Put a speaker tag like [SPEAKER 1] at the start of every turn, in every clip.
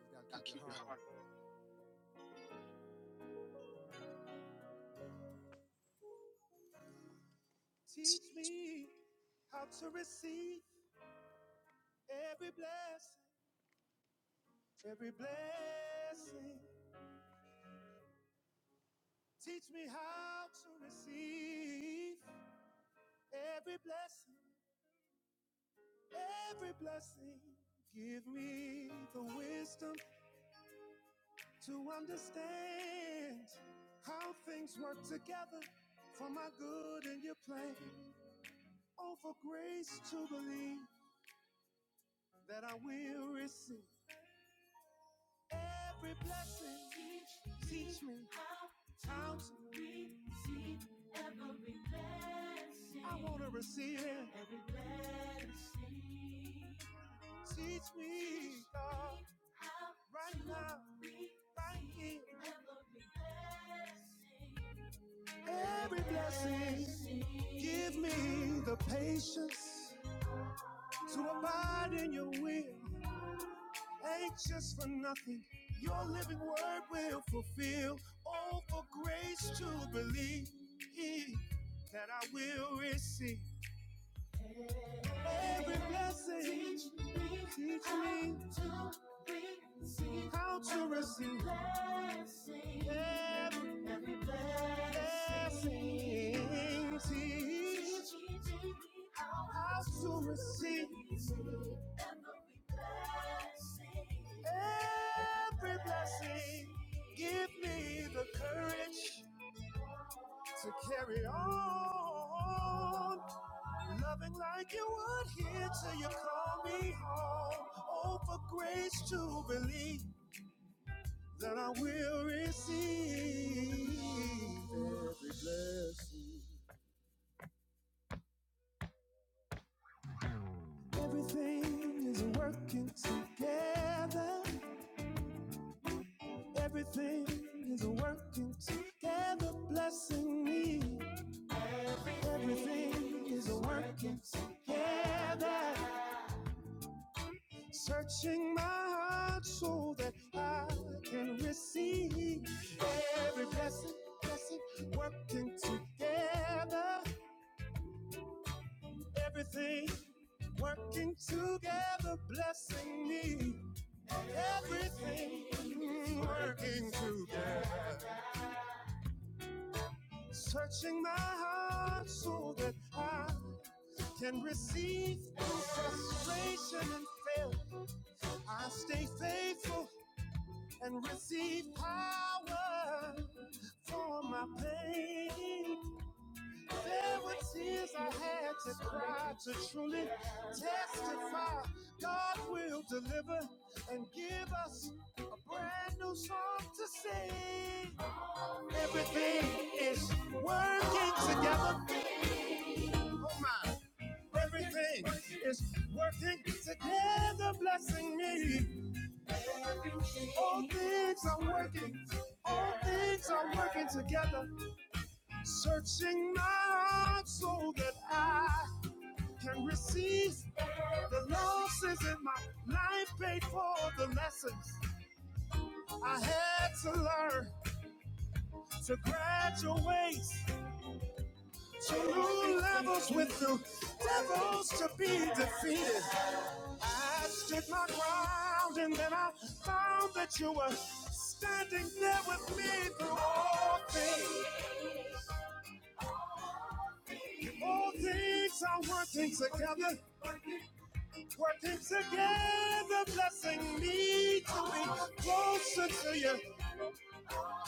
[SPEAKER 1] You gotta keep your heart open. Teach me how to receive every blessing, every blessing. Teach me how to receive every blessing, every blessing. Give me the wisdom to understand how things work together for my good and your plan. Oh, for grace to believe that I will receive every blessing. Teach me times I want to receive it. Teach me, God, right now, right here. Every blessing, give me the patience to abide in your will. Anxious for nothing, your living word will fulfill. All for grace to believe that I will receive every blessing. Teach me how to receive. Everything teach us to receive every blessing. Give me the courage to carry on, loving like you would here till you call me home. Oh, for grace to believe that I will receive every blessing. Everything is working together. Everything is working together, blessing me. Everything is working together. Searching my heart so that I can receive every blessing, blessing, working together. Everything working together, blessing me. Everything working together. Searching my heart so that I can receive through frustration and failure. I stay faithful and receive power for my pain. There were tears I had to cry to truly testify. God will deliver and give us a brand new song to sing. Everything is working together. Oh my. Everything is working together, blessing me. All things are working. All things are working together. Searching my heart so that I can receive the losses in my life, paid for the lessons I had to learn to graduate. Two levels with two devils to be defeated. I stood my ground and then I found that you were standing there with me through all things. All things are working together, working together, blessing me to be closer to you.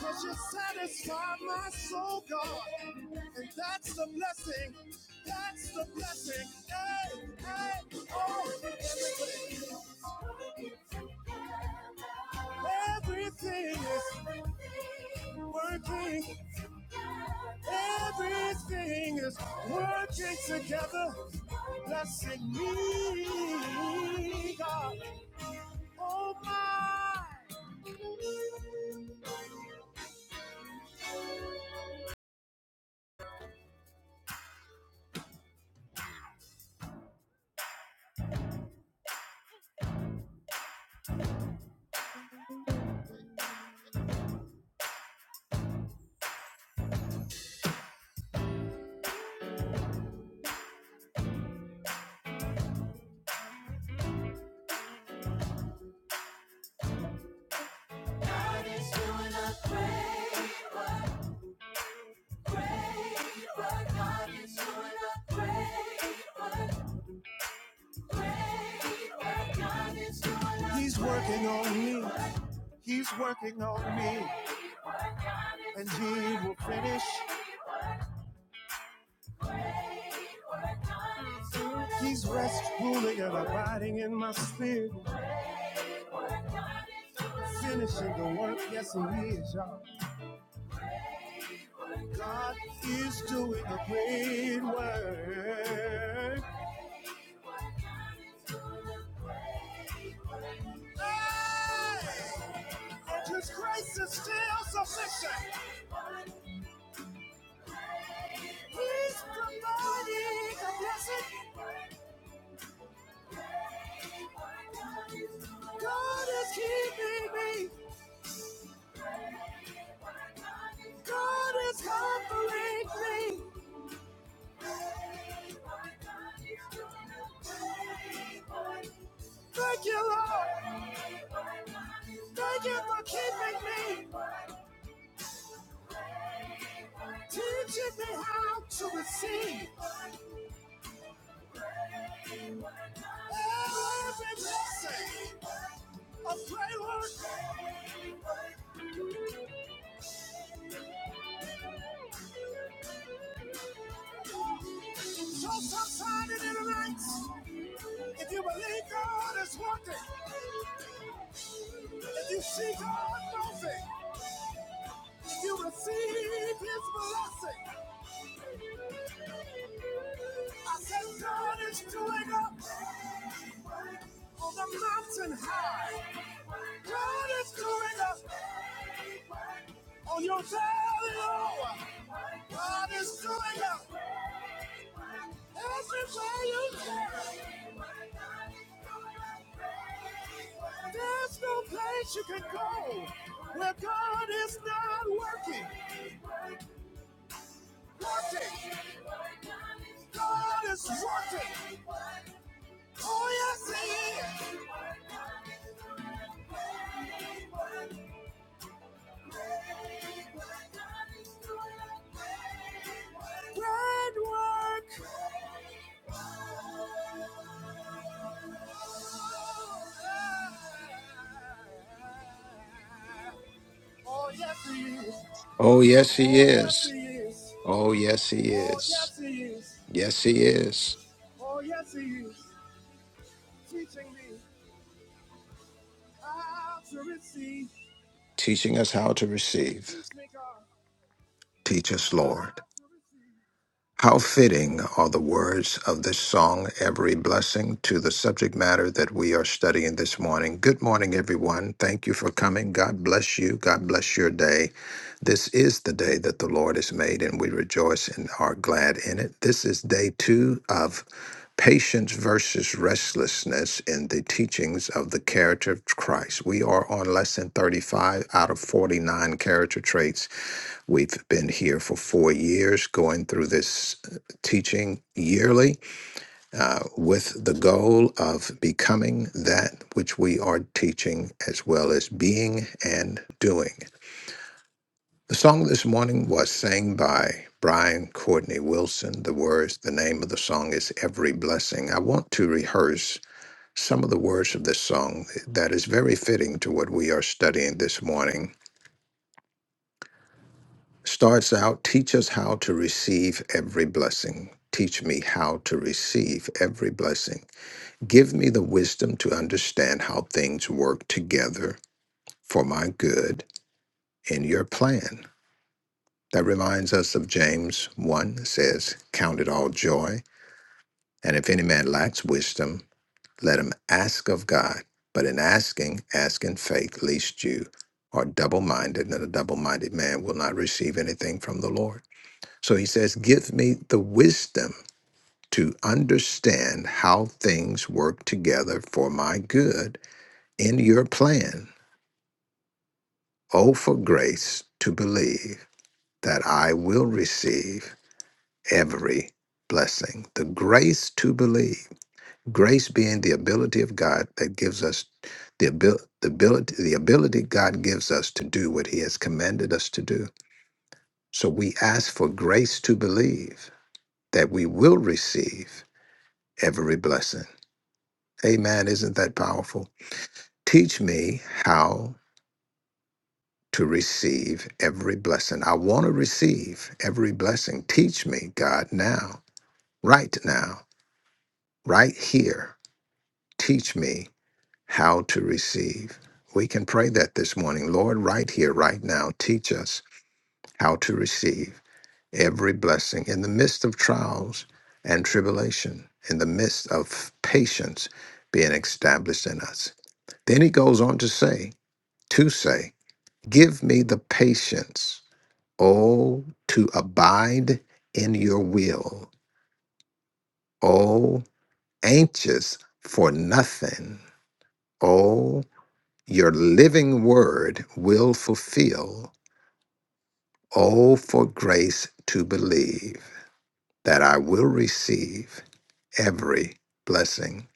[SPEAKER 1] Cause you satisfy my soul, God. And that's the blessing. That's the blessing. Hey, hey, oh, everything. Everything is working. Everything is working together. Blessing me, God. Oh, my. God is doing a great work, great work. God is doing a great work. He's working on me. He's working on me. And he will finish. He's rest ruling and abiding in my spirit. Finishing the work, yes he is, y'all. God is doing a great work. Hey! And his grace is still sufficient. He's providing a blessing. God is keeping me. God is comforting me. Thank you, Lord. Thank you for keeping me, teaching me how to receive every blessing. A pray word, just outside it in the night. If you believe God is working, if you see God moving, if you receive His blessing. I said, God is doing up on the mountain high. God is doing up on your valley low. God is doing up everywhere you go. There's no place you can go where God is not working. Working. God is working. Oh, yes, He is. Great work. Oh yes he is.
[SPEAKER 2] Oh, yes, he
[SPEAKER 1] Oh yes he
[SPEAKER 2] is.
[SPEAKER 1] is.
[SPEAKER 2] Oh, yes, he
[SPEAKER 1] Oh
[SPEAKER 2] is.
[SPEAKER 1] yes he is.
[SPEAKER 2] Yes, he is.
[SPEAKER 1] Oh yes he is. Teaching me how to receive.
[SPEAKER 2] Teaching us how to receive.
[SPEAKER 1] Teach me God
[SPEAKER 2] Teach us, Lord.
[SPEAKER 1] how to receive.
[SPEAKER 2] How fitting are the words of this song, Every Blessing, to the subject matter that we are studying this morning. Good morning, everyone. Thank you for coming. God bless you. God bless your day. This is the day that the Lord has made, and we rejoice and are glad in it. This is day two of Patience versus restlessness in the teachings of the character of Christ. We are on lesson 35 out of 49 character traits We've been here for four years going through this uh, teaching yearly uh, with the goal of becoming that which we are teaching as well as being and doing. The song this morning was sang by Brian Courtney Wilson. The words, the name of the song is Every Blessing. I want to rehearse some of the words of this song that is very fitting to what we are studying this morning starts out teach us how to receive every blessing. Teach me how to receive every blessing. Give me the wisdom to understand how things work together for my good in your plan. That reminds us of James 1 says, Count it all joy. And if any man lacks wisdom, let him ask of God. But in asking, ask in faith, lest you are double minded, and a double minded man will not receive anything from the Lord. So he says, Give me the wisdom to understand how things work together for my good in your plan. Oh, for grace to believe that I will receive every blessing. The grace to believe, grace being the ability of God that gives us the, abil- the ability, the ability God gives us to do what he has commanded us to do. So we ask for grace to believe that we will receive every blessing Amen. Isn't that powerful? Teach me how to receive every blessing. I want to receive every blessing. Teach me, God, now, right now, right here. Teach me how to receive. We can pray that this morning. Lord, right here, right now, teach us how to receive every blessing in the midst of trials and tribulation, in the midst of patience being established in us. Then he goes on to say, to say, Give me the patience, oh, to abide in your will, oh, anxious for nothing, oh, your living word will fulfill, oh, for grace to believe that I will receive every blessing.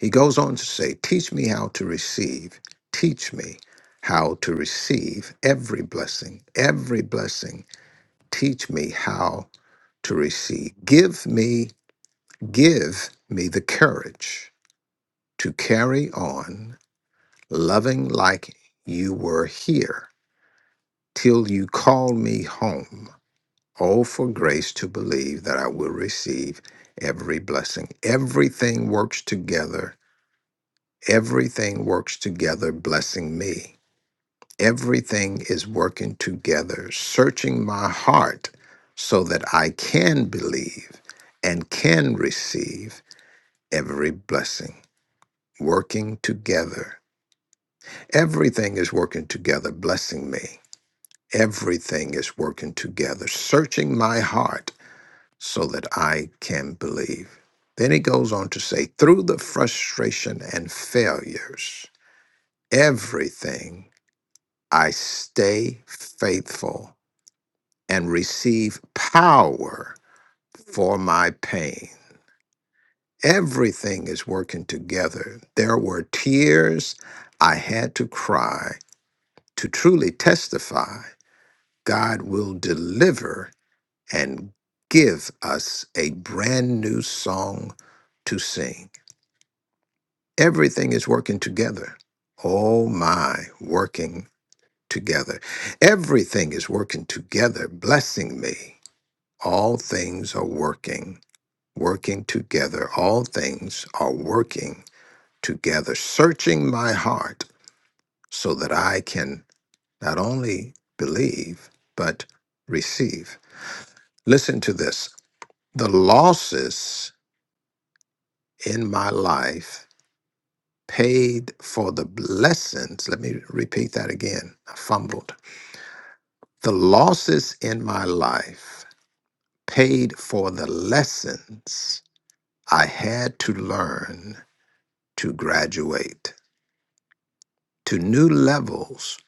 [SPEAKER 2] He goes on to say, Teach me how to receive, teach me how to receive every blessing, every blessing. Teach me how to receive. Give me, give me the courage to carry on loving like you were here till you call me home. Oh, for grace to believe that I will receive every blessing. Everything works together. Everything works together, blessing me. Everything is working together, searching my heart so that I can believe and can receive every blessing, working together. Everything is working together, blessing me. Everything is working together, searching my heart so that I can believe. Then he goes on to say, through the frustration and failures, everything I stay faithful and receive power for my pain. Everything is working together. There were tears I had to cry to truly testify, God will deliver and give us a brand new song to sing. Everything is working together. Oh my, working together. Everything is working together, blessing me. All things are working, working together. All things are working together, searching my heart so that I can not only believe, but receive. Listen to this. The losses in my life paid for the blessings. Let me repeat that again. I fumbled. The losses in my life paid for the lessons I had to learn to graduate to new levels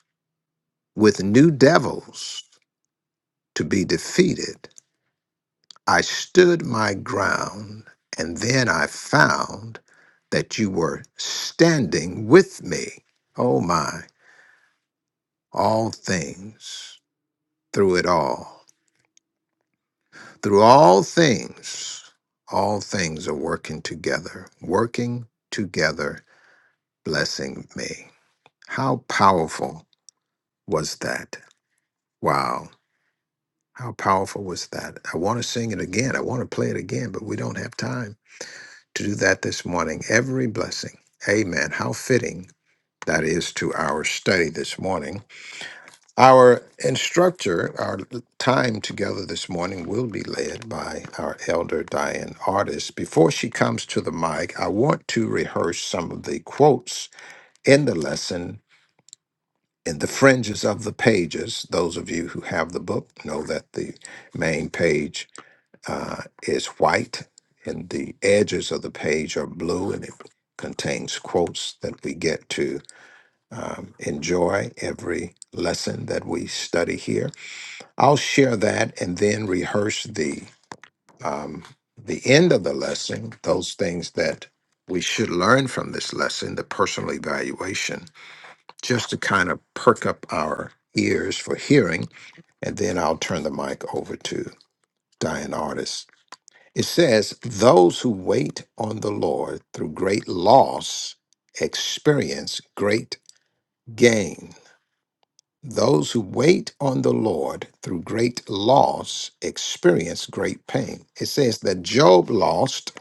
[SPEAKER 2] with new devils to be defeated I stood my ground, and then I found that you were standing with me. Oh my, all things, through it all, through all things, all things are working together, working together, blessing me. How powerful was that? Wow. How powerful was that? I want to sing it again. I want to play it again, but we don't have time. to do that this morning. Every blessing. Amen. How fitting that is to our study this morning. Our instructor, our time together this morning will be led by our elder Diane Artist. Before she comes to the mic, I want to rehearse some of the quotes in the lesson in the fringes of the pages. Those of you who have the book know that the main page uh, is white, and the edges of the page are blue, and it contains quotes that we get to um, enjoy every lesson that we study here. I'll share that and then rehearse the um, the end of the lesson, those things that we should learn from this lesson, the personal evaluation, just to kind of perk up our ears for hearing, and then I'll turn the mic over to Diane Artis It says, Those who wait on the Lord through great loss experience great gain. Those who wait on the Lord through great loss experience great pain. It says that Job lost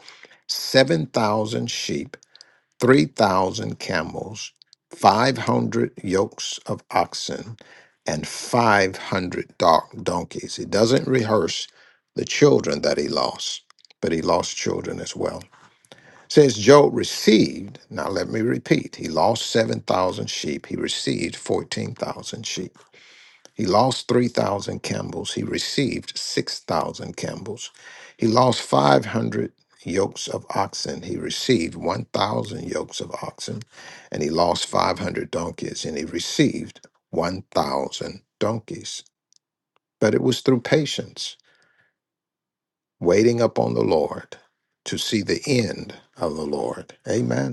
[SPEAKER 2] 7,000 sheep, 3,000 camels, 500 yokes of oxen, and 500 donkeys. It doesn't rehearse the children that he lost, but he lost children as well. Since Job received, now let me repeat, he lost 7,000 sheep, he received 14,000 sheep. He lost 3,000 camels, he received 6,000 camels. He lost 500 yokes of oxen, he received 1,000 yokes of oxen. And he lost 500 donkeys, and he received 1,000 donkeys. But it was through patience, waiting upon the Lord to see the end of the Lord. Amen.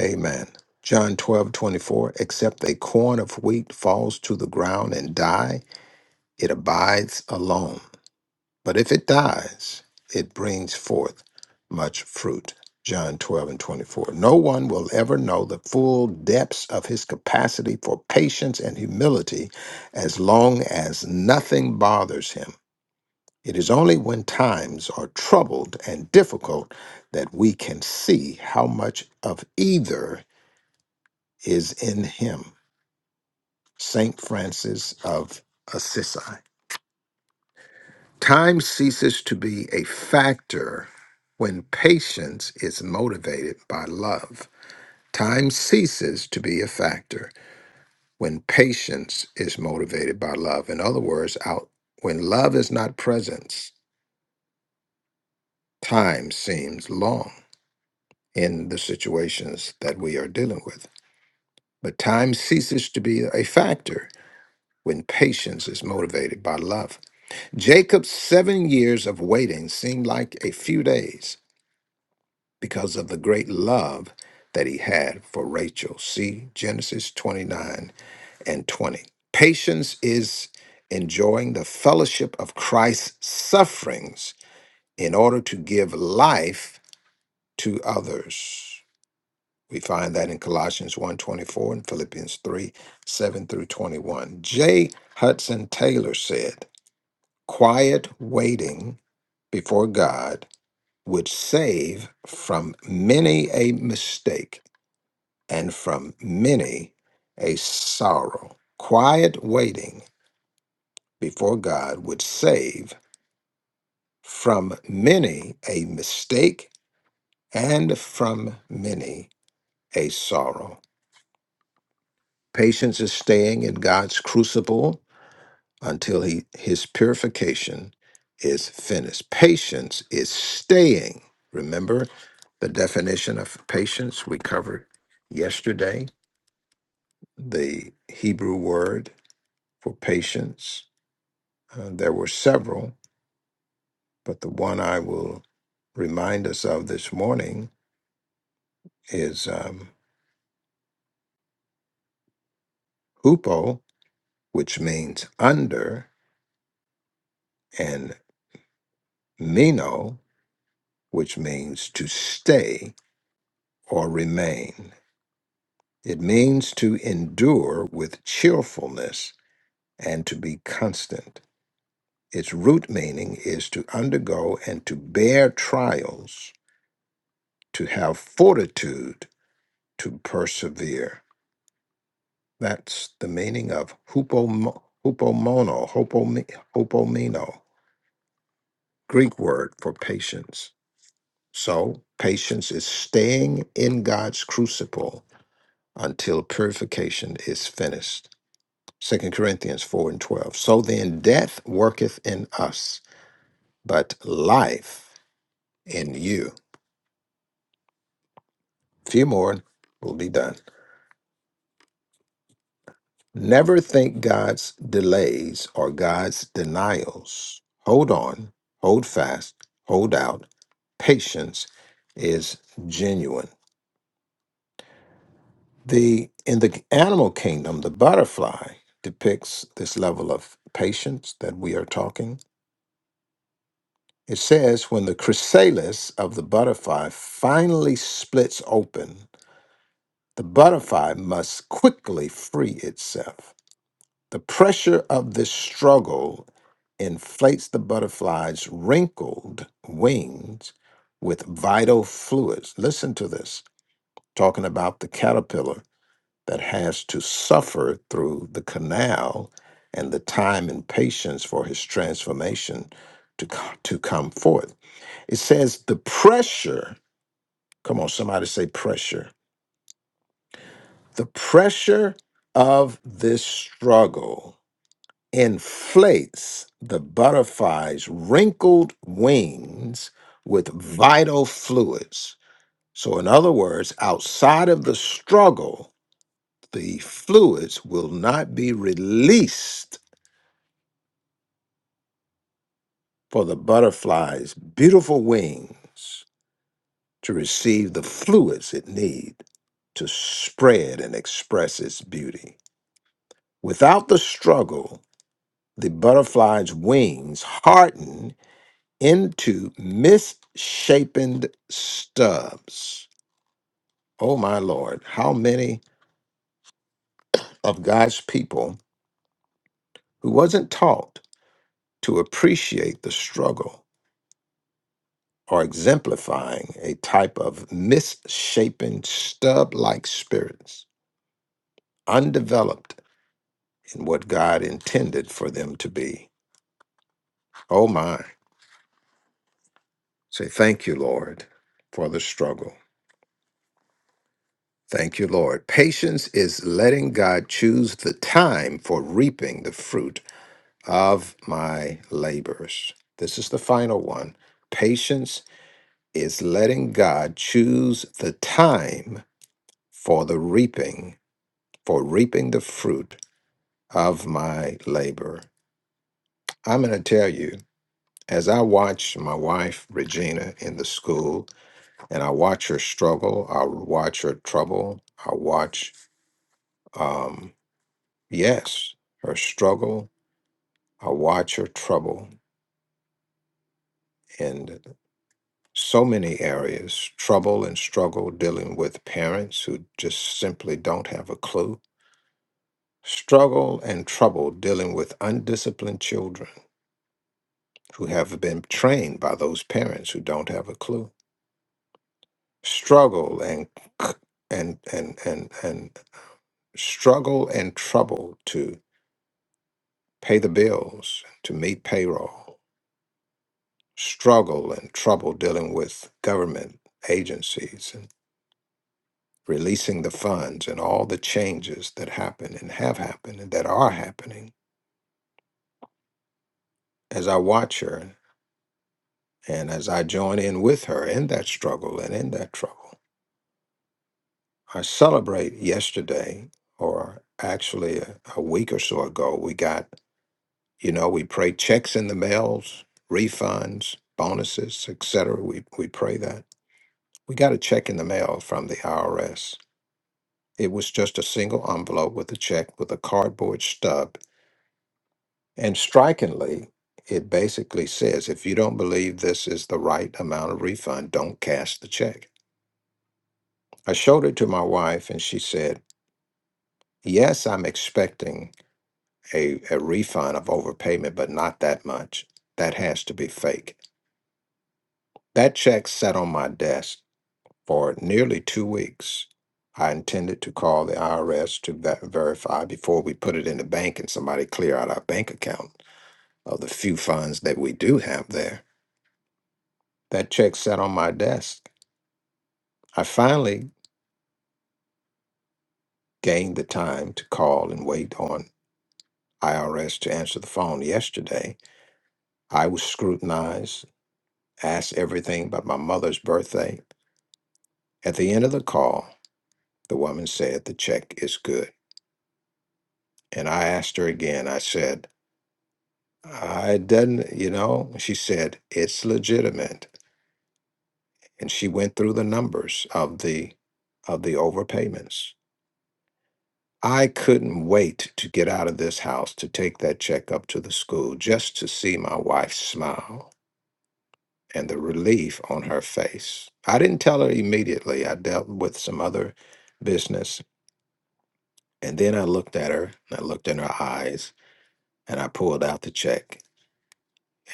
[SPEAKER 2] Amen. John 12 24. except a corn of wheat falls to the ground and die, it abides alone. But if it dies, it brings forth much fruit. John 12 and 24. No one will ever know the full depths of his capacity for patience and humility as long as nothing bothers him. It is only when times are troubled and difficult that we can see how much of either is in him. St. Francis of Assisi. Time ceases to be a factor when patience is motivated by love. Time ceases to be a factor when patience is motivated by love. In other words, out when love is not present, time seems long in the situations that we are dealing with. But time ceases to be a factor when patience is motivated by love. Jacob's seven years of waiting seemed like a few days because of the great love that he had for Rachel. See Genesis 29 and 20. Patience is enjoying the fellowship of Christ's sufferings in order to give life to others. We find that in Colossians one twenty-four and Philippians 3, 7 through 21. J. Hudson Taylor said, Quiet waiting before God would save from many a mistake and from many a sorrow. Quiet waiting before God would save from many a mistake and from many a sorrow. Patience is staying in God's crucible until he, his purification is finished. Patience is staying. Remember the definition of patience we covered yesterday? the Hebrew word for patience. Uh, there were several, but the one I will remind us of this morning is um, hupo, which means under, and meno, which means to stay or remain. It means to endure with cheerfulness and to be constant. Its root meaning is to undergo and to bear trials, to have fortitude to persevere. That's the meaning of hupomo- hupomono, hopomi- hopomino, Greek word for patience. So, patience is staying in God's crucible until purification is finished. Second Corinthians 4 and 12. So then, death worketh in us, but life in you. few more, we'll be done. Never think God's delays or God's denials. Hold on, hold fast, hold out. Patience is genuine. The in the animal kingdom, the butterfly depicts this level of patience that we are talking. It says when the chrysalis of the butterfly finally splits open, the butterfly must quickly free itself. The pressure of this struggle inflates the butterfly's wrinkled wings with vital fluids. Listen to this, talking about the caterpillar that has to suffer through the canal and the time and patience for his transformation to, co- to come forth. It says the pressure, come on, somebody say pressure. The pressure of this struggle inflates the butterfly's wrinkled wings with vital fluids. So, in other words, outside of the struggle, the fluids will not be released for the butterfly's beautiful wings to receive the fluids it needs to spread and express its beauty. Without the struggle, the butterfly's wings harden into misshapen stubs. Oh my Lord, how many of God's people who wasn't taught to appreciate the struggle are exemplifying a type of misshapen stub like spirits, undeveloped in what God intended for them to be. Oh my. Say thank you, Lord, for the struggle. Thank you, Lord. Patience is letting God choose the time for reaping the fruit of my labors. This is the final one. Patience is letting God choose the time for the reaping, for reaping the fruit of my labor. I'm going to tell you, as I watch my wife, Regina, in the school, and I watch her struggle, I watch her trouble, I watch, um, yes, her struggle, I watch her trouble. and. so many areas trouble and struggle dealing with parents who just simply don't have a clue struggle and trouble dealing with undisciplined children who have been trained by those parents who don't have a clue struggle and c- and and and, and struggle and trouble to pay the bills to meet payroll struggle and trouble dealing with government agencies releasing the funds and all the changes that happen and have happened and that are happening as I watch her and as I join in with her in that struggle and in that trouble. I celebrate yesterday, or actually a, a week or so ago, we got, you know, we pray checks in the mails, refunds, bonuses, etc. We, we pray that. We got a check in the mail from the IRS. It was just a single envelope with a check with a cardboard stub And strikingly, it basically says if you don't believe this is the right amount of refund, don't cash the check. I showed it to my wife and she said, Yes, I'm expecting a, a refund of overpayment, but not that much. That has to be fake. That check sat on my desk for nearly two weeks. I intended to call the IRS to ver- verify before we put it in the bank and somebody clear out our bank account of the few funds that we do have there That check sat on my desk. I finally gained the time to call and wait on IRS to answer the phone yesterday. I was scrutinized, asked everything but my mother's birthday. At the end of the call, the woman said the check is good. And I asked her again, I said, I didn't, you know, she said, it's legitimate. And she went through the numbers of the of the overpayments. I couldn't wait to get out of this house to take that check up to the school just to see my wife smile and the relief on her face. I didn't tell her immediately. I dealt with some other business. And then I looked at her and I looked in her eyes and I pulled out the check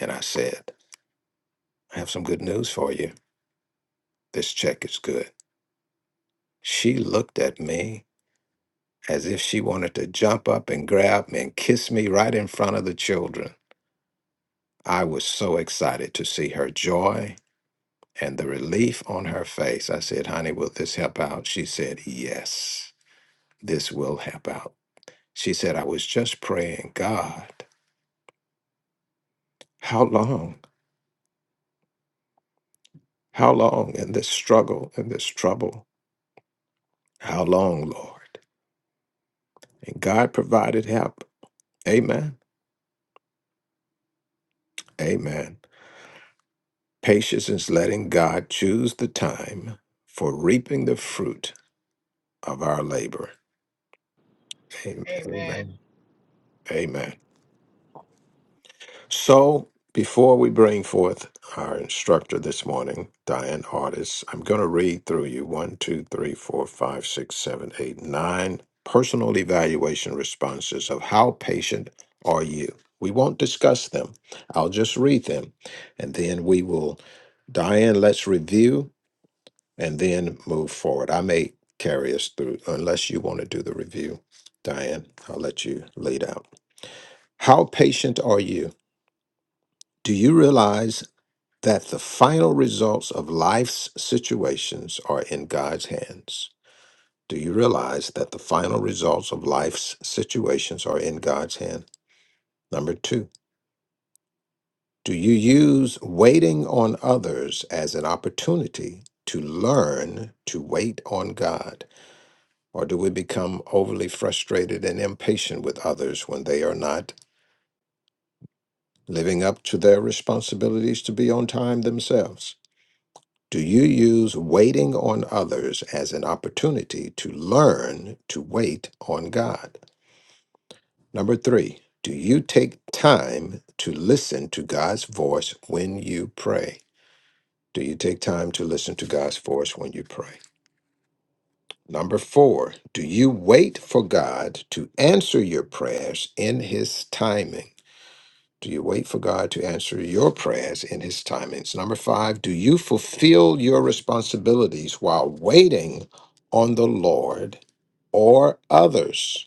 [SPEAKER 2] and I said, I have some good news for you. This check is good. She looked at me as if she wanted to jump up and grab me and kiss me right in front of the children. I was so excited to see her joy and the relief on her face. I said, Honey, will this help out? She said, Yes, this will help out. She said, I was just praying, God, how long? How long in this struggle, in this trouble? How long, Lord? And God provided help. Amen. Amen. Patience is letting God choose the time for reaping the fruit of our labor. Amen.
[SPEAKER 3] Amen.
[SPEAKER 2] Amen. Amen. So, before we bring forth our instructor this morning, Diane Artis, I'm going to read through you one, two, three, four, five, six, seven, eight, nine personal evaluation responses of how patient are you. We won't discuss them. I'll just read them. And then we will, Diane, let's review and then move forward. I may carry us through, unless you want to do the review. Diane, I'll let you lead out. How patient are you? Do you realize? that the final results of life's situations are in God's hands. Do you realize that the final results of life's situations are in God's hand? Number two, do you use waiting on others as an opportunity to learn to wait on God? Or do we become overly frustrated and impatient with others when they are not living up to their responsibilities to be on time themselves? Do you use waiting on others as an opportunity to learn to wait on God? Number three, do you take time to listen to God's voice when you pray? Do you take time to listen to God's voice when you pray? Number four, do you wait for God to answer your prayers in His timing? Do you wait for God to answer your prayers in His timings? Number five, do you fulfill your responsibilities while waiting on the Lord or others?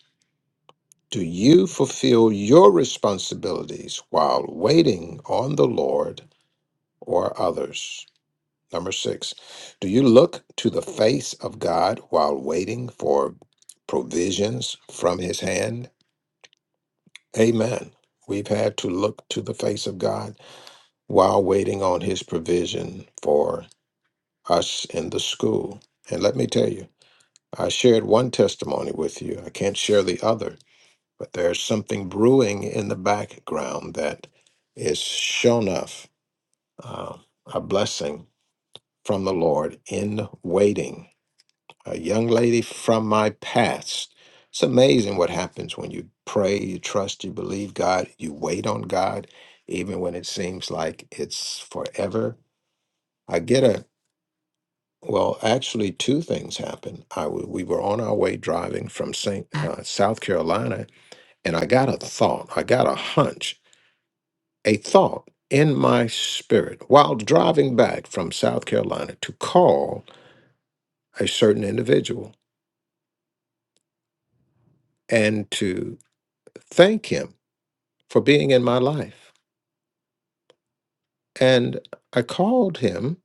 [SPEAKER 2] Do you fulfill your responsibilities while waiting on the Lord or others? Number six, do you look to the face of God while waiting for provisions from His hand? Amen. We've had to look to the face of God while waiting on his provision for us in the school. And let me tell you, I shared one testimony with you. I can't share the other, but there's something brewing in the background that is shown enough uh, a blessing from the Lord in waiting. A young lady from my past. It's amazing what happens when you pray, you trust, you believe God, you wait on God, even when it seems like it's forever. I get a Well, actually, two things happened. I w- we were on our way driving from Saint uh, South Carolina, and I got a thought. I got a hunch, a thought in my spirit while driving back from South Carolina to call a certain individual and to thank him for being in my life. And I called him,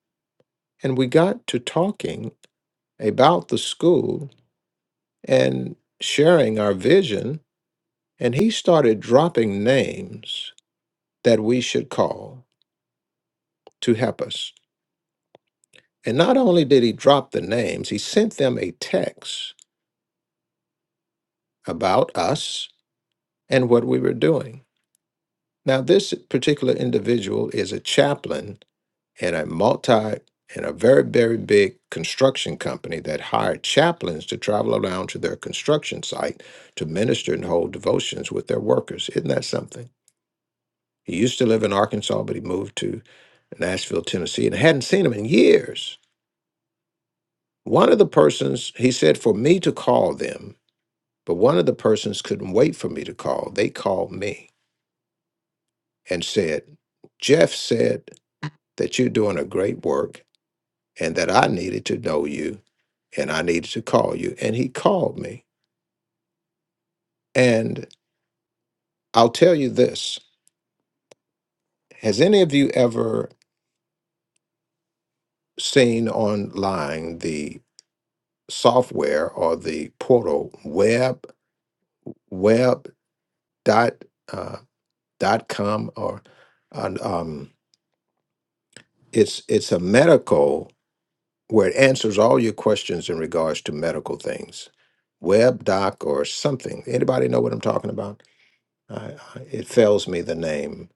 [SPEAKER 2] and we got to talking about the school and sharing our vision. And he started dropping names that we should call to help us. And not only did he drop the names, he sent them a text about us and what we were doing. Now, this particular individual is a chaplain in a multi in a very, very big construction company that hired chaplains to travel around to their construction site to minister and hold devotions with their workers. Isn't that something? He used to live in Arkansas, but he moved to Nashville, Tennessee, and hadn't seen him in years One of the persons, he said, for me to call them, but one of the persons couldn't wait for me to call. They called me and said, Jeff said that you're doing a great work and that I needed to know you and I needed to call you. And he called me. And I'll tell you this Has any of you ever seen online the software or the portal web, web dot, uh, dot com or, uh, um, It's it's a medical where it answers all your questions in regards to medical things, web doc or something. Anybody know what I'm talking about? I, I, it fails me the name.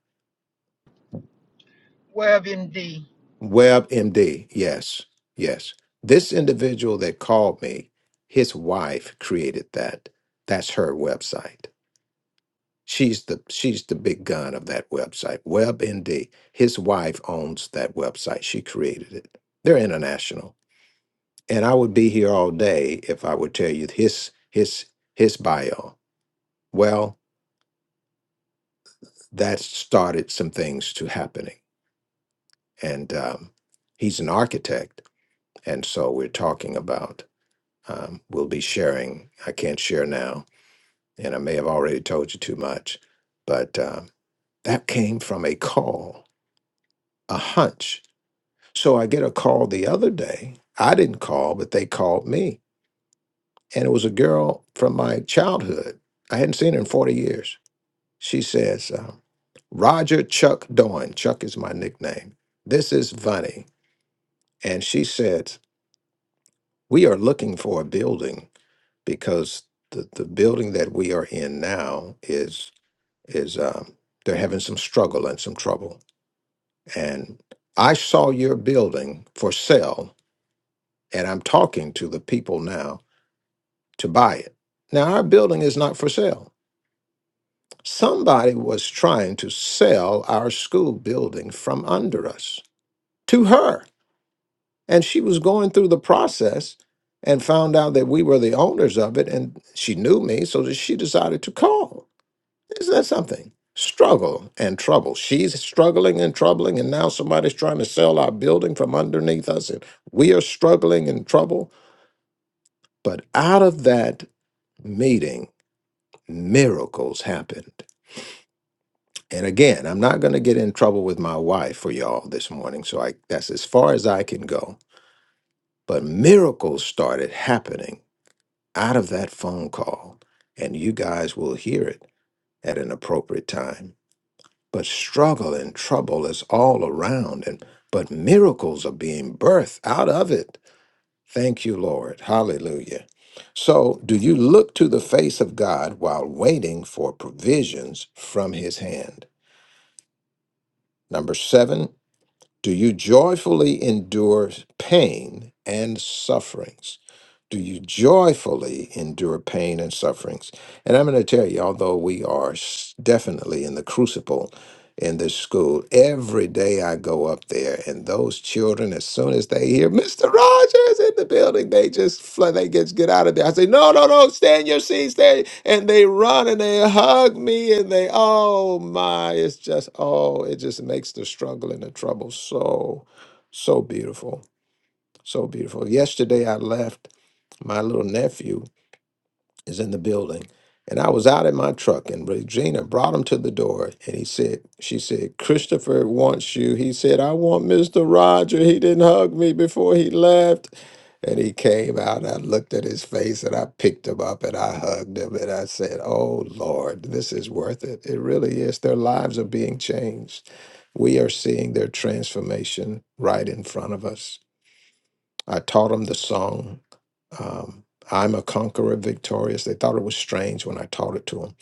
[SPEAKER 3] Well, indeed.
[SPEAKER 2] WebMD. Yes, yes. This individual that called me, his wife created that. That's her website. She's the she's the big gun of that website. WebMD. His wife owns that website. She created it. They're international. and I would be here all day if I would tell you his his his bio. Well, that started some things to happening, and um, he's an architect, and so we're talking about. Um, we'll be sharing. I can't share now, and I may have already told you too much, but um, that came from a call, a hunch. So I get a call the other day. I didn't call, but they called me, and it was a girl from my childhood. I hadn't seen her in forty years She says, uh, Roger Chuck Doan. Chuck is my nickname. This is Vani. And she said, We are looking for a building because the, the building that we are in now is, is um, they're having some struggle and some trouble. And I saw your building for sale, and I'm talking to the people now to buy it. Now, our building is not for sale. Somebody was trying to sell our school building from under us to her. And she was going through the process and found out that we were the owners of it. And she knew me, so that she decided to call. Isn't that something? Struggle and trouble. She's struggling and troubling, and now somebody's trying to sell our building from underneath us, and we are struggling and trouble. But out of that meeting, miracles happened. And again, I'm not going to get in trouble with my wife for y'all this morning, so I, that's as far as I can go but miracles started happening out of that phone call, and you guys will hear it at an appropriate time. But struggle and trouble is all around, and but miracles are being birthed out of it. Thank you, Lord. Hallelujah. So, do you look to the face of God while waiting for provisions from His hand? Number seven, do you joyfully endure pain and sufferings? Do you joyfully endure pain and sufferings? And I'm going to tell you, although we are s- definitely in the crucible in this school, every day I go up there, and those children, as soon as they hear Mr. Rogers in the building, they just fly, they just get out of there. I say, no, no, no, stay in your seats, stay, and they run and they hug me, and they, oh my, it's just, oh, it just makes the struggle and the trouble so, so beautiful. So beautiful. Yesterday I left. My little nephew is in the building. And I was out in my truck and Regina brought him to the door and he said, She said, Christopher wants you. He said, I want Mr. Roger. He didn't hug me before he left. And he came out and I looked at his face and I picked him up and I hugged him and I said, Oh Lord, this is worth it. It really is. Their lives are being changed. We are seeing their transformation right in front of us. I taught them the song. Um, I'm a conqueror, victorious. They thought it was strange when I taught it to them.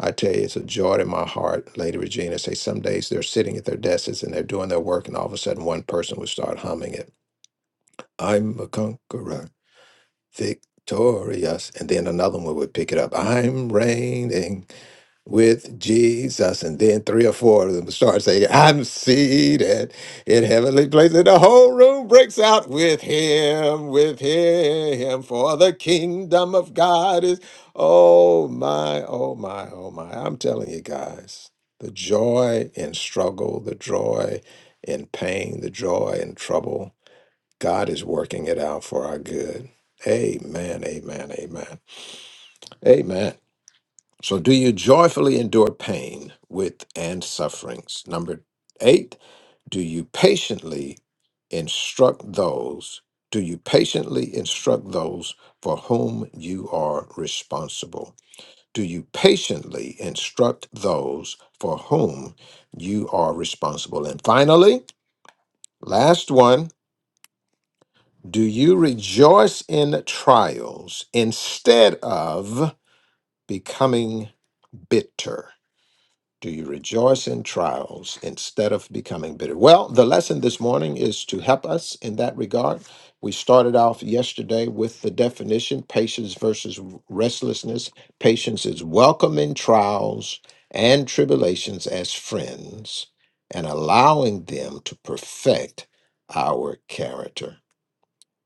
[SPEAKER 2] I tell you, it's a joy to my heart, Lady Regina. Say some days they're sitting at their desks and they're doing their work, and all of a sudden one person would start humming it. I'm a conqueror, victorious, and then another one would pick it up. I'm reigning with Jesus. And then three or four of them start saying, I'm seated in heavenly places. And the whole room breaks out with him, with him, for the kingdom of God is, oh my, oh my, oh my. I'm telling you guys, the joy in struggle, the joy in pain, the joy in trouble. God is working it out for our good. Amen, amen, amen. Amen. So, do you joyfully endure pain with and sufferings? Number eight, do you patiently instruct those? Do you patiently instruct those for whom you are responsible? Do you patiently instruct those for whom you are responsible? And finally, last one, do you rejoice in trials instead of becoming bitter? Do you rejoice in trials instead of becoming bitter? Well, the lesson this morning is to help us in that regard. We started off yesterday with the definition patience versus restlessness. Patience is welcoming trials and tribulations as friends and allowing them to perfect our character.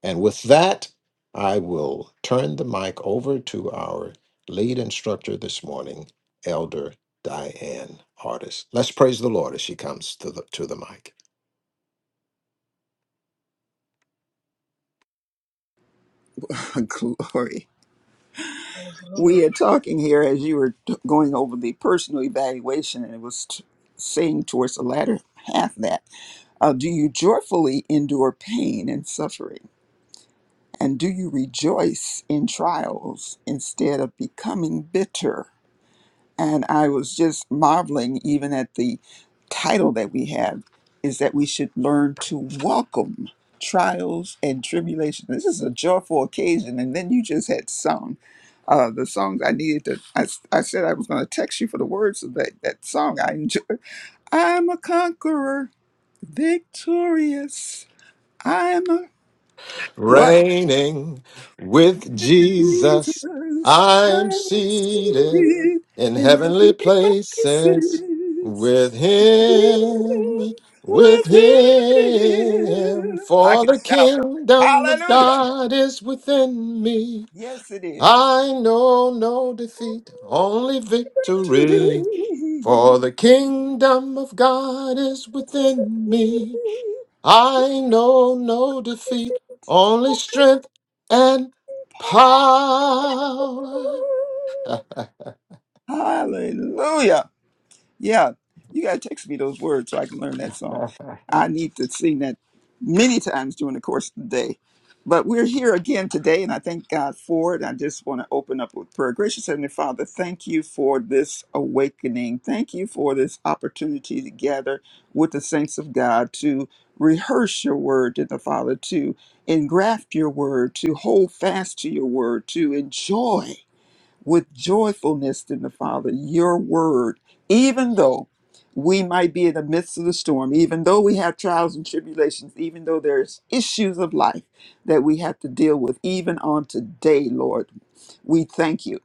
[SPEAKER 2] And with that, I will turn the mic over to our lead instructor this morning, Elder Diane Artis. Let's praise the Lord as she comes to the to the mic.
[SPEAKER 4] Glory.
[SPEAKER 3] Praise the Lord.
[SPEAKER 4] We are talking here as you were t- going over the personal evaluation, and it was t- saying towards the latter half that uh, do you joyfully endure pain and suffering? And do you rejoice in trials instead of becoming bitter? And I was just marveling even at the title that we have is that we should learn to welcome trials and tribulations. This is a joyful occasion. And then you just had sung uh, the songs I needed to. I, s- I said I was going to text you for the words of that, that song I enjoy. I'm a conqueror, victorious. I'm a what?
[SPEAKER 2] Reigning with Jesus,
[SPEAKER 4] Jesus,
[SPEAKER 2] I'm
[SPEAKER 4] I'm
[SPEAKER 2] seated
[SPEAKER 4] seated
[SPEAKER 2] in
[SPEAKER 4] in
[SPEAKER 2] heavenly
[SPEAKER 4] heavenly
[SPEAKER 2] places
[SPEAKER 4] places.
[SPEAKER 2] with him, with
[SPEAKER 4] with
[SPEAKER 2] him,
[SPEAKER 4] him. I
[SPEAKER 2] for
[SPEAKER 4] can
[SPEAKER 2] the
[SPEAKER 4] shout that.
[SPEAKER 2] kingdom of
[SPEAKER 4] Hallelujah.
[SPEAKER 2] God is within me.
[SPEAKER 4] Yes, it is.
[SPEAKER 2] I know no defeat, only
[SPEAKER 4] Victory.
[SPEAKER 2] victory. For the kingdom of God is within me. I know no defeat, only strength and power.
[SPEAKER 4] Hallelujah. Yeah, you gotta text me those words so I can learn that song. I need to sing that many times during the course of the day. But we're here again today, and I thank God for it. I just want to open up with prayer. Gracious Heavenly Father, thank you for this awakening. Thank you for this opportunity to gather with the saints of God to rehearse your word dear the Father, to engraft your word, to hold fast to your word, to enjoy with joyfulness in the Father, your word, even though we might be in the midst of the storm, even though we have trials and tribulations, even though there's issues of life that we have to deal with, even on today, Lord. We thank you.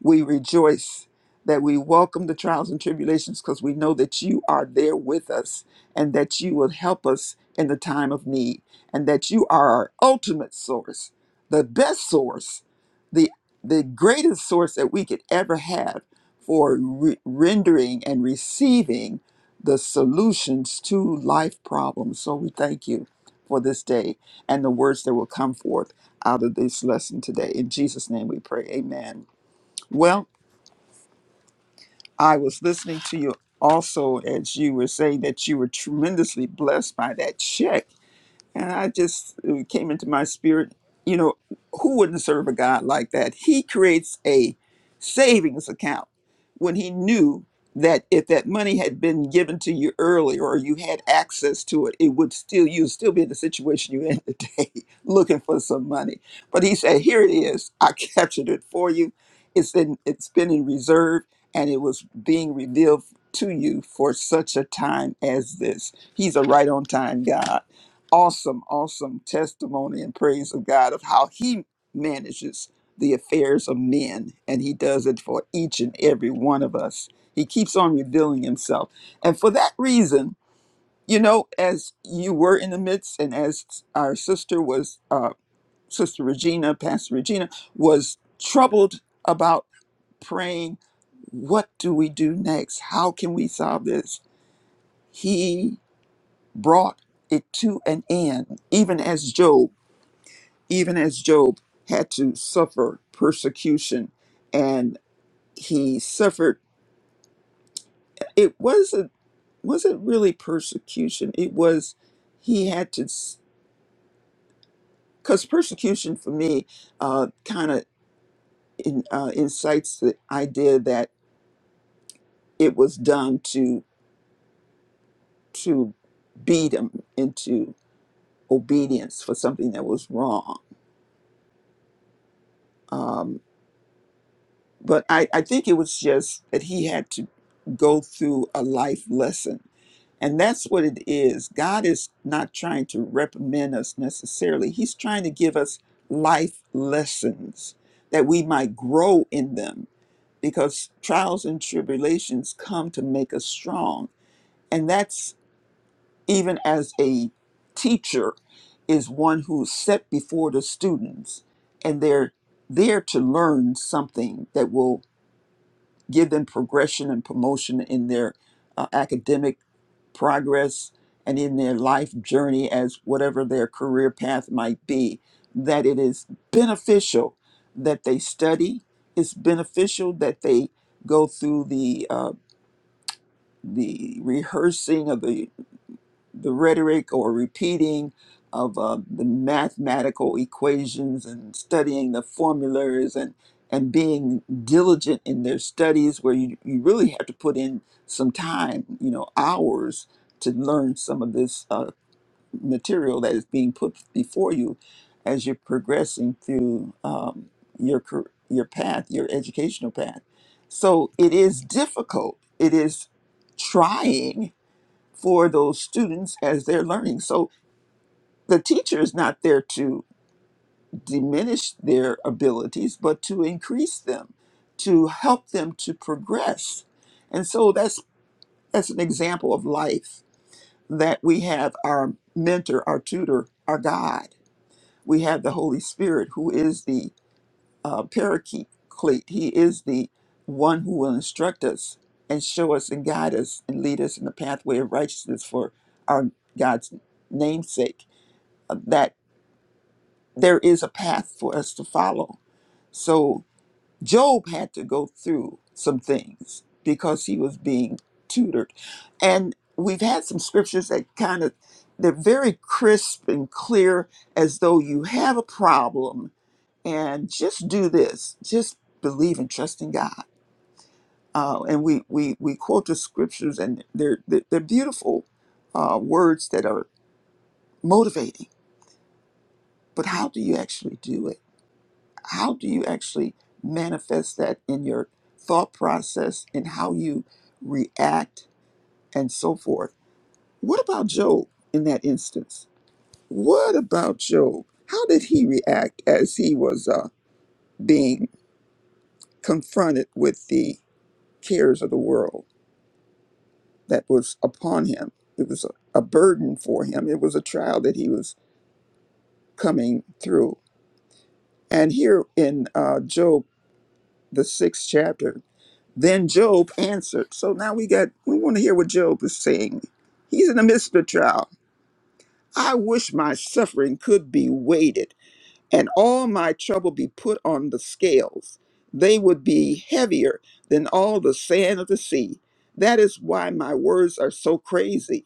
[SPEAKER 4] We rejoice that we welcome the trials and tribulations because we know that you are there with us and that you will help us in the time of need and that you are our ultimate source, the best source, the, the greatest source that we could ever have for re- rendering and receiving the solutions to life problems. So we thank you for this day and the words that will come forth out of this lesson today. In Jesus' name we pray. Amen. Well, I was listening to you also as you were saying that you were tremendously blessed by that check. And I just it came into my spirit, you know, who wouldn't serve a God like that? He creates a savings account when he knew that if that money had been given to you earlier or you had access to it, it would still you'd still be in the situation you're in today looking for some money. But he said, Here it is, I captured it for you. It's in it's been in reserve and it was being revealed to you for such a time as this. He's a right on time God awesome, awesome testimony and praise of God of how He manages the affairs of men, and He does it for each and every one of us. He keeps on revealing Himself. And for that reason, you know, as you were in the midst, and as our sister was, uh, Sister Regina, Pastor Regina, was troubled about praying, what do we do next? How can we solve this? He brought it to an end, even as Job. even as Job had to suffer persecution and he suffered it wasn't wasn't really persecution it was he had to because persecution for me uh, kind of in, uh, incites the idea that it was done to to beat him into obedience for something that was wrong um, but I, I think it was just that he had to go through a life lesson And that's what it is. God is not trying to reprimand us necessarily, He's trying to give us life lessons that we might grow in them because trials and tribulations come to make us strong. And that's even as a teacher, is one who's set before the students and they're there to learn something that will give them progression and promotion in their uh, academic progress and in their life journey as whatever their career path might be, that it is beneficial that they study. It's beneficial that they go through the uh, the rehearsing of the the rhetoric or repeating of uh, the mathematical equations and studying the formulas and and being diligent in their studies where you, you really have to put in some time you know hours to learn some of this uh, material that is being put before you as you're progressing through um, your car- your path your educational path so it is difficult it is trying for those students as they're learning. So the teacher is not there to diminish their abilities, but to increase them, to help them to progress. And so that's that's an example of life that we have our mentor, our tutor, our God. We have the Holy Spirit, who is the uh, paraclete. He is the one who will instruct us and show us and guide us and lead us in the pathway of righteousness for our God's namesake that there is a path for us to follow. So Job had to go through some things because he was being tutored. And we've had some scriptures that kind of they're very crisp and clear as though you have a problem and just do this. Just believe and trust in God. Uh, and we, we we quote the scriptures and they're they're, they're beautiful uh, words that are motivating. But how do you actually do it? how do you actually manifest that in your thought process and how you react and so forth? What about Job in that instance? What about Job? How did he react as he was uh, being confronted with the cares of the world that was upon him? It was a, a burden for him, it was a trial that he was coming through. And here in uh, Job, the sixth chapter, Then Job answered. So now we got we want to hear what Job is saying. He's in the midst of trial. I wish my suffering could be weighted and all my trouble be put on the scales. They would be heavier than all the sand of the sea. That is why my words are so crazy.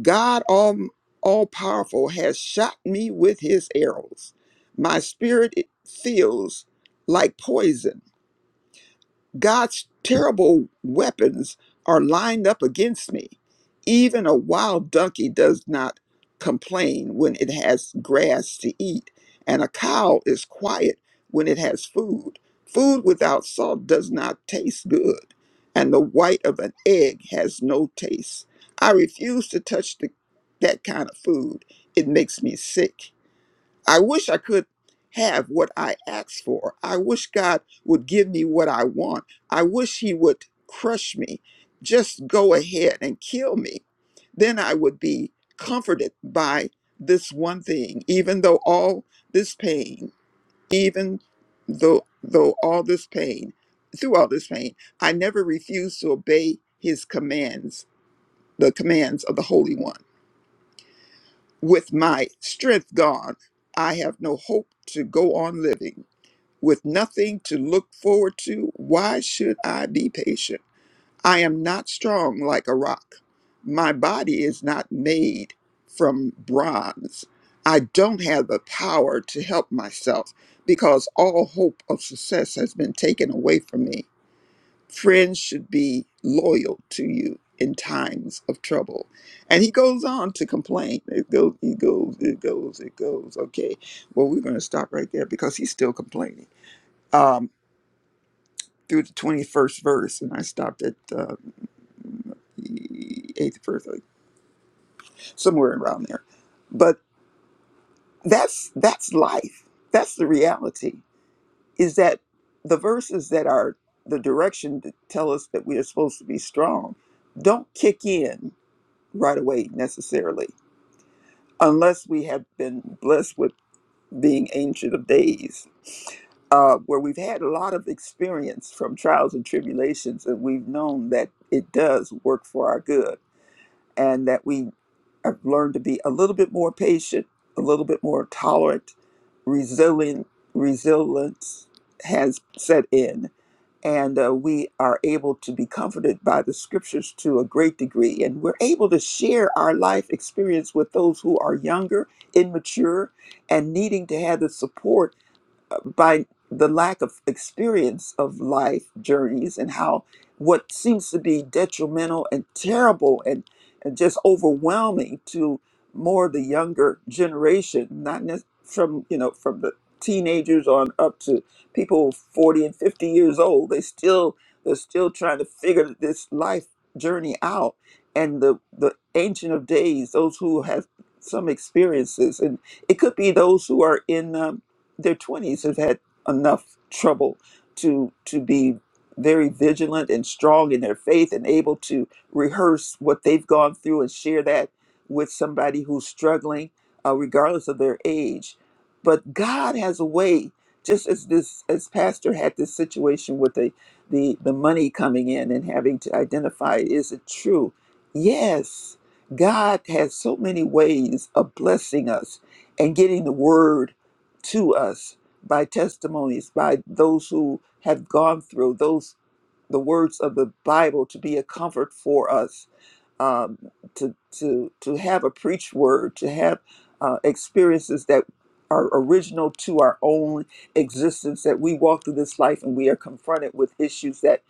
[SPEAKER 4] God all all powerful has shot me with his arrows. My spirit it feels like poison. God's terrible weapons are lined up against me. Even a wild donkey does not complain when it has grass to eat, and a cow is quiet when it has food. Food without salt does not taste good, and the white of an egg has no taste. I refuse to touch the, that kind of food. It makes me sick. I wish I could have what I asked for. I wish God would give me what I want. I wish He would crush me. Just go ahead and kill me. Then I would be comforted by this one thing, even though all this pain, even though though all this pain, through all this pain, I never refused to obey his commands, the commands of the Holy One. With my strength gone, I have no hope to go on living. With nothing to look forward to, why should I be patient? I am not strong like a rock. My body is not made from bronze. I don't have the power to help myself because all hope of success has been taken away from me friends should be loyal to you in times of trouble. And he goes on to complain. It goes, it goes, it goes, it goes. Okay. Well, we're going to stop right there because he's still complaining. Um, through the 21st verse, and I stopped at uh, the eighth verse, like, somewhere around there. But that's that's life. That's the reality. Is that the verses that are the direction to tell us that we are supposed to be strong don't kick in right away necessarily, unless we have been blessed with being ancient of days, uh, where we've had a lot of experience from trials and tribulations, and we've known that it does work for our good and that we have learned to be a little bit more patient, a little bit more tolerant, resilient. Resilience has set in, and uh, we are able to be comforted by the scriptures to a great degree. And we're able to share our life experience with those who are younger, immature, and needing to have the support by the lack of experience of life journeys and how what seems to be detrimental and terrible and, and just overwhelming to more of the younger generation, not ne- from you know from the teenagers on up to people 40 and 50 years old, they still they're still trying to figure this life journey out. And the the ancient of days, those who have some experiences, and it could be those who are in. um, their 20s have had enough trouble to to be very vigilant and strong in their faith and able to rehearse what they've gone through and share that with somebody who's struggling uh, regardless of their age but god has a way just as this as pastor had this situation with the the, the money coming in and having to identify is it true yes god has so many ways of blessing us and getting the word to us by testimonies by those who have gone through those the words of the bible to be a comfort for us um, to to to have a preached word to have uh, experiences that are original to our own existence that we walk through this life and we are confronted with issues that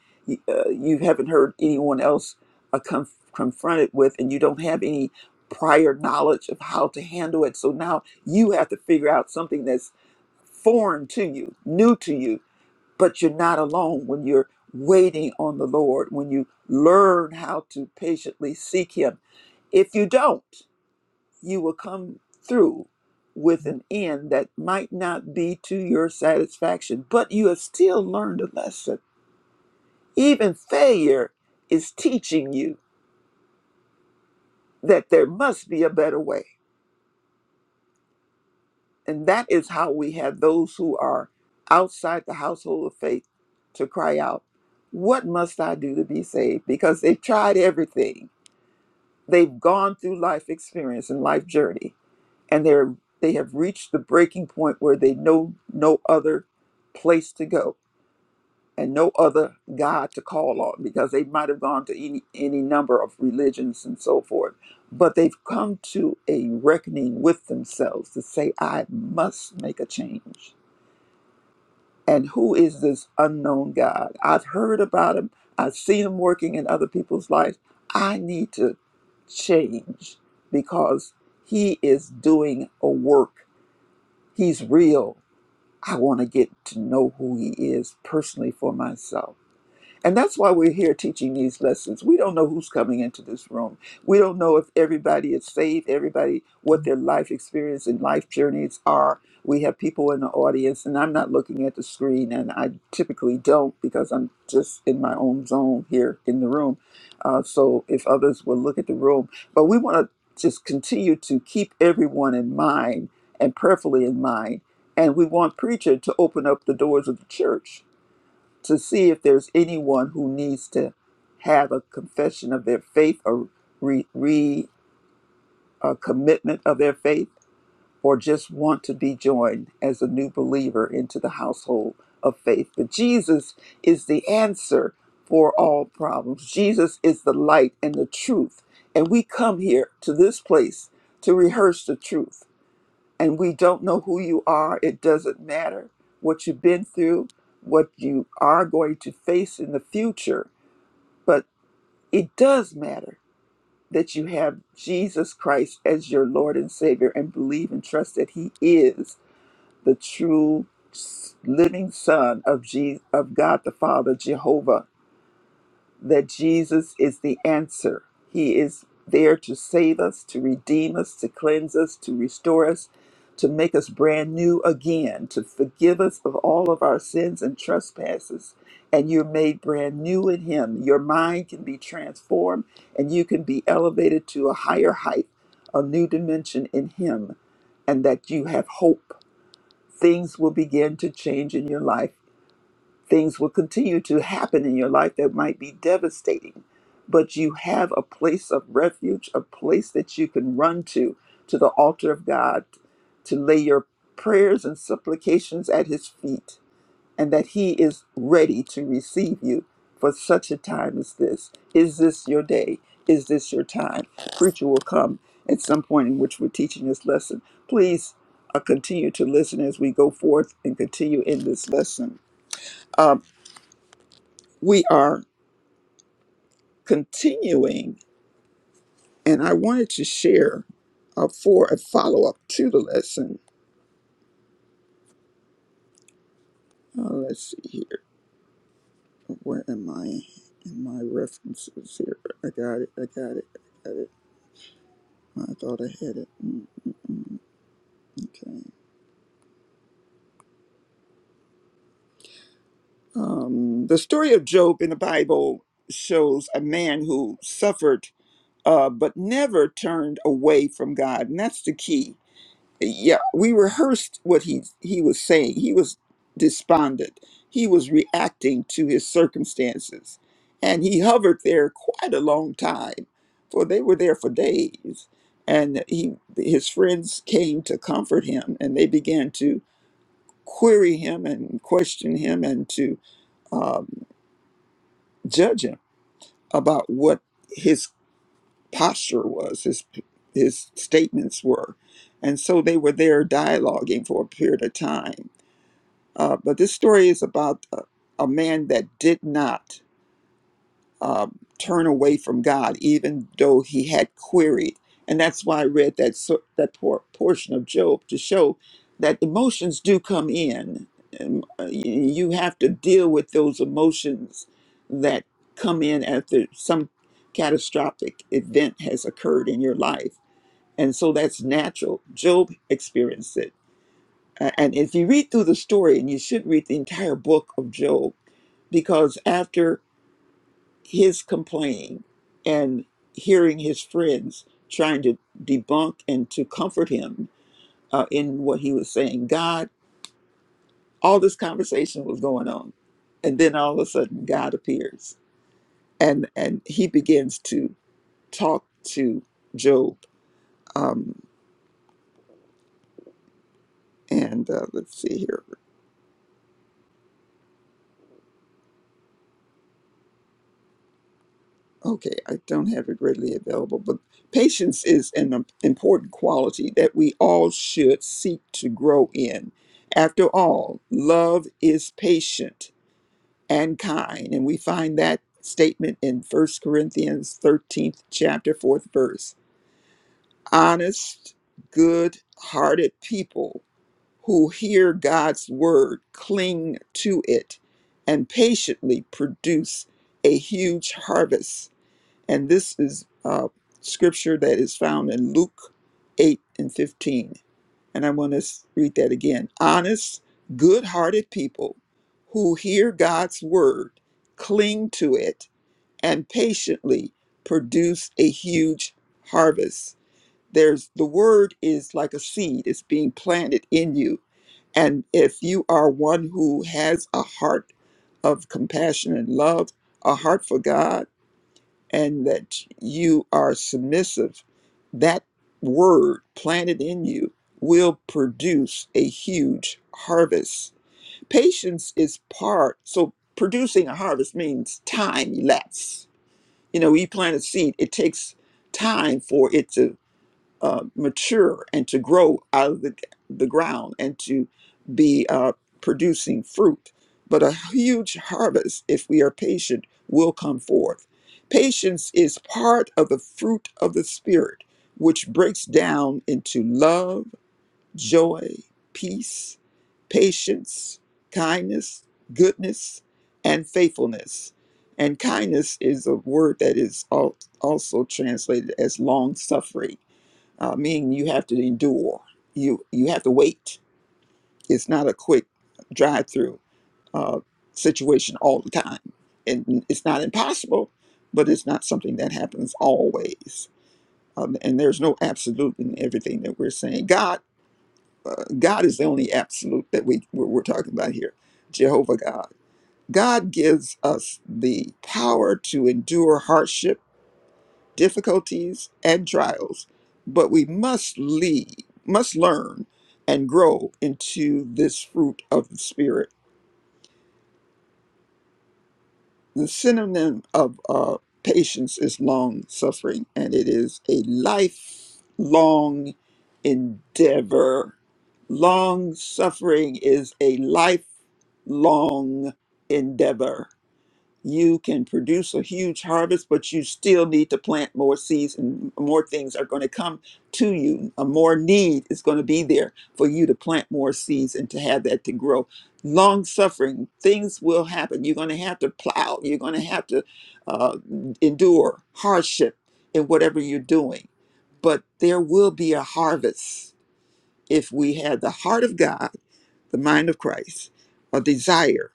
[SPEAKER 4] uh, you haven't heard anyone else uh, conf- confronted with and you don't have any prior knowledge of how to handle it so now you have to figure out something that's foreign to you, new to you, but you're not alone when you're waiting on the Lord, when you learn how to patiently seek Him. If you don't, you will come through with an end that might not be to your satisfaction, but you have still learned a lesson. Even failure is teaching you that there must be a better way And that is how we have those who are outside the household of faith to cry out, What must I do to be saved? Because they've tried everything. They've gone through life experience and life journey, and they're they have reached the breaking point where they know no other place to go and no other God to call on because they might have gone to any, any number of religions and so forth. But they've come to a reckoning with themselves to say, I must make a change. And who is this unknown God? I've heard about him. I've seen him working in other people's lives. I need to change because he is doing a work. He's real. I want to get to know who he is personally for myself. And that's why we're here teaching these lessons. We don't know who's coming into this room. We don't know if everybody is saved, everybody, what their life experience and life journeys are. We have people in the audience, and I'm not looking at the screen, and I typically don't because I'm just in my own zone here in the room. Uh, so if others will look at the room, but we want to just continue to keep everyone in mind and prayerfully in mind. And we want preacher to open up the doors of the church to see if there's anyone who needs to have a confession of their faith or re, re a commitment of their faith or just want to be joined as a new believer into the household of faith. But Jesus is the answer for all problems. Jesus is the light and the truth. And we come here to this place to rehearse the truth and we don't know who you are. It doesn't matter what you've been through, what you are going to face in the future, but it does matter that you have Jesus Christ as your Lord and Savior and believe and trust that He is the true s- living Son of, Je- of God the Father, Jehovah, that Jesus is the answer. He is there to save us, to redeem us, to cleanse us, to restore us, to make us brand new again, to forgive us of all of our sins and trespasses. And you're made brand new in Him. Your mind can be transformed and you can be elevated to a higher height, a new dimension in Him, and that you have hope. Things will begin to change in your life things will continue to happen in your life that might be devastating. But you have a place of refuge, a place that you can run to, to the altar of God, to lay your prayers and supplications at His feet, and that He is ready to receive you for such a time as this. Is this your day? Is this your time? Preacher will come at some point in which we're teaching this lesson. Please uh, continue to listen as we go forth and continue in this lesson Um, we are continuing, and I wanted to share uh, for a follow up to the lesson. Uh, let's see here. Where am I in my references here? I got it. I got it. I got it. I thought I had it. Mm, mm, mm, Okay. Um, the story of Job in the Bible shows a man who suffered uh, but never turned away from God. And that's the key yeah we rehearsed what he he was saying he was despondent he was reacting to his circumstances and he hovered there quite a long time for they were there for days and he his friends came to comfort him and they began to query him and question him and to um, judge him about what his posture was his his statements were and so they were there dialoguing for a period of time Uh, but this story is about a, a man that did not uh, turn away from God, even though he had queried. And that's why I read that so- that por- portion of Job to show that emotions do come in. And uh, y- you have to deal with those emotions that come in after some catastrophic event has occurred in your life. And so that's natural. Job experienced it uh, and if you read through the story, and you should read the entire book of Job, because after his complaining and hearing his friends trying to debunk and to comfort him uh, in what he was saying, God, all this conversation was going on, and then all of a sudden, God appears, and and he begins to talk to Job. Um, and uh, let's see here. Okay, I don't have it readily available, but patience is an im- important quality that we all should seek to grow in. After all, love is patient and kind, and we find that statement in First Corinthians 13th chapter 4th verse. Honest, good-hearted people who hear God's word cling to it and patiently produce a huge harvest and this is uh, scripture that is found in Luke 8 and 15. And I want to read that again. Honest, good hearted people who hear God's word, cling to it, and patiently produce a huge harvest. There's the word is like a seed, it's being planted in you. And if you are one who has a heart of compassion and love, a heart for God, and that you are submissive, that word planted in you will produce a huge harvest. Patience is part, so producing a harvest means time elapsed. You know, we plant a seed, it takes time for it to uh, mature and to grow out of the, the ground and to be uh, producing fruit. But a huge harvest, if we are patient, will come forth. Patience is part of the fruit of the Spirit, which breaks down into love, joy, peace, patience, kindness, goodness, and faithfulness. And kindness is a word that is al- also translated as long suffering uh, meaning you have to endure. You you have to wait. It's not a quick drive-through uh, situation all the time, and it's not impossible, but it's not something that happens always. Um, and there's no absolute in everything that we're saying. God, uh, God is the only absolute that we we're, we're talking about here. Jehovah God. God gives us the power to endure hardship difficulties and trials, but we must lead, must learn and grow into this fruit of the spirit. The synonym of uh, patience is long suffering, and it is a lifelong endeavor. Long suffering is a lifelong endeavor. you can produce a huge harvest, but you still need to plant more seeds and more things are going to come to you. A more need is going to be there for you to plant more seeds and to have that to grow. Long suffering, things will happen. You're going to have to plow, you're going to have to uh, endure hardship in whatever you're doing. But there will be a harvest if we have the heart of God, the mind of Christ, a desire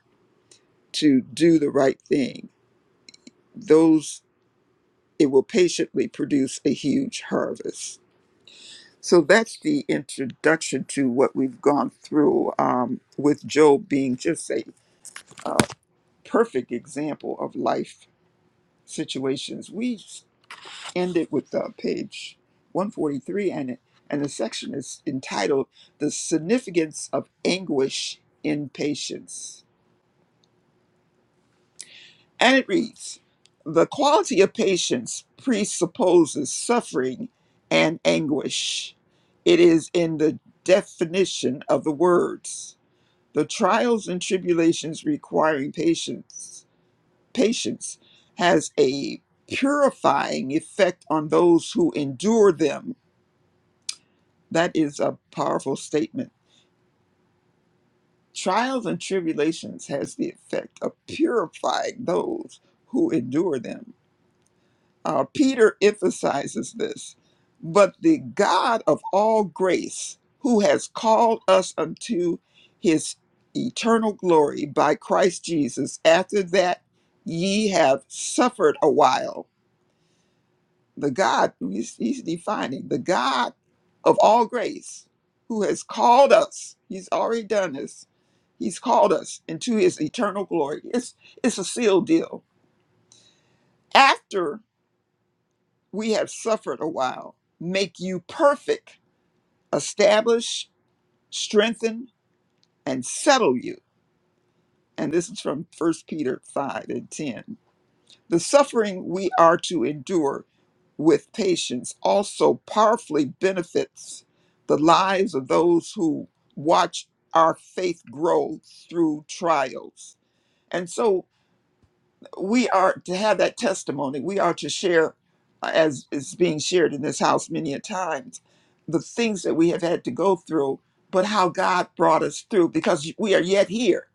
[SPEAKER 4] to do the right thing. Those it will patiently produce a huge harvest. So that's the introduction to what we've gone through um, with Job being just a perfect example of life situations. We ended with uh, page 143, and, it, and the section is entitled The Significance of Anguish in Patience. And it reads The quality of patience presupposes suffering and anguish. It is in the definition of the words. The trials and tribulations requiring patience, patience has a purifying effect on those who endure them. That is a powerful statement. Trials and tribulations has the effect of purifying those who endure them Uh, Peter emphasizes this. But the God of all grace, who has called us unto his eternal glory by Christ Jesus, after that ye have suffered a while, the God, he's, he's defining, the God of all grace, who has called us, he's already done this, he's called us into his eternal glory. It's, it's a sealed deal. After we have suffered a while, make you perfect, establish, strengthen, and settle you. And this is from First Peter 5 and 10. The suffering we are to endure with patience also powerfully benefits the lives of those who watch our faith grow through trials. And so we are to have that testimony. We are to share, uh, as is being shared in this house many a times, the things that we have had to go through, but how God brought us through because we are yet here.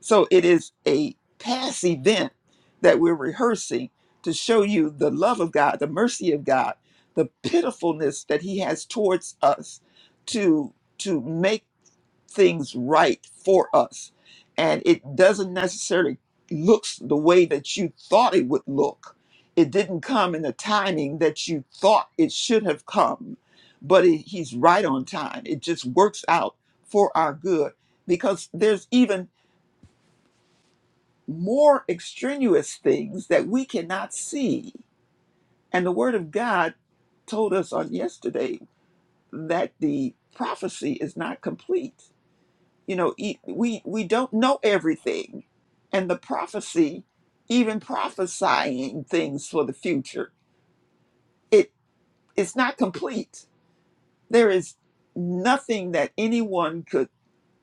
[SPEAKER 4] So it is a past event that we're rehearsing to show you the love of God, the mercy of God, the pitifulness that He has towards us to to make things right for us. And it doesn't necessarily looks the way that you thought it would look. It didn't come in the timing that you thought it should have come, but it, he's right on time. It just works out for our good because there's even more extraneous things that we cannot see. And the word of God told us on yesterday that the prophecy is not complete you know e- we we don't know everything and the prophecy even prophesying things for the future it it's not complete there is nothing that anyone could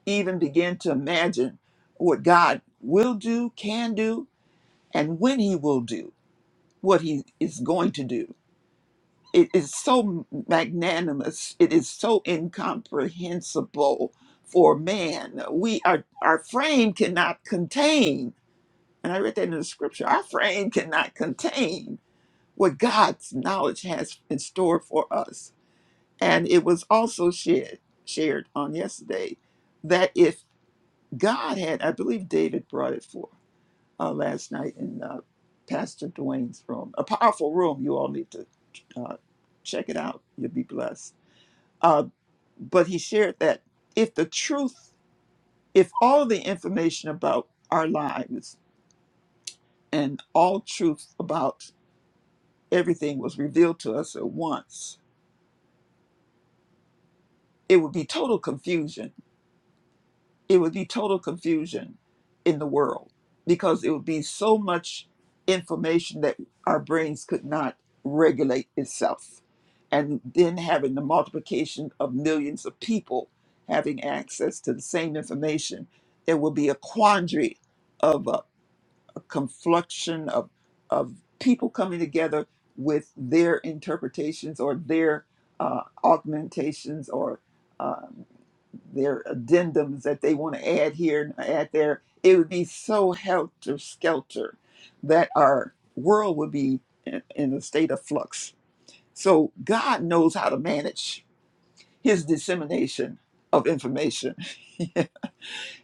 [SPEAKER 4] even begin to imagine what god will do can do and when he will do what he is going to do it is so magnanimous it is so incomprehensible for man we are our frame cannot contain And I read that in the scripture. Our frame cannot contain what God's knowledge has in store for us. And it was also shared, shared on yesterday that if God had, I believe David brought it for uh, last night in uh, Pastor Dwayne's room, a powerful room. You all need to uh, check it out. You'll be blessed. Uh, but he shared that if the truth, if all the information about our lives and all truth about everything was revealed to us at once, it would be total confusion. It would be total confusion in the world because it would be so much information that our brains could not regulate itself. And then having the multiplication of millions of people having access to the same information, there will be a quandary of. uh, confluxion of of people coming together with their interpretations or their uh, augmentations or um, their addendums that they want to add here and add there. It would be so helter skelter that our world would be in, in a state of flux. So God knows how to manage His dissemination of information.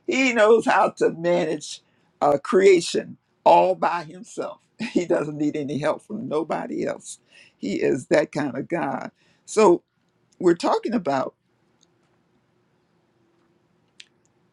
[SPEAKER 4] He knows how to manage uh, creation all by himself. He doesn't need any help from nobody else. He is that kind of God. So we're talking about.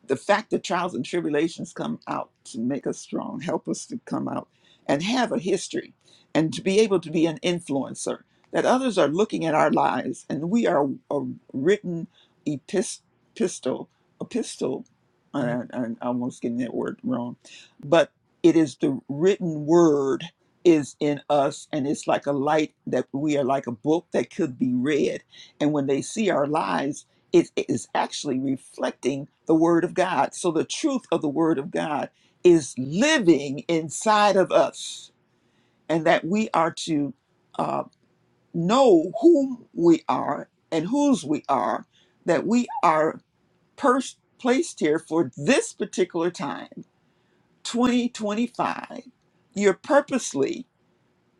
[SPEAKER 4] the fact that trials and tribulations come out to make us strong, help us to come out and have a history and to be able to be an influencer, that others are looking at our lives and we are a written epis- epistle, epistle, I, I, I'm almost getting that word wrong, but it is the written word is in us and it's like a light that we are like a book that could be read and when they see our lives it is actually reflecting the word of God. So the truth of the word of God is living inside of us, and that we are to uh, know whom we are and whose we are, that we are pers- placed here for this particular time, 2025. You're purposely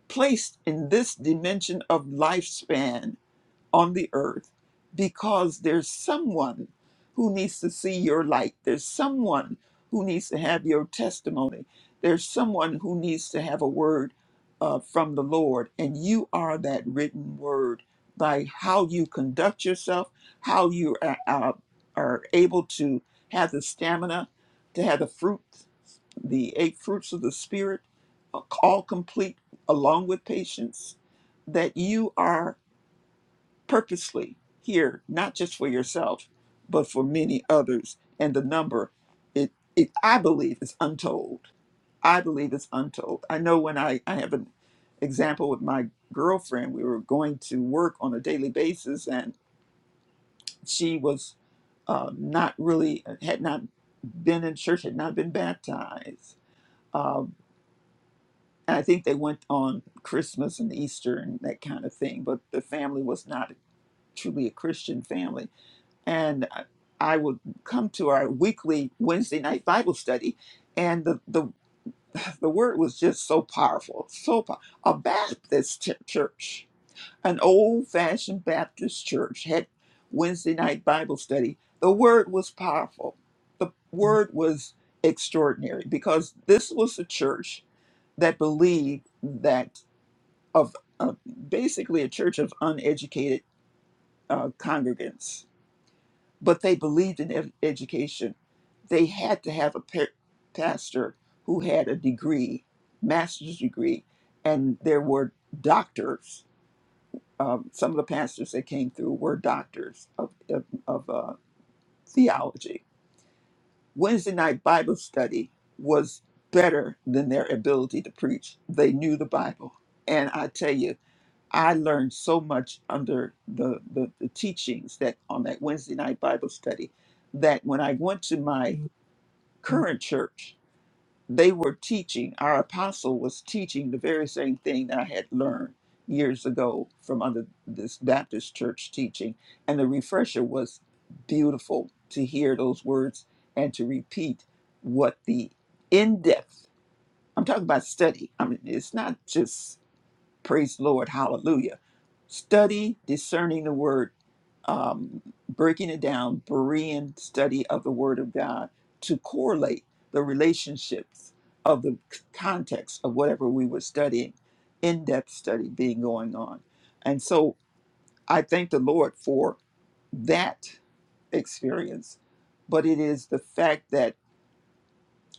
[SPEAKER 4] placed in this dimension of lifespan on the earth because there's someone who needs to see your light. There's someone who needs to have your testimony. There's someone who needs to have a word uh, from the Lord. And you are that written word by how you conduct yourself, how you are, are, are able to have the stamina, to have the fruit, the eight fruits of the Spirit, uh, all complete along with patience, that you are purposely here, not just for yourself, but for many others. And the number, it, it I believe, is untold. I believe it's untold. I know when I, I have an example with my girlfriend, we were going to work on a daily basis, and she was uh, not really, had not been in church, had not been baptized. Um, and I think they went on Christmas and Easter and that kind of thing, but the family was not truly a Christian family and I I would come to our weekly Wednesday night Bible study, and the the, the word was just so powerful, so pow- a Baptist ch- church, an old fashioned Baptist church had Wednesday night Bible study. The word was powerful. The word was extraordinary because this was a church that believed that of uh, basically a church of uneducated uh, congregants but they believed in ed- education. They had to have a pa- pastor who had a degree, master's degree, and there were doctors. Um, some of the pastors that came through were doctors of, of, of uh, theology. Wednesday night Bible study was better than their ability to preach. They knew the Bible. And I tell you, I learned so much under the, the, the teachings that on that Wednesday night Bible study that when I went to my current church, they were teaching, our apostle was teaching the very same thing that I had learned years ago from under this Baptist church teaching. And the refresher was beautiful to hear those words and to repeat what the in depth, I'm talking about study. I mean, it's not just Praise the Lord. Hallelujah. Study discerning the word, um, breaking it down, Berean study of the word of God to correlate the relationships of the c- context of whatever we were studying, in depth study being going on. And so I thank the Lord for that experience. But it is the fact that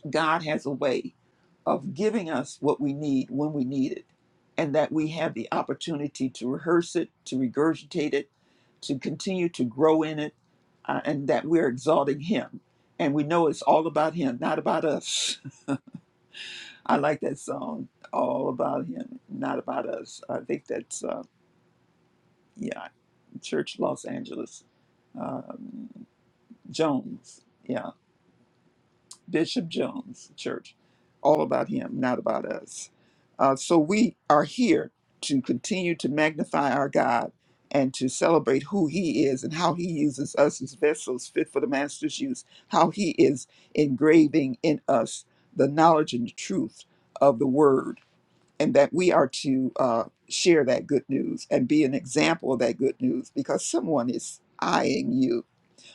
[SPEAKER 4] God has a way of giving us what we need when we need it, and that we have the opportunity to rehearse it, to regurgitate it, to continue to grow in it, uh, and that we're exalting Him. And we know it's all about Him, not about us. I like that song, All About Him, Not About Us. I think that's, uh, yeah, Church Los Angeles, um, Jones. Yeah Bishop Jones Church, all about him, not about us. Uh, so we are here to continue to magnify our God and to celebrate who he is and how he uses us as vessels fit for the master's use, how he is engraving in us the knowledge and the truth of the word, and that we are to uh, share that good news and be an example of that good news because someone is eyeing you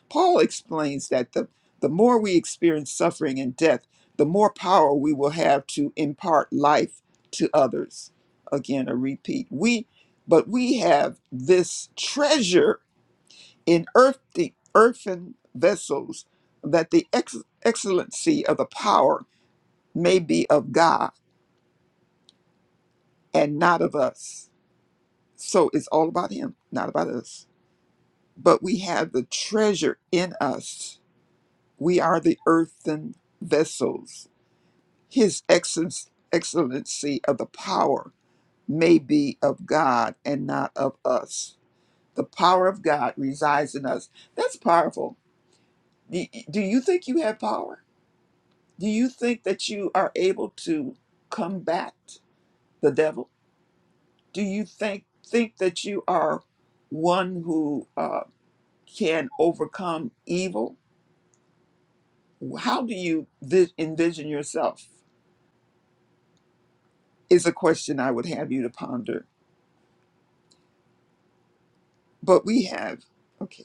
[SPEAKER 4] Paul explains that the, the more we experience suffering and death, the more power we will have to impart life to others. Again, a repeat. We but we have this treasure in earthy earthen vessels that the ex- excellency of the power may be of God and not of us. So it's all about him, not about us. But we have the treasure in us. We are the earthen vessels his excellence- excellency of the power may be of God and not of us. The power of God resides in us. That's powerful. Do do you think you have power? Do you think that you are able to combat the devil? Do you think think that you are one who uh, can overcome evil? How do you vi- envision yourself? Is a question I would have you to ponder. But we have. okay.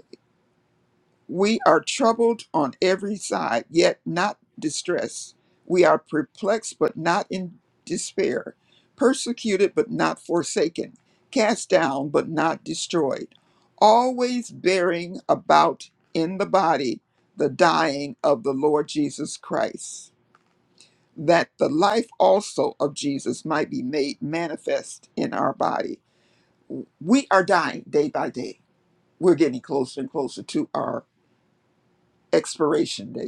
[SPEAKER 4] We are troubled on every side, yet not distressed. We are perplexed, but not in despair. Persecuted, but not forsaken. Cast down, but not destroyed. Always bearing about in the body the dying of the Lord Jesus Christ, that the life also of Jesus might be made manifest in our body. We are dying day by day. We're getting closer and closer to our expiration date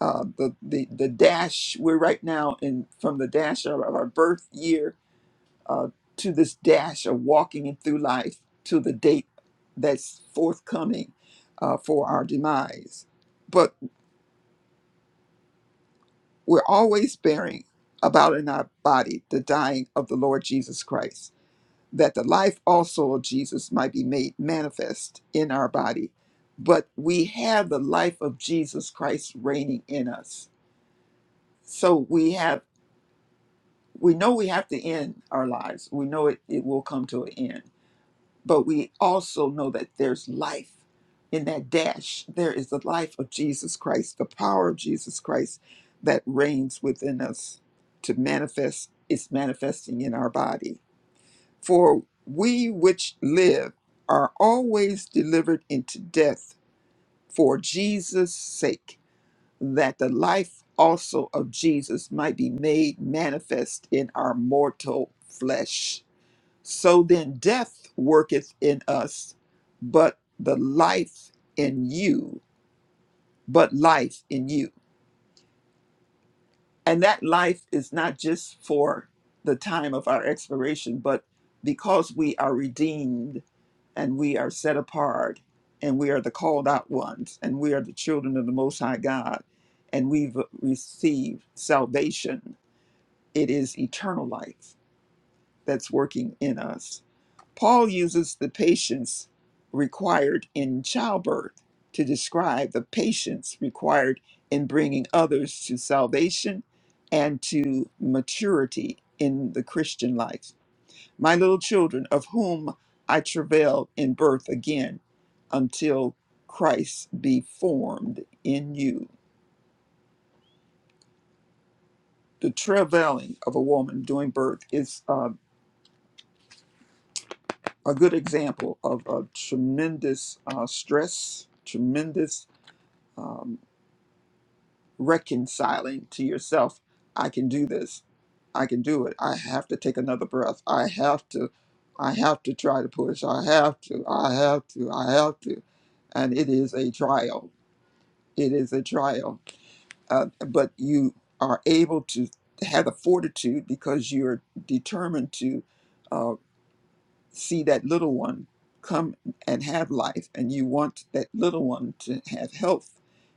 [SPEAKER 4] uh, the, the the dash we're right now in from the dash of our birth year uh, to this dash of walking in through life to the date that's forthcoming uh, for our demise but we're always bearing about in our body the dying of the lord jesus christ that the life also of jesus might be made manifest in our body but we have the life of jesus christ reigning in us so we have we know we have to end our lives. We know it, it will come to an end. But we also know that there's life in that dash. There is the life of Jesus Christ, the power of Jesus Christ that reigns within us to manifest, it's manifesting in our body. For we which live are always delivered into death for Jesus' sake that the life also of Jesus might be made manifest in our mortal flesh. So then death worketh in us, but the life in you, but life in you. And that life is not just for the time of our expiration, but because we are redeemed and we are set apart and we are the called out ones and we are the children of the Most High God and we've received salvation it is eternal life that's working in us. Paul uses the patience required in childbirth to describe the patience required in bringing others to salvation and to maturity in the Christian life. My little children, of whom I travail in birth again until Christ be formed in you. The travailing of a woman during birth is uh, a good example of a tremendous uh, stress, tremendous um, reconciling to yourself. I can do this. I can do it. I have to take another breath. I have to. I have to try to push. I have to. I have to. I have to. And it is a trial. It is a trial. Uh, but you are able to have the fortitude because you're determined to. uh, see that little one come and have life, and you want that little one to have health.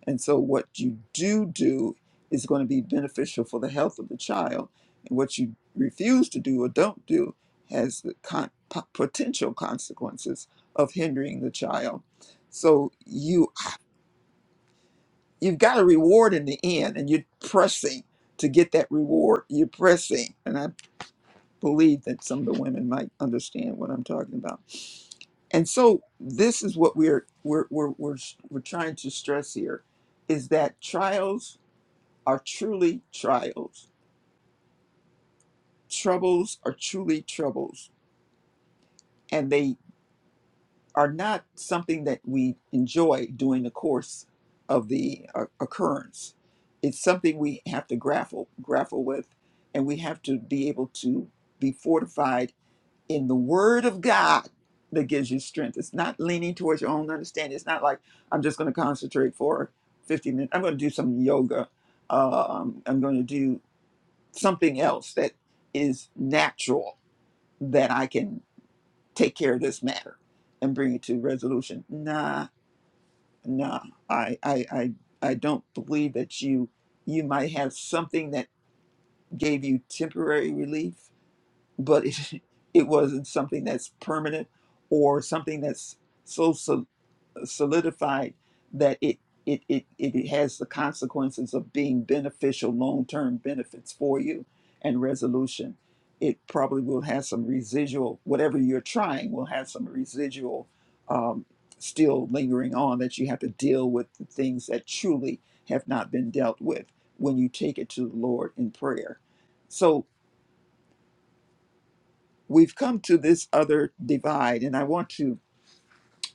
[SPEAKER 4] And so, what you do do is going to be beneficial for the health of the child, and what you refuse to do or don't do has the con- po- potential consequences of hindering the child. So you you've got a reward in the end, and you're pressing to get that reward. You're pressing, and I believe that some of the women might understand what I'm talking about And so this is what we're we're we're we're, we're trying to stress here is that trials are truly trials. Troubles are truly troubles and they are not something that we enjoy during the course of the uh, occurrence. It's something we have to grapple grapple with and we have to be able to be fortified in the Word of God that gives you strength. It's not leaning towards your own understanding. It's not like I'm just going to concentrate for 50 minutes. I'm going to do some yoga. Um, I'm going to do something else that is natural that I can take care of this matter and bring it to resolution. Nah, nah. I, I, I, I don't believe that you you might have something that gave you temporary relief but it, it wasn't something that's permanent or something that's so sol- solidified that it, it, it, it has the consequences of being beneficial, long term benefits for you and resolution. It probably will have some residual, whatever you're trying will have some residual um, still lingering on that you have to deal with the things that truly have not been dealt with when you take it to the Lord in prayer. So, we've come to this other divide, and I want to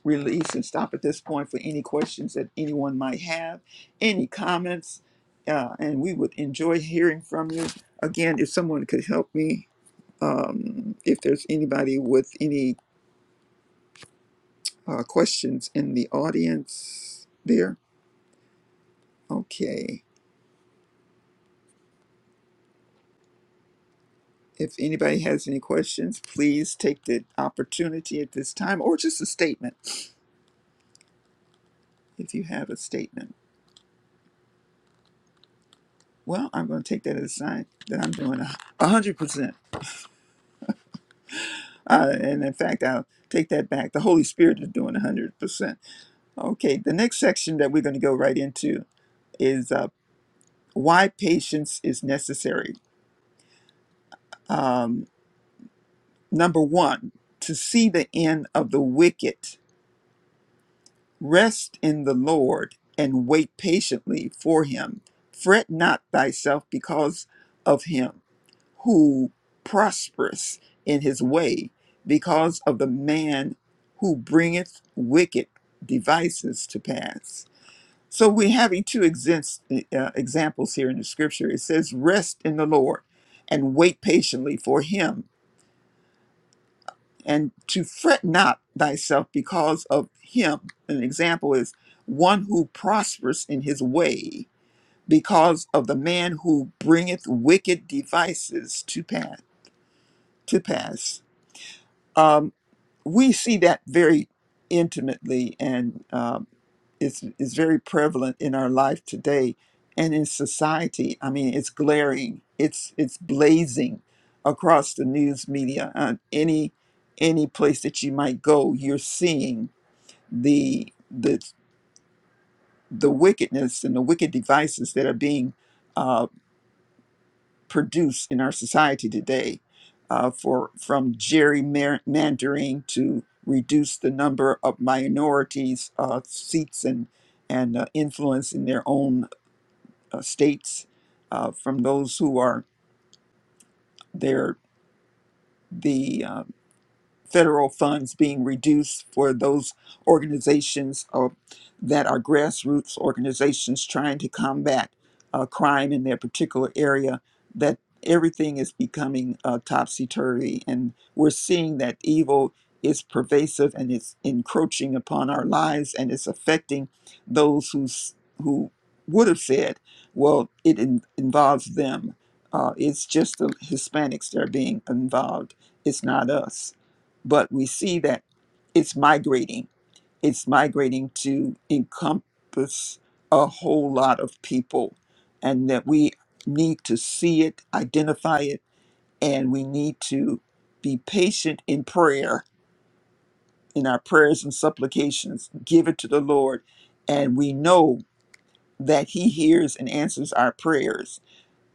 [SPEAKER 4] release and stop at this point for any questions that anyone might have, any comments, uh, and we would enjoy hearing from you. Again, if someone could help me, um, if there's anybody with any uh, questions in the audience there, okay. If anybody has any questions, please take the opportunity at this time or just a statement if you have a statement. Well, I'm going to take that as a sign that I'm doing a a hundred percent. Uh, and in fact, I'll take that back. The Holy Spirit is doing a hundred percent. Okay, the next section that we're going to go right into is uh, why patience is necessary. Um, number one, to see the end of the wicked, rest in the Lord and wait patiently for Him. Fret not thyself because of Him who prospereth in his way because of the man who bringeth wicked devices to pass. So we're having two exins- uh, examples here in the scripture. It says, Rest in the Lord and wait patiently for him, and to fret not thyself because of him. An example is one who prospers in his way because of the man who bringeth wicked devices to pass. To pass. Um, we see that very intimately and um, it's, it's very prevalent in our life today and in society. I mean, it's glaring, it's, it's blazing across the news media. Uh, any, any place that you might go, you're seeing the, the, the wickedness and the wicked devices that are being uh, produce in our society today uh, for from gerrymandering to reduce the number of minorities uh, seats and and uh, influence in their own uh, states uh, from those who are their the uh, federal funds being reduced for those organizations uh, that are grassroots organizations trying to combat uh, crime in their particular area, that everything is becoming uh, topsy turvy. And we're seeing that evil is pervasive and it's encroaching upon our lives and it's affecting those who's, who would have said, well, it in- involves them. Uh, it's just the Hispanics that are being involved. It's not us but we see that it's migrating. It's migrating to encompass a whole lot of people, and that we need to see it, identify it, and we need to be patient in prayer, in our prayers and supplications. Give it to the Lord, and we know that He hears and answers our prayers.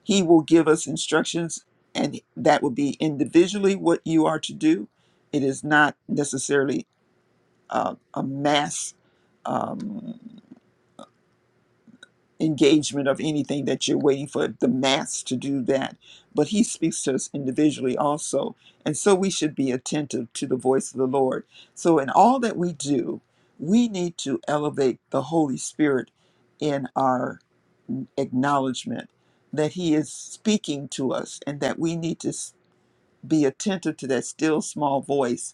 [SPEAKER 4] He will give us instructions, and that will be individually what you are to do. It is not necessarily uh, a mass um, engagement of anything that you're waiting for the mass to do that. But he speaks to us individually also. And so we should be attentive to the voice of the Lord. So, in all that we do, we need to elevate the Holy Spirit in our acknowledgement that he is speaking to us and that we need to s- be attentive to that still small voice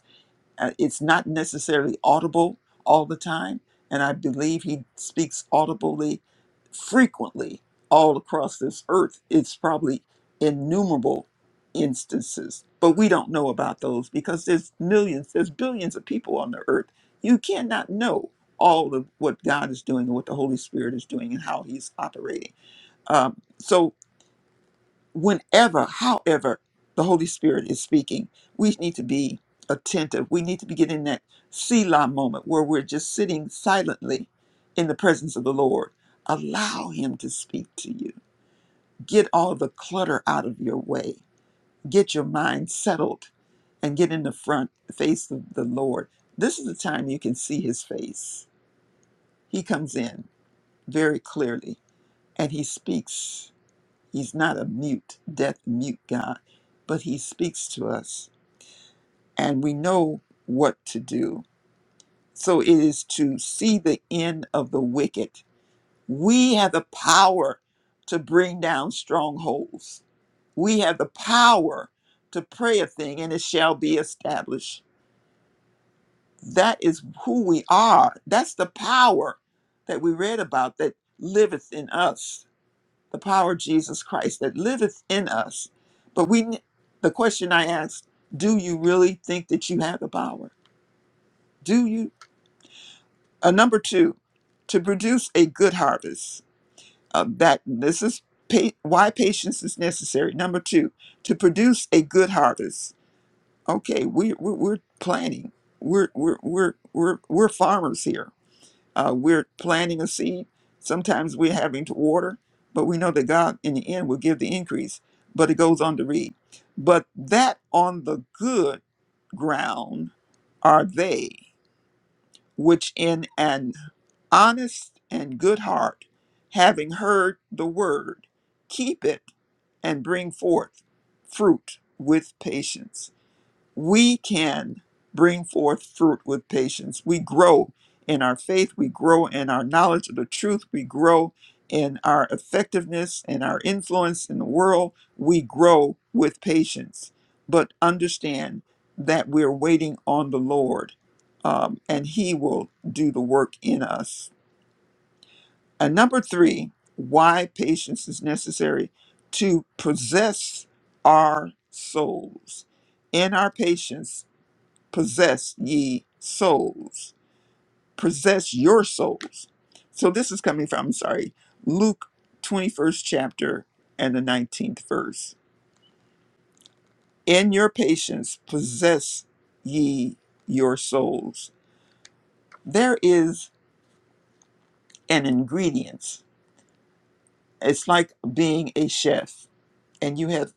[SPEAKER 4] Uh, It's not necessarily audible all the time, and I believe he speaks audibly frequently all across this earth. It's probably innumerable instances, but we don't know about those because there's millions, there's billions of people on the earth. You cannot know all of what God is doing and what the Holy Spirit is doing and how He's operating. Um, so whenever, however, the Holy Spirit is speaking, we need to be attentive. We need to be getting that Selah moment where we're just sitting silently in the presence of the Lord. Allow Him to speak to you. Get all the clutter out of your way. Get your mind settled and get in the front face of the Lord. This is the time you can see His face. He comes in very clearly and He speaks He's not a mute, deaf, mute God, but He speaks to us and we know what to do. So it is to see the end of the wicked. We have the power to bring down strongholds, we have the power to pray a thing and it shall be established. That is who we are. That's the power that we read about that liveth in us the power of Jesus Christ that liveth in us. But we, the question I asked, do you really think that you have the power? Do you? Uh, number two, to produce a good harvest. Uh, that this is pa- why patience is necessary. Number two, to produce a good harvest. Okay, we, we we're planting. We're we're we're we're we're farmers here. Uh, we're planting a seed. Sometimes we're having to water, but we know that God in the end will give the increase. But it goes on to read, but that on the good ground are they which in an honest and good heart, having heard the word, keep it and bring forth fruit with patience we can bring forth fruit with patience. We grow in our faith, we grow in our knowledge of the truth, we grow in our effectiveness and our influence in the world. We grow with patience, but understand that we're waiting on the Lord um, and He will do the work in us. And number three, why patience is necessary to possess our souls. In our patience, possess ye souls, possess your souls. So this is coming from, I'm sorry, Luke 21st chapter and the 19th verse. In your patience possess ye your souls. There is an ingredient. It's like being a chef and you have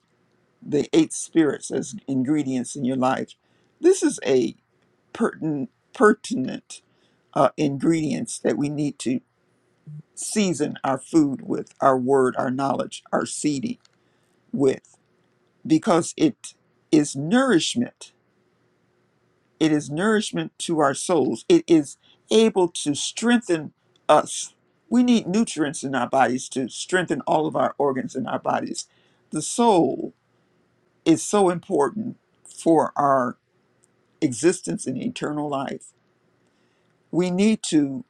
[SPEAKER 4] the eight spirits as ingredients in your life. This is a pertinent pertinent uh, ingredients that we need to season our food with, our word, our knowledge, our seeding with, because it is nourishment. It is nourishment to our souls. It is able to strengthen us. We need nutrients in our bodies to strengthen all of our organs in our bodies. The soul is so important for our existence in eternal life. We need to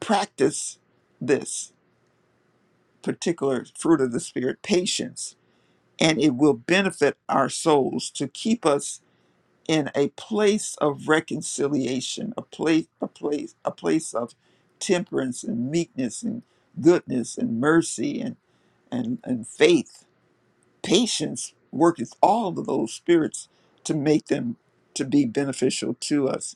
[SPEAKER 4] practice this particular fruit of the Spirit, patience and it will benefit our souls to keep us in a place of reconciliation, a place, a place, a place of temperance and meekness and goodness and mercy and and, and faith. Patience worketh all of those spirits to make them to be beneficial to us.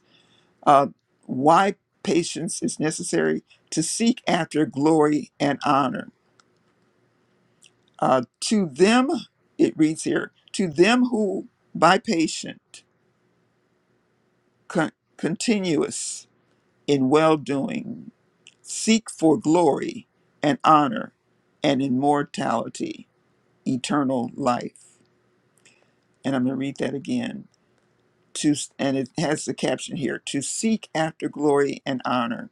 [SPEAKER 4] Uh, why patience is necessary to seek after glory and honor Uh, to them, it reads here, to them who by patient, con- continuous in well doing, seek for glory and honor and immortality, eternal life. And I'm going to read that again. To, and it has the caption here to seek after glory and honor.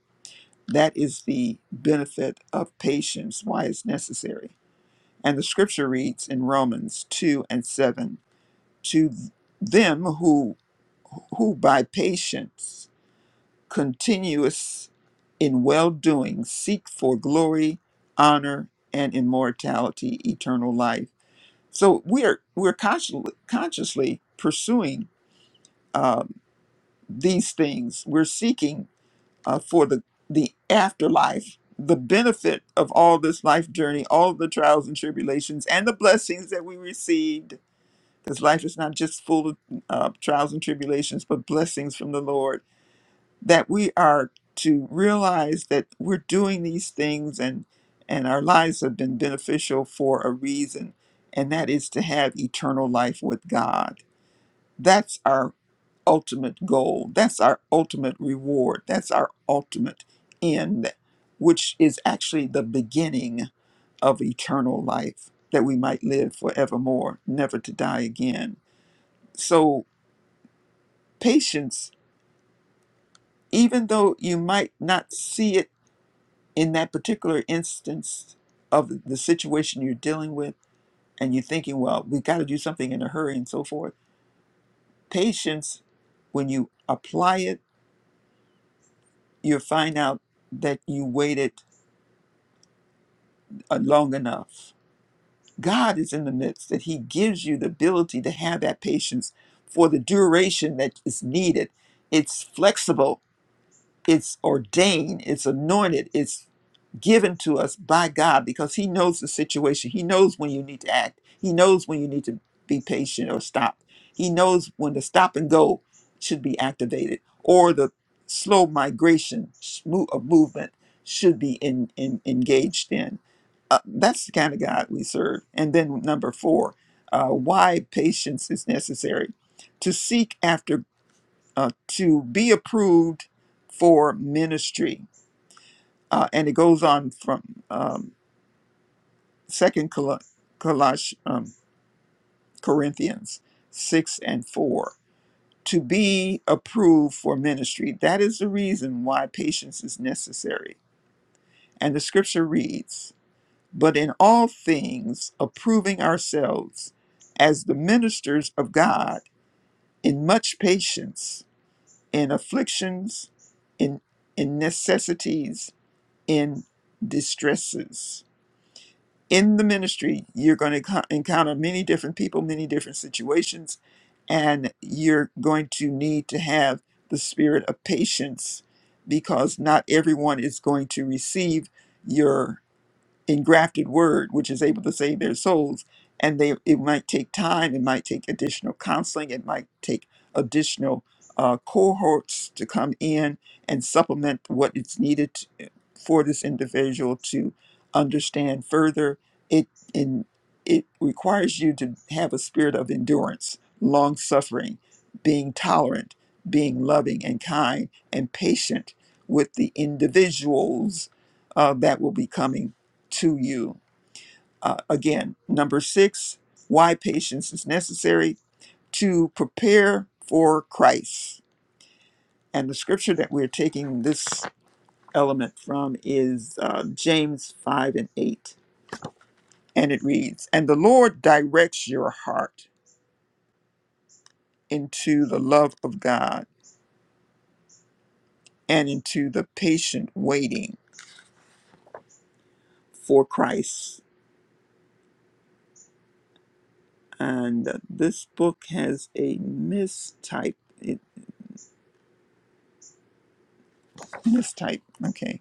[SPEAKER 4] That is the benefit of patience, why it's necessary. And the scripture reads in Romans 2 and 7 to them who who by patience continuous in well doing seek for glory, honor, and immortality, eternal life. So we're we're consciously consciously pursuing um, these things. We're seeking uh, for the the afterlife, the benefit of all this life journey, all the trials and tribulations, and the blessings that we received. Because life is not just full of uh, trials and tribulations, but blessings from the Lord that we are to realize that we're doing these things and and our lives have been beneficial for a reason and that is to have eternal life with God that's our ultimate goal that's our ultimate reward that's our ultimate end which is actually the beginning of eternal life that we might live forevermore never to die again so patience even though you might not see it in that particular instance of the situation you're dealing with and you're thinking well we got to do something in a hurry and so forth patience when you apply it you'll find out that you waited uh, long enough god is in the midst that he gives you the ability to have that patience for the duration that is needed it's flexible it's ordained, it's anointed, it's given to us by God because He knows the situation. He knows when you need to act. He knows when you need to be patient or stop. He knows when the stop and go should be activated or the slow migration sh- mo- of movement should be in, in, engaged in. Uh, that's the kind of God we serve. And then number four, uh, why patience is necessary. To seek after uh, to be approved for ministry. Uh, and it goes on from um, Second Col- Colosh- um, Corinthians six and four to be approved for ministry. That is the reason why patience is necessary. And the scripture reads, "But in all things, approving ourselves as the ministers of God, in much patience, in afflictions, in in necessities." in distresses. In the ministry, you're going to encounter many different people, many different situations, and you're going to need to have the spirit of patience because not everyone is going to receive your engrafted word which is able to save their souls and they it might take time it might take additional counseling it might take additional uh, cohorts to come in and supplement what is needed to- for this individual to understand further it in it requires you to have a spirit of endurance long suffering being tolerant being loving and kind and patient with the individuals uh, that will be coming to you. Uh, again, number six, why patience is necessary to prepare for Christ. And the scripture that we're taking this element from is uh, James 5 and 8. And it reads, And the Lord directs your heart into the love of God and into the patient waiting for Christ. And uh, this book has a mistype. It mistype. Okay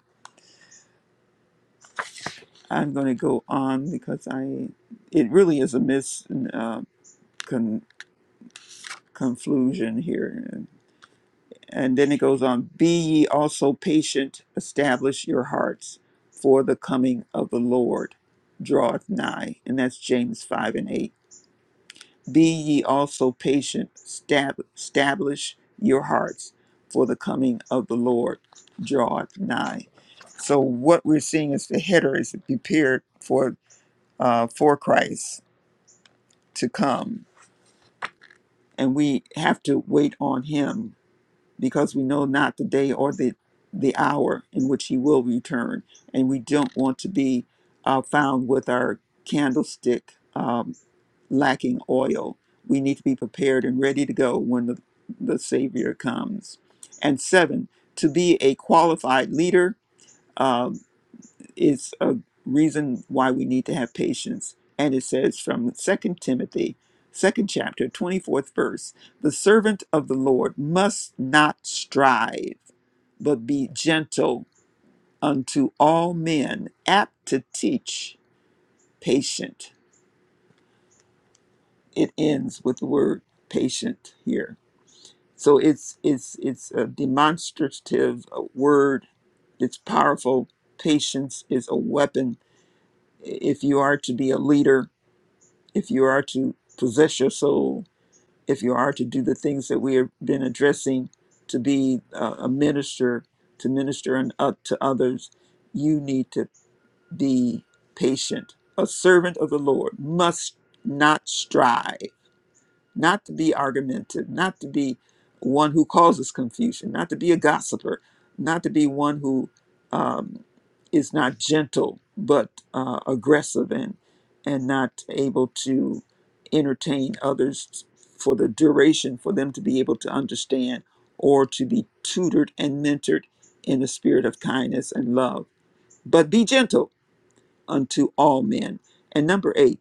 [SPEAKER 4] I'm going to go on because I it really is a mis uh, con, conclusion here, and then it goes on. Be ye also patient, establish your hearts, for the coming of the Lord draweth nigh, and that's James five and eight. Be ye also patient, stab, establish your hearts, for the coming of the Lord draweth nigh. So what we're seeing is the header is prepared for uh, for Christ to come. And we have to wait on him because we know not the day or the, the hour in which he will return. And we don't want to be uh, found with our candlestick um, lacking oil. We need to be prepared and ready to go when the, the Savior comes. And seven, to be a qualified leader. Um, is a reason why we need to have patience. And it says from Second Timothy, second chapter, 24th verse the servant of the Lord must not strive, but be gentle unto all men, apt to teach, patient. It ends with the word patient here. So it's it's it's a demonstrative uh, word. It's powerful. Patience is a weapon if you are to be a leader if you are to possess your soul, if you are to do the things that we have been addressing, to be a, a minister, to minister and up to others, you need to be patient. A servant of the Lord must not strive not to be argumentative, not to be one who causes confusion, not to be a gossiper, not to be one who um, is not gentle but uh, aggressive and and not able to entertain others for the duration for them to be able to understand or to be tutored and mentored in a spirit of kindness and love. But be gentle unto all men. And number eight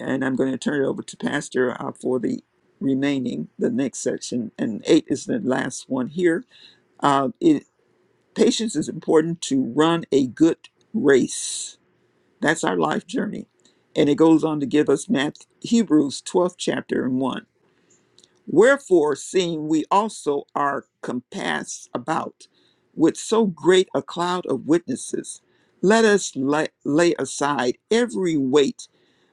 [SPEAKER 4] and I'm going to turn it over to Pastor uh, for the remaining, the next section, and eight is the last one here. Uh, it, patience is important to run a good race. That's our life journey. And it goes on to give us Math, Hebrews 12th chapter and 1. Wherefore, seeing we also are compassed about with so great a cloud of witnesses, let us la- lay aside every weight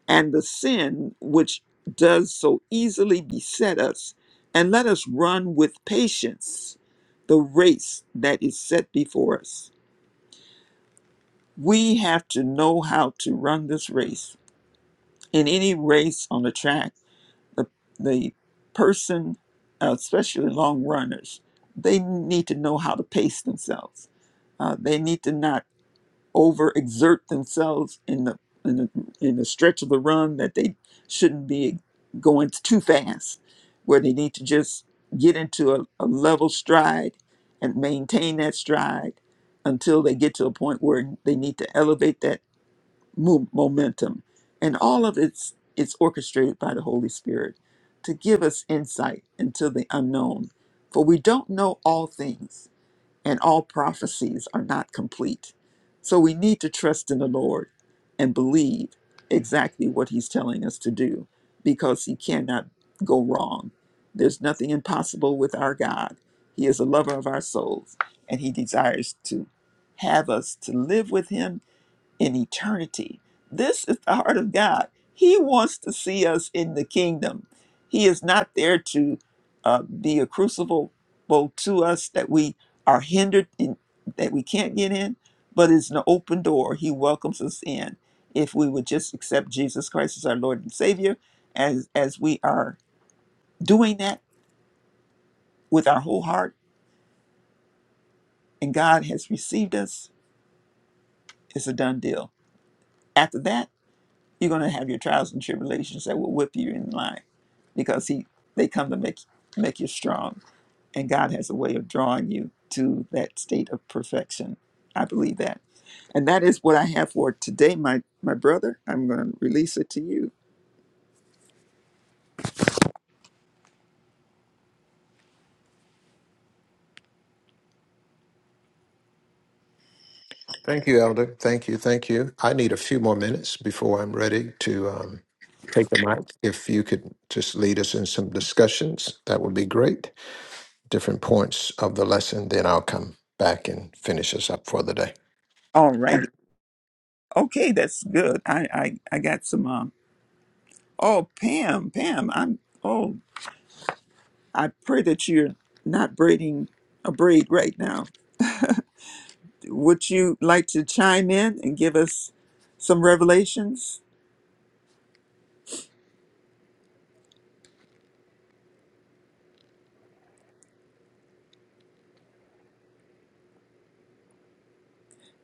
[SPEAKER 4] and the sin which does so easily beset us, and let us run with patience the race that is set before us. We have to know how to run this race. In any race on the track, the, the person, uh, especially long runners, they need to know how to pace themselves. Uh, they need to not overexert themselves in the in the in the stretch of the run that they shouldn't be going too fast, where they need to just get into a, a level stride and maintain that stride until they get to a point where they need to elevate that mo- momentum. And all of it's it's orchestrated by the Holy Spirit to give us insight into the unknown, for we don't know all things and all prophecies are not complete. So we need to trust in the Lord and believe exactly what He's telling us to do because He cannot go wrong. There's nothing impossible with our God. He is a lover of our souls and He desires to have us to live with Him in eternity. This is the heart of God. He wants to see us in the kingdom. He is not there to uh, be a crucible to us that we are hindered in, that we can't get in, but it's an open door. He welcomes us in if we would just accept Jesus Christ as our Lord and Savior. As as we are doing that with our whole heart, and God has received us, it's a done deal. After that, you're going to have your trials and tribulations that will whip you in line because he they come to make make you strong and god has a way of drawing you to that state of perfection i believe that and that is what i have for today my my brother i'm going to release it to you
[SPEAKER 2] thank you, Elder. Thank you. Thank you. I need a few more minutes before I'm ready to um, take the mic. If you could just lead us in some discussions, that would be great. different points of the lesson, then I'll come back and finish us up for the day.
[SPEAKER 4] all righty okay that's good i i, I got some um oh pam pam i'm oh i pray that you're not braiding a braid right now would you like to chime in and give us some revelations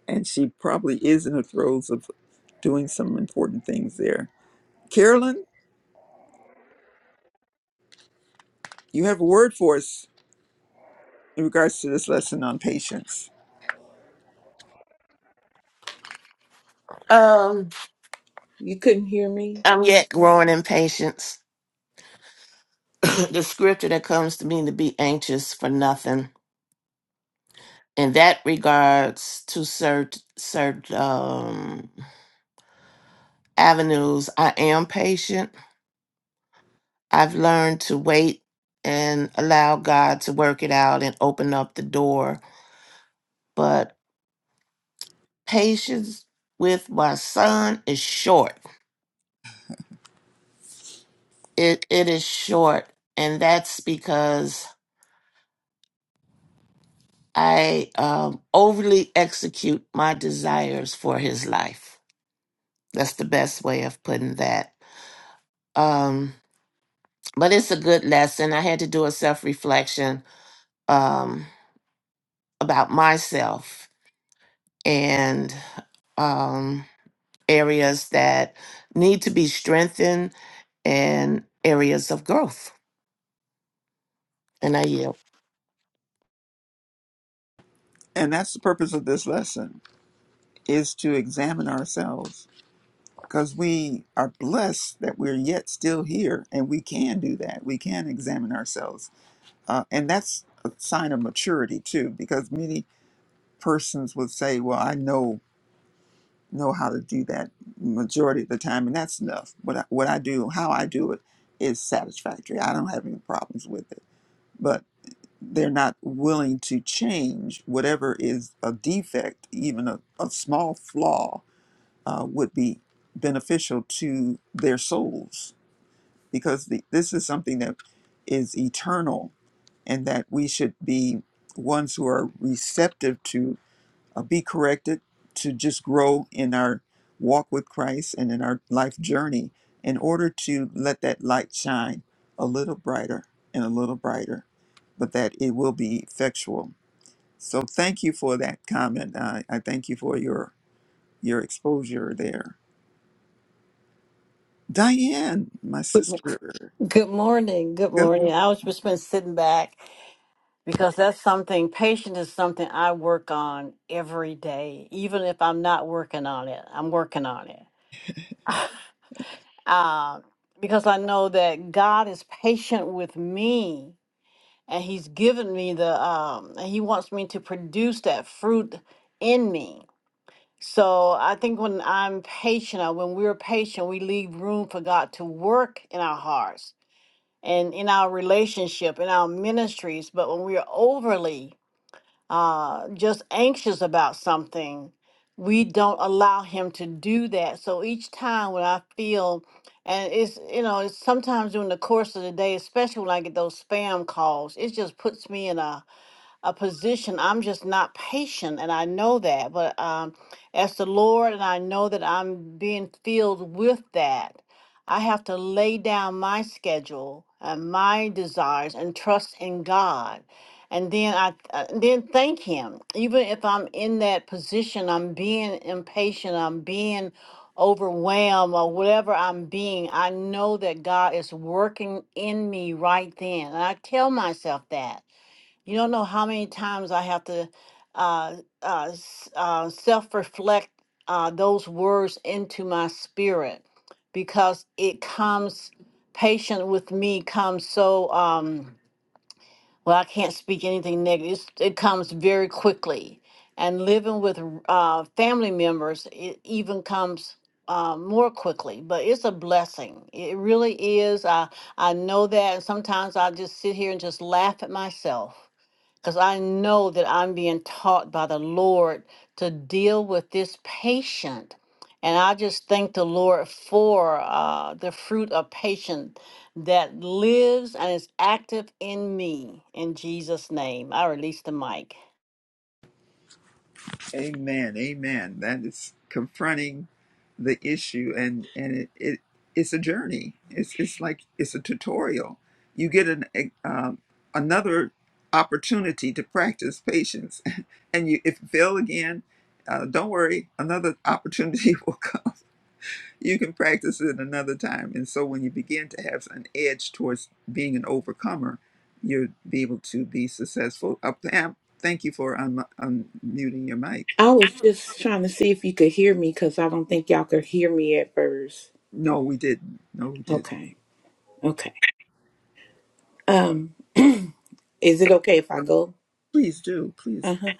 [SPEAKER 4] and she probably is in the throes of doing some important things there. Carolyn, you have a word for us in regards to this lesson on patience.
[SPEAKER 5] Um,
[SPEAKER 6] You couldn't hear me?
[SPEAKER 5] I'm yet growing in patience. the scripture that comes to me to be anxious for nothing. In that regards to cert cert um avenues, I am patient. I've learned to wait and allow God to work it out and open up the door. But patience with my son is short. It it is short. And that's because I um, overly execute my desires for his life. That's the best way of putting that. Um, but it's a good lesson. I had to do a self reflection um, about myself and um, areas that need to be strengthened and areas of growth. And I yield.
[SPEAKER 4] And that's the purpose of this lesson is to examine ourselves because we are blessed that we're yet still here and we can do that. We can examine ourselves. Uh, and that's a sign of maturity too, because many persons would say, well, I know know how to do that majority of the time and that's enough. What I, what I do, how I do it is satisfactory. I don't have any problems with it but they're not willing to change whatever is a defect, even a, a small flaw, uh, would be beneficial to their souls because the, this is something that is eternal and that we should be ones who are receptive to uh, be corrected, to just grow in our walk with Christ and in our life journey in order to let that light shine a little brighter and a little brighter, but that it will be effectual. So thank you for that comment. I, I thank you for your your exposure there. Diane, my
[SPEAKER 7] Good mo-
[SPEAKER 4] sister.
[SPEAKER 7] good morning. Good
[SPEAKER 4] Good
[SPEAKER 7] morning. I was just been sitting back because that's something, patience is something I work on every day. Even if I'm not working on it, I'm working on it. um, because I know that God is patient with me and He's given me the, um, and He wants me to produce that fruit in me. So I think when I'm patient, or when we're patient, we leave room for God to work in our hearts and in our relationship, in our ministries. But when we're overly uh, just anxious about something, we don't allow Him to do that. So each time when I feel, and it's, you know, it's sometimes during the course of the day, especially when I get those spam calls, it just puts me in a a position. I'm just not patient, and I know that. But um, as the Lord, and I know that I'm being filled with that, I have to lay down my schedule and my desires and trust in God. And then I uh, then thank Him, even if I'm in that position, I'm being impatient, I'm being overwhelmed or whatever I'm being, I know that God is working in me right then. And I tell myself that. You don't know how many times I have to uh, uh, s- uh, self reflect uh, those words into my spirit because it comes, patient with me comes so, um, well, I can't speak anything negative. It's, it comes very quickly. And living with uh, family members, it even comes uh, more quickly, but it's a blessing. It really is. I, I know that. And sometimes I just sit here and just laugh at myself because I know that I'm being taught by the Lord to deal with this patient. And I just thank the Lord for uh, the fruit of patience that lives and is active in me. In Jesus' name, I release the mic.
[SPEAKER 4] Amen. Amen. That is confronting the issue and and it, it it's a journey. It's it's like it's a tutorial. You get an a- um, another opportunity to practice patience, and you if you fail again, uh, don't worry. Another opportunity will come. You can practice it another time. And so when you begin to have an edge towards being an overcomer, you'll be able to be successful. Uh, Pam, thank you for un- unmuting your mic.
[SPEAKER 6] I was just trying to see if you could hear me because I don't think y'all could hear me at first.
[SPEAKER 4] No, we didn't. No, we didn't.
[SPEAKER 6] Okay. Okay. Um, is it okay if I go?
[SPEAKER 4] Please do. Please.
[SPEAKER 6] Uh-huh.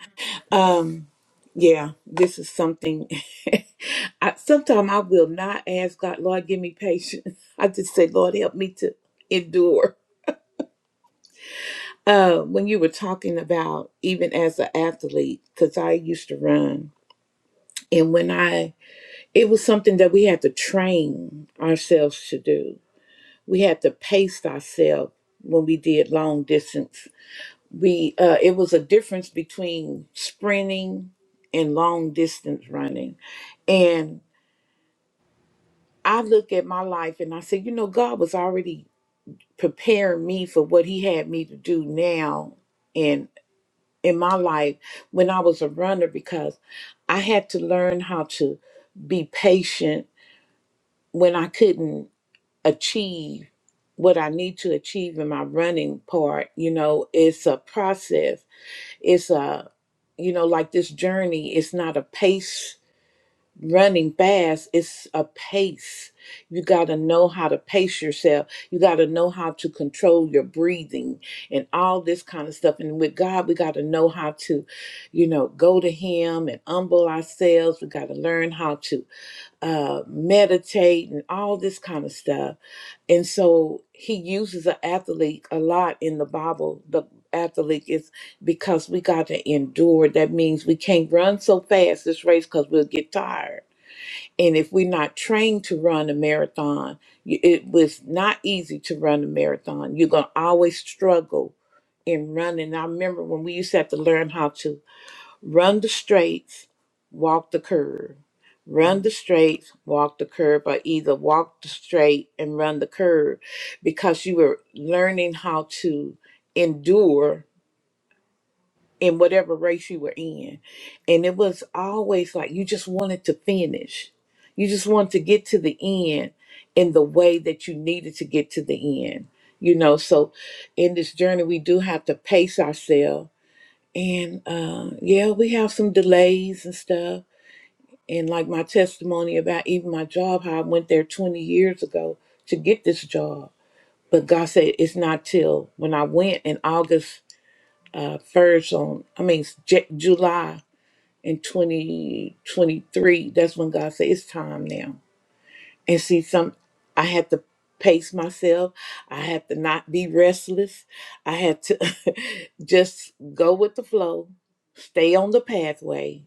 [SPEAKER 6] Um, yeah, this is something I sometimes I will not ask God, Lord, give me patience. I just say, Lord, help me to endure. Uh, when you were talking about even as an athlete, because I used to run, and when I It was something that we had to train ourselves to do. We had to pace ourselves when we did long distance. We uh, it was a difference between sprinting and long distance running. And I look at my life and I say, you know, God was already preparing me for what He had me to do now and in my life when I was a runner because I had to learn how to be patient when I couldn't achieve what I need to achieve in my running part. You know, it's a process. It's a, you know, like this journey, it's not a pace running fast, it's a pace. You got to know how to pace yourself. You got to know how to control your breathing and all this kind of stuff. And with God, we got to know how to, you know, go to Him and humble ourselves. We got to learn how to uh, meditate and all this kind of stuff and so he uses an athlete a lot in the bible the athlete is because we got to endure that means we can't run so fast this race because we'll get tired and if we're not trained to run a marathon y- it was not easy to run a marathon you're going to always struggle in running i remember when we used to have to learn how to Run the straights, walk the curve. Run the straights, walk the curve, or either walk the straight and run the curve because you were learning how to endure in whatever race you were in. And it was always like you just wanted to finish. You just wanted to get to the end in the way that you needed to get to the end. You know, so in this journey, we do have to pace ourselves and uh, yeah, we have some delays and stuff. And like my testimony about even my job, how I went there 20 years ago to get this job. But God said it's not till when I went in August uh, 1st on, I mean, J- July in 2023. That's when God said it's time now and see, some I had to pace myself. I had to not be restless. I had to just go with the flow, stay on the pathway,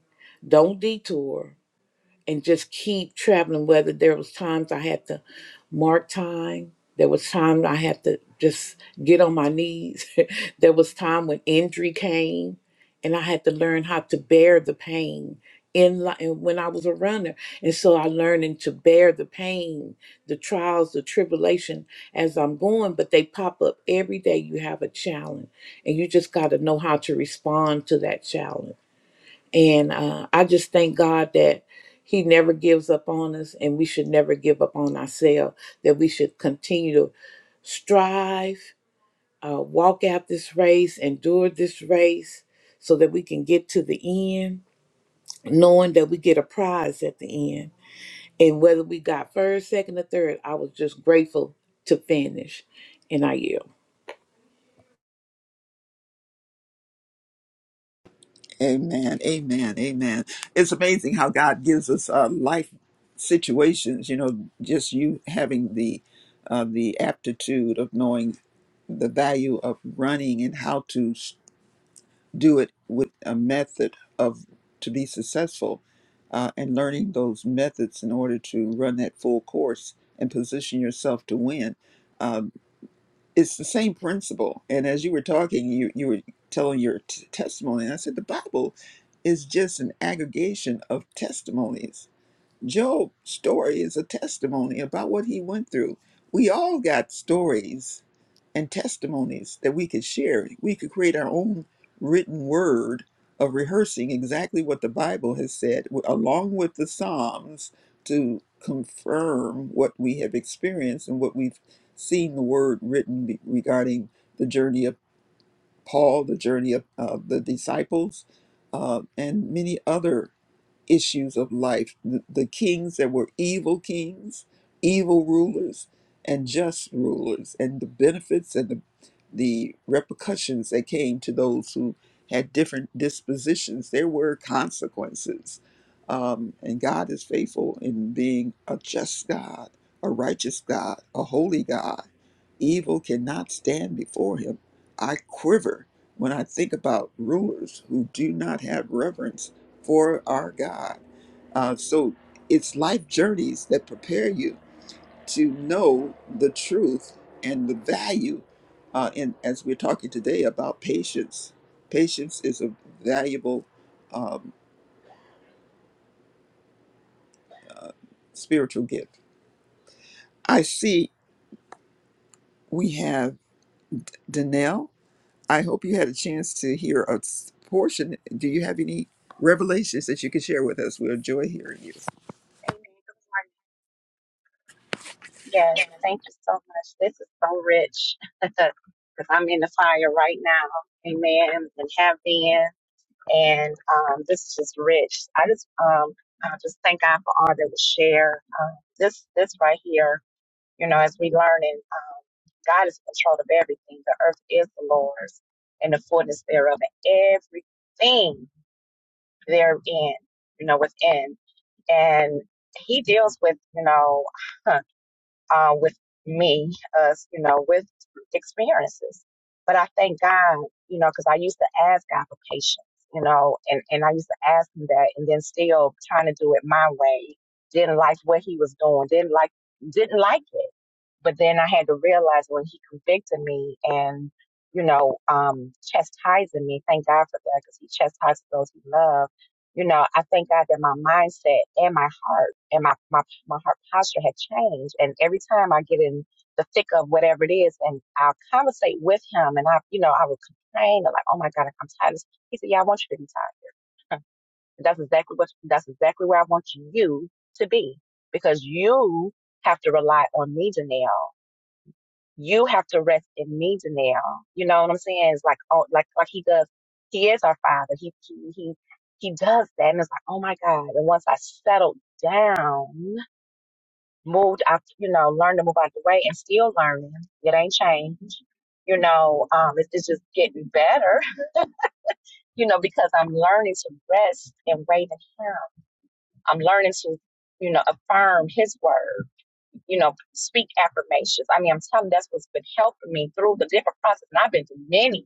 [SPEAKER 6] don't detour and just keep traveling. Whether there was times I had to mark time, there was time I had to just get on my knees. there was time when injury came, and I had to learn how to bear the pain. In li- and when I was a runner, and so I learning to bear the pain, the trials, the tribulation as I'm going. But they pop up every day. You have a challenge, and you just got to know how to respond to that challenge and uh, I just thank God that He never gives up on us, and we should never give up on ourselves, that we should continue to strive, uh, walk out this race, endure this race, so that we can get to the end, knowing that we get a prize at the end. And whether we got first, second, or third, I was just grateful to finish, and I yield.
[SPEAKER 4] Amen. Amen. Amen. It's amazing how God gives us uh, life situations. You know, just you having the uh, the aptitude of knowing the value of running and how to s- do it with a method of to be successful, uh, and learning those methods in order to run that full course and position yourself to win it's the same principle. And as you were talking, you you were telling your t- testimony. And I said the Bible is just an aggregation of testimonies. Job's story is a testimony about what he went through. We all got stories and testimonies that we could share. We could create our own written word of rehearsing exactly what the Bible has said, w- along with the Psalms, to confirm what we have experienced and what we've seen the word written be- regarding the journey of Paul, the journey of uh, the disciples, uh, and many other issues of life. The the kings that were evil kings, evil rulers, and just rulers, and the benefits and the, the repercussions that came to those who had different dispositions. There were consequences. Um, and God is faithful in being a just God, a righteous God, a holy God. Evil cannot stand before him. I quiver when I think about rulers who do not have reverence for our God. Uh, so it's life journeys that prepare you to know the truth and the value. Uh, and as we're talking today about patience, patience is a valuable um, spiritual gift. I see we have Danelle. I hope you had a chance to hear a s- portion. Do you have any revelations that you can share with us? we enjoy hearing you.
[SPEAKER 8] Amen. Good morning. Yes, thank you so much. This is so rich because I'm in the fire right now. Amen. And have been. And um, this is just rich. I just um, I just thank God for all that was shared. Um, this this right here, you know, as we learn and um, God is in control of everything. The earth is the Lord's and the fullness thereof, and everything therein, you know, within. And He deals with, you know. uh, with me, us, you know, with experiences. But I thank God, you know, because I used to ask God for patience, you know, and, and I used to ask him that and then still trying to do it my way. Didn't like what he was doing, didn't like didn't like it. But then I had to realize when he convicted me and, you know, um, chastising me, thank God for that because he chastises those he loves. You know, I thank God that my mindset and my heart and my, my, my heart posture had changed. And every time I get in the thick of whatever it is and I'll conversate with him and I, you know, I would complain and like, oh my God, I'm tired. of this." He said, yeah, I want you to be tired. And That's exactly what, that's exactly where I want you to be because you have to rely on me, Janelle you have to rest in me, Janelle. You know what I'm saying? It's like, oh, like, like he does. He is our father. He, he, he, he does that. And it's like, oh my God. And once I settled down, moved out, you know, learned to move out the way and still learning, it ain't changed. You know, um, it's, it's just getting better, you know, because I'm learning to rest and wait in him. I'm learning to, you know, affirm his word. you know, speak affirmations. I mean, I'm telling you, that's what's been helping me through the different process. And I've been through many.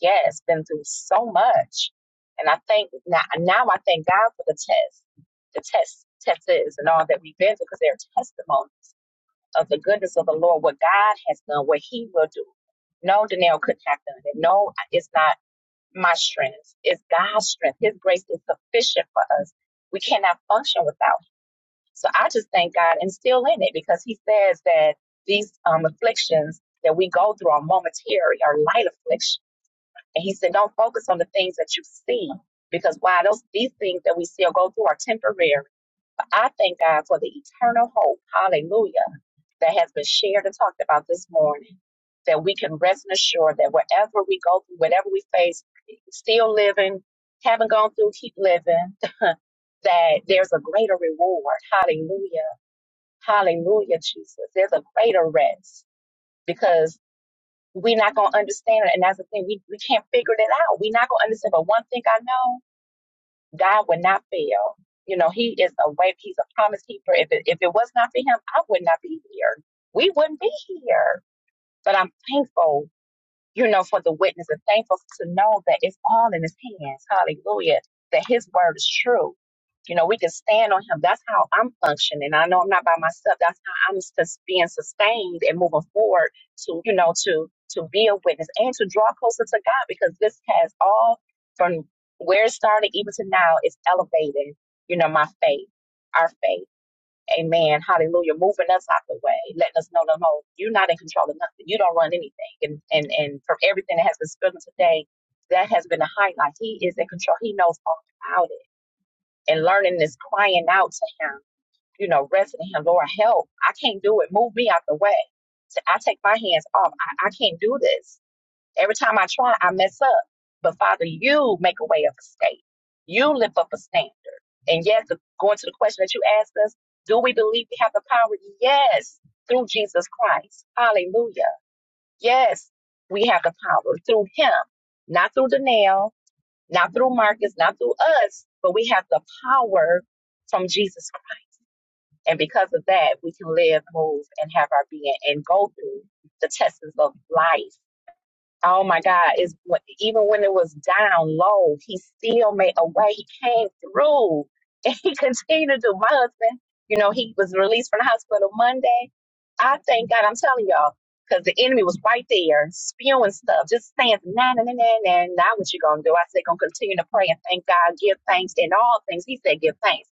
[SPEAKER 8] Yes, been through so much. And I think now, now I thank God for the test, the test, tests and all that we've been through because they're a testimony of the goodness of the Lord, what God has done, what He will do. No, Danielle couldn't have done it. No, it's not my strength. It's God's strength. His grace is sufficient for us. We cannot function without so I just thank God and still in it because He says that these um, afflictions that we go through are momentary, are light affliction. And He said, don't focus on the things that you see because why those these things that we still go through are temporary. But I thank God for the eternal hope, hallelujah, that has been shared and talked about this morning. That we can rest and assure that wherever we go through, whatever we face, still living, haven't gone through, keep living, that there's a greater reward. Hallelujah. Hallelujah, Jesus. There's a greater rest because we're not going to understand it. And that's the thing, we, we can't figure it out. We're not going to understand. But one thing I know, God will not fail. You know, He is a way, He's a promise keeper. If it, if it was not for Him, I would not be here. We wouldn't be here. But I'm thankful you know, for the witness and thankful to know that it's all in his hands. Hallelujah. That his word is true. You know, we can stand on him. That's how I'm functioning. I know I'm not by myself. That's how I'm just being sustained and moving forward to, you know, to to be a witness and to draw closer to God because this has all from where it started even to now is elevating, you know, my faith, our faith. Amen. Hallelujah. Moving us out the way, letting us know that no, you're not in control of nothing. You don't run anything. And and and from everything that has been spoken today, that has been a highlight. He is in control. He knows all about it. And learning this, crying out to him, you know, resting in him, Lord, help. I can't do it. Move me out the way. So I take my hands off. I, I can't do this Every time I try, I mess up. But Father, you make a way of escape. You lift up a standard. And yes, going to the question that you asked us, do we believe we have the power? Yes, through Jesus Christ. Hallelujah. Yes, we have the power through Him, not through Danielle, not through Marcus, not through us, but we have the power from Jesus Christ. And because of that, we can live, move, and have our being and go through the tests of life Oh my God, Is even when it was down low, he still made a way. He came through and he continued to. My husband, you know, he was released from the hospital Monday. I thank God, I'm telling y'all, because the enemy was right there spewing stuff, just saying, nah, nah, nah, nah, nah, now what you gonna do? I said, gonna continue to pray and thank God, give thanks in all things. He said, give thanks.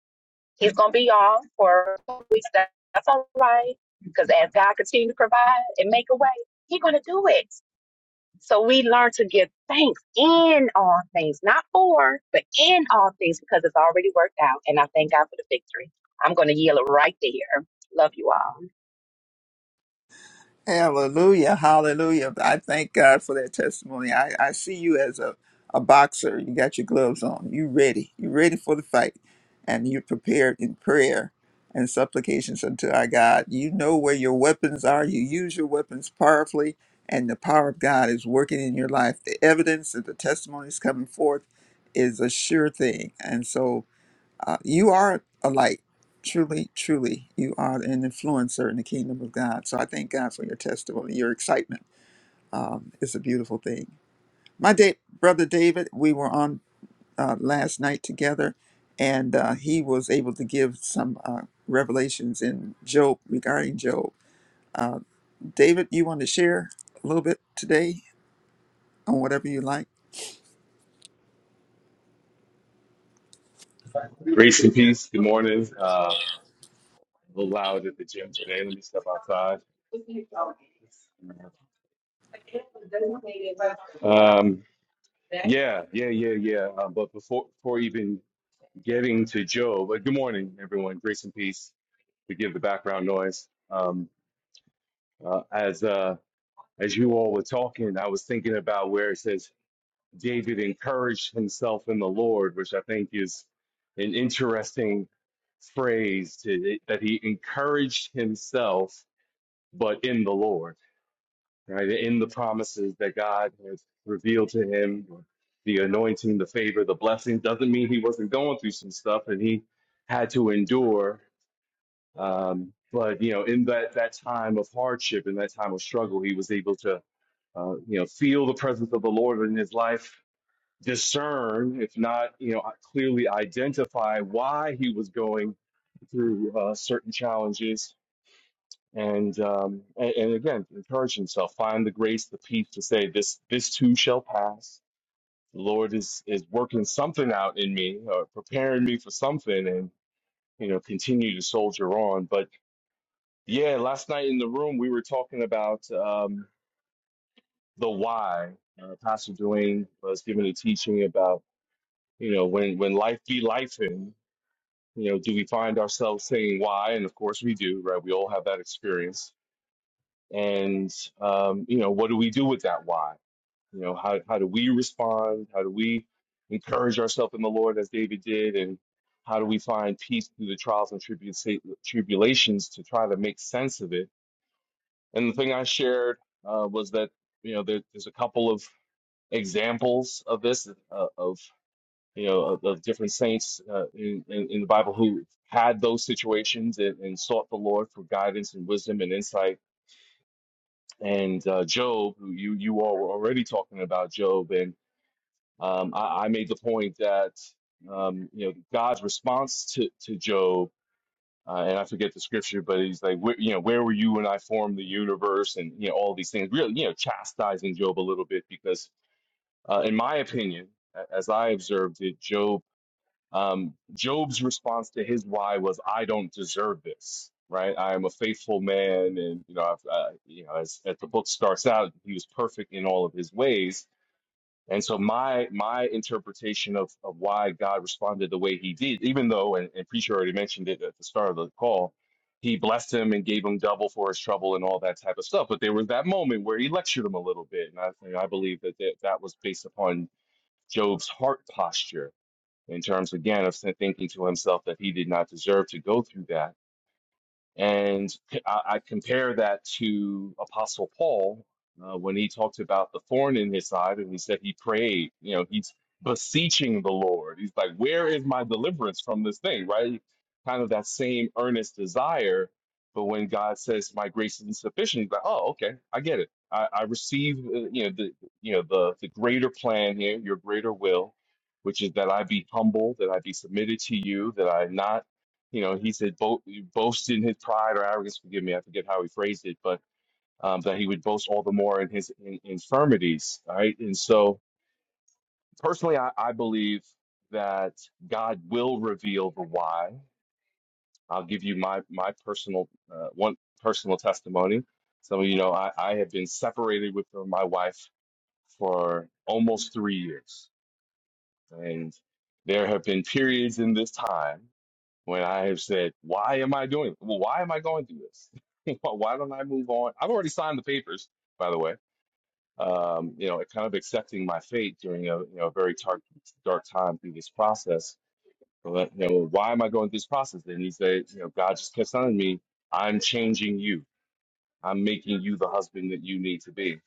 [SPEAKER 8] He's gonna be off for weeks. That's all right, because as God continues to provide and make a way, He's gonna do it. So we learn to give thanks in all things, not for, but in all things because it's already worked out. And I thank God for the victory. I'm going to yield it right there. Love you all.
[SPEAKER 4] Hallelujah, hallelujah. I thank God for that testimony. I, I see you as a, a boxer. You got your gloves on. You ready. You ready for the fight. And you're prepared in prayer and supplications unto our God. You know where your weapons are. You use your weapons powerfully, and the power of God is working in your life. The evidence that the testimony is coming forth is a sure thing. And so uh, you are a light. Truly, truly, you are an influencer in the kingdom of God. So I thank God for your testimony, your excitement. Um, it's a beautiful thing. My da- brother David, we were on uh, last night together, and uh, he was able to give some uh, revelations in Job regarding Job. David, you want to share a little bit today on whatever you like?
[SPEAKER 9] Grace and peace. Good morning. Uh, a little loud at the gym today. Let me step outside. Um, yeah, yeah, yeah, yeah. Uh, but before, before even getting to Joe, but good morning, everyone. Grace and peace. Forgive the background noise. Um, uh, as uh, as you all were talking, I was thinking about where it says David encouraged himself in the Lord, which I think is an interesting phrase to, that he encouraged himself, but in the Lord, right? In the promises that God has revealed to him, the anointing, the favor, the blessing doesn't mean he wasn't going through some stuff and he had to endure. Um, but you know, in that that time of hardship, in that time of struggle, he was able to, uh, you know, feel the presence of the Lord in his life discern, if not, you know, clearly identify why he was going through uh, certain challenges. And, um, and and again, encourage himself, find the grace, the peace to say, this this too shall pass. The Lord is is working something out in me, or preparing me for something, and you know, continue to soldier on. But yeah, last night in the room, we were talking about um, the why. Uh, Pastor Dwayne was giving a teaching about you know when when life be life You know, do we find ourselves saying why? And of course we do, right? We all have that experience. And, um, you know, what do we do with that why? You know, how, how do we respond? How do we encourage ourselves in the Lord as David did? And how do we find peace through the trials and tribu- tribulations to try to make sense of it? And the thing I shared uh, was that, you know, there, there's a couple of examples of this, uh, of you know, of, of different saints uh, in, in, in the Bible who had those situations and, and sought the Lord for guidance and wisdom and insight. And uh, Job, who you, you all were already talking about Job, and um, I, I made the point that um, you know God's response to to Job, uh, and I forget the scripture, but he's like, where, you know, where were you when I formed the universe, and you know all these things, really, you know, chastising Job a little bit because, uh, in my opinion, a- as I observed it, Job Um, Job's response to his why was, "I don't deserve this." Right? I am a faithful man, and you know, I've, uh, you know, as, as the book starts out, he was perfect in all of his ways. And so my my interpretation of, of why God responded the way he did, even though, and, and preacher already mentioned it at the start of the call, he blessed him and gave him double for his trouble and all that type of stuff. But there was that moment where he lectured him a little bit, and I think I believe that that, that was based upon Job's heart posture in terms again of thinking to himself that he did not deserve to go through that and I, I compare that to Apostle Paul uh, when he talked about the thorn in his side and he said he prayed. You know, he's beseeching the Lord. He's like, Where is my deliverance from this thing? Right? Kind of that same earnest desire. But when God says, My grace is insufficient, he's like, Oh, okay, I get it. I, I receive, uh, you know, the you know the the greater plan here, your greater will, which is that I be humble, that I be submitted to you, that I not you know, he said bo- boast in his pride or arrogance. Forgive me, I forget how he phrased it, but um, that he would boast all the more in his in- infirmities. Right, and so personally, I, I believe that God will reveal the why. I'll give you my my personal uh, one personal testimony. Some of you know I, I have been separated with my wife for almost three years, and there have been periods in this time when I have said, why am I doing Well, why am I going through this? Why don't I move on? I've already signed the papers, by the way. Um, you know, kind of accepting my fate during a you know a very dark dark time through this process. But you know, why am I going through this process? And he said, you know, God just kept telling me, I'm changing you. I'm making you the husband that you need to be.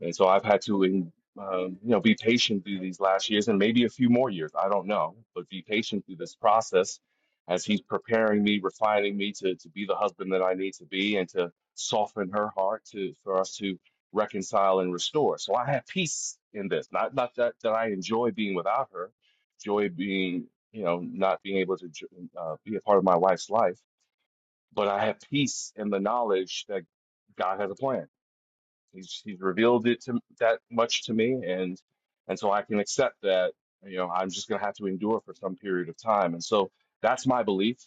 [SPEAKER 9] And so I've had to, in- um, you know, be patient through these last years and maybe a few more years. I don't know, but be patient through this process as he's preparing me, refining me to to be the husband that I need to be, and to soften her heart to for us to reconcile and restore. So I have peace in this. Not not that that I enjoy being without her, joy being you know not being able to jo- uh, be a part of my wife's life, but I have peace in the knowledge that God has a plan He's he's revealed it to that much to me, and and so I can accept that, you know, I'm just gonna have to endure for some period of time. And so that's my belief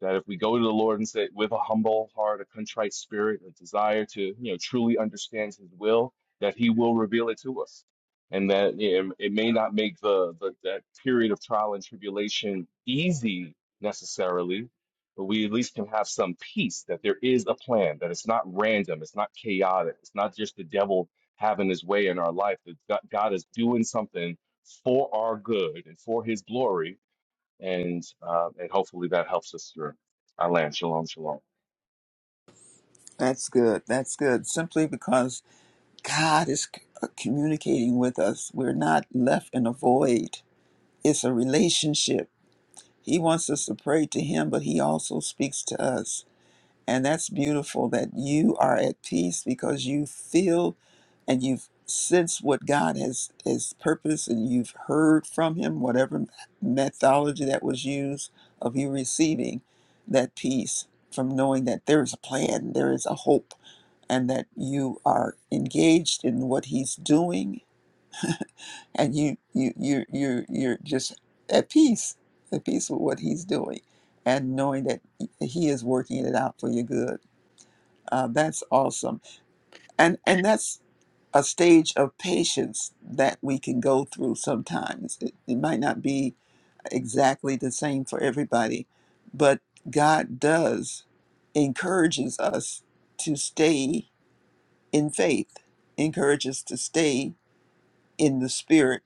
[SPEAKER 9] that if we go to the Lord and say with a humble heart, a contrite spirit, a desire to you know truly understand His will, that He will reveal it to us, and that you know, it may not make the, the that period of trial and tribulation easy necessarily, but we at least can have some peace that there is a plan, that it's not random, it's not chaotic, it's not just the devil having his way in our life. That God God is doing something for our good and for His glory and uh, and hopefully that helps us through. I land. Shalom, shalom.
[SPEAKER 4] That's good. That's good. Simply because God is c- communicating with us, we're not left in a void It's a relationship. He wants us to pray to him, but he also speaks to us. And that's beautiful that you are at peace because you feel and you've sensed what God has his purpose and you've heard from him, whatever methodology that was used of you receiving that peace from knowing that there is a plan, there is a hope, and that you are engaged in what he's doing and you you you you you're just at peace at peace with what he's doing and knowing that he is working it out for your good uh, that's awesome and and that's a stage of patience that we can go through sometimes it, it might not be exactly the same for everybody but god does encourages us to stay in faith encourages to stay in the spirit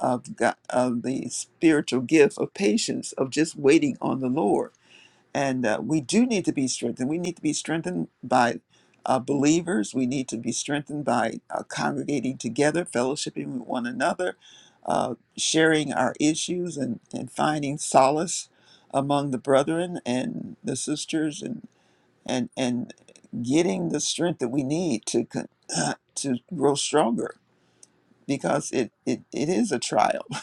[SPEAKER 4] of God, of the spiritual gift of patience of just waiting on the Lord. And uh, we do need to be strengthened. We need to be strengthened by uh, believers. We need to be strengthened by uh, congregating together, fellowshipping with one another, uh, sharing our issues, and, and finding solace among the brethren and the sisters, and and and getting the strength that we need to con- to grow stronger because it, it, it is a trial.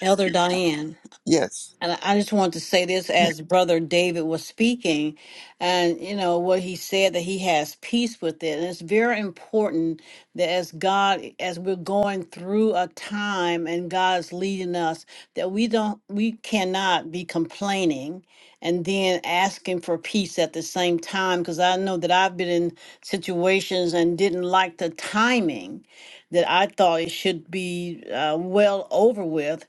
[SPEAKER 7] Elder Diane.
[SPEAKER 4] Yes.
[SPEAKER 7] And I I just want to say this as Brother David was speaking, and you know what he said that he has peace with it. And it's very important that as God, as we're going through a time and God's leading us, that we don't, we cannot be complaining and then asking for peace at the same time. Because I know that I've been in situations and didn't like the timing that I thought it should be uh, well over with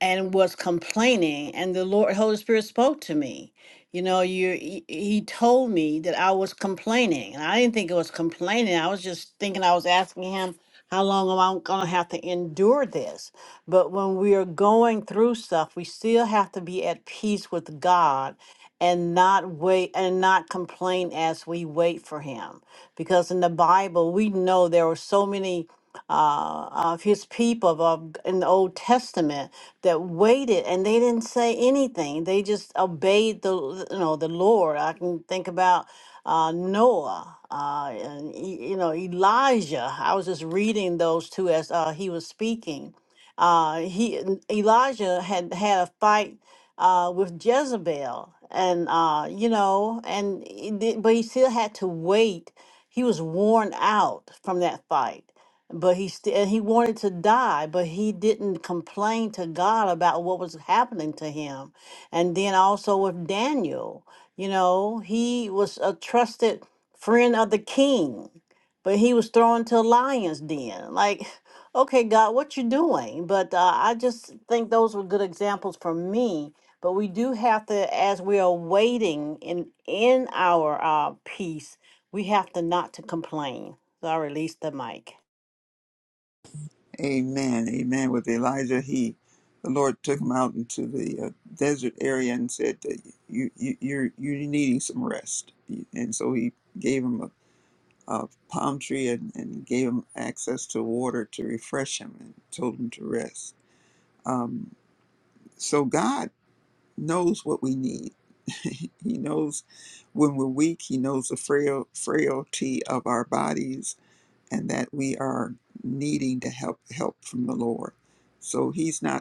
[SPEAKER 7] and was complaining and the lord holy spirit spoke to me you know you he he told me that i was complaining and i didn't think it was complaining i was just thinking i was asking him how long am i going to have to endure this but when we are going through stuff we still have to be at peace with god and not wait and not complain as we wait for him because in the bible we know there were so many uh, of his people of, in the Old Testament that waited and they didn't say anything. They just obeyed the you know the Lord. I can think about uh, Noah uh, and E- you know Elijah. I was just reading those two as uh, he was speaking. Uh, he n- Elijah had had a fight uh, with Jezebel, and uh, you know, and he did- but he still had to wait. He was worn out from that fight but he still he wanted to die but he didn't complain to god about what was happening to him and then also with daniel you know he was a trusted friend of the king but he was thrown to a lions den like okay god what you doing but uh, i just think those were good examples for me but we do have to as we are waiting in in our uh, peace we have to not to complain so i release the mic
[SPEAKER 4] Amen. Amen. With Elijah, he, the Lord took him out into the uh, desert area and said, that "You, you, you're, you're needing some rest." And so he gave him a, a palm tree and, and gave him access to water to refresh him and told him to rest. Um, so God knows what we need. he knows when we're weak. He knows the frail frailty of our bodies and that we are needing to help help from the Lord. So he's not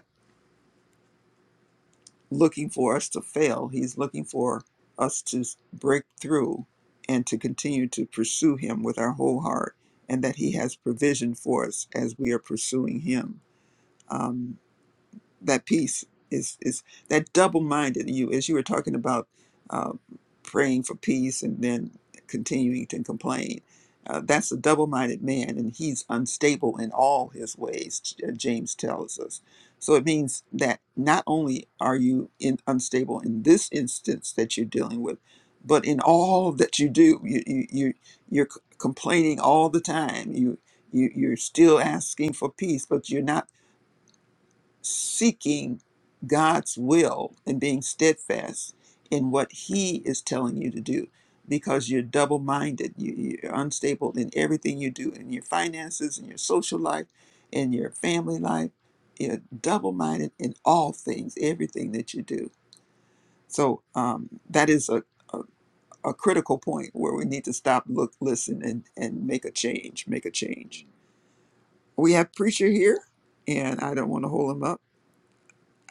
[SPEAKER 4] looking for us to fail. He's looking for us to break through and to continue to pursue Him with our whole heart, and that He has provision for us as we are pursuing Him. Um, that peace is is that double minded you as you were talking about uh, praying for peace and then continuing to complain. Uh, that's a double minded man, and he's unstable in all his ways. J- uh, James tells us. So it means that not only are you in, unstable in this instance that you're dealing with, but in all that you do, you you, you you're c- complaining all the time. You you you're still asking for peace, but you're not seeking God's will and being steadfast in what He is telling you to do because you're double minded. You, you're unstable in everything you do in your finances, in your social life, in your family life. You're double minded in all things, everything that you do. So um, that is a, a, a critical point where we need to stop, look, listen, and, and make a change. Make a change. We have Preacher here, and I don't want to hold him up.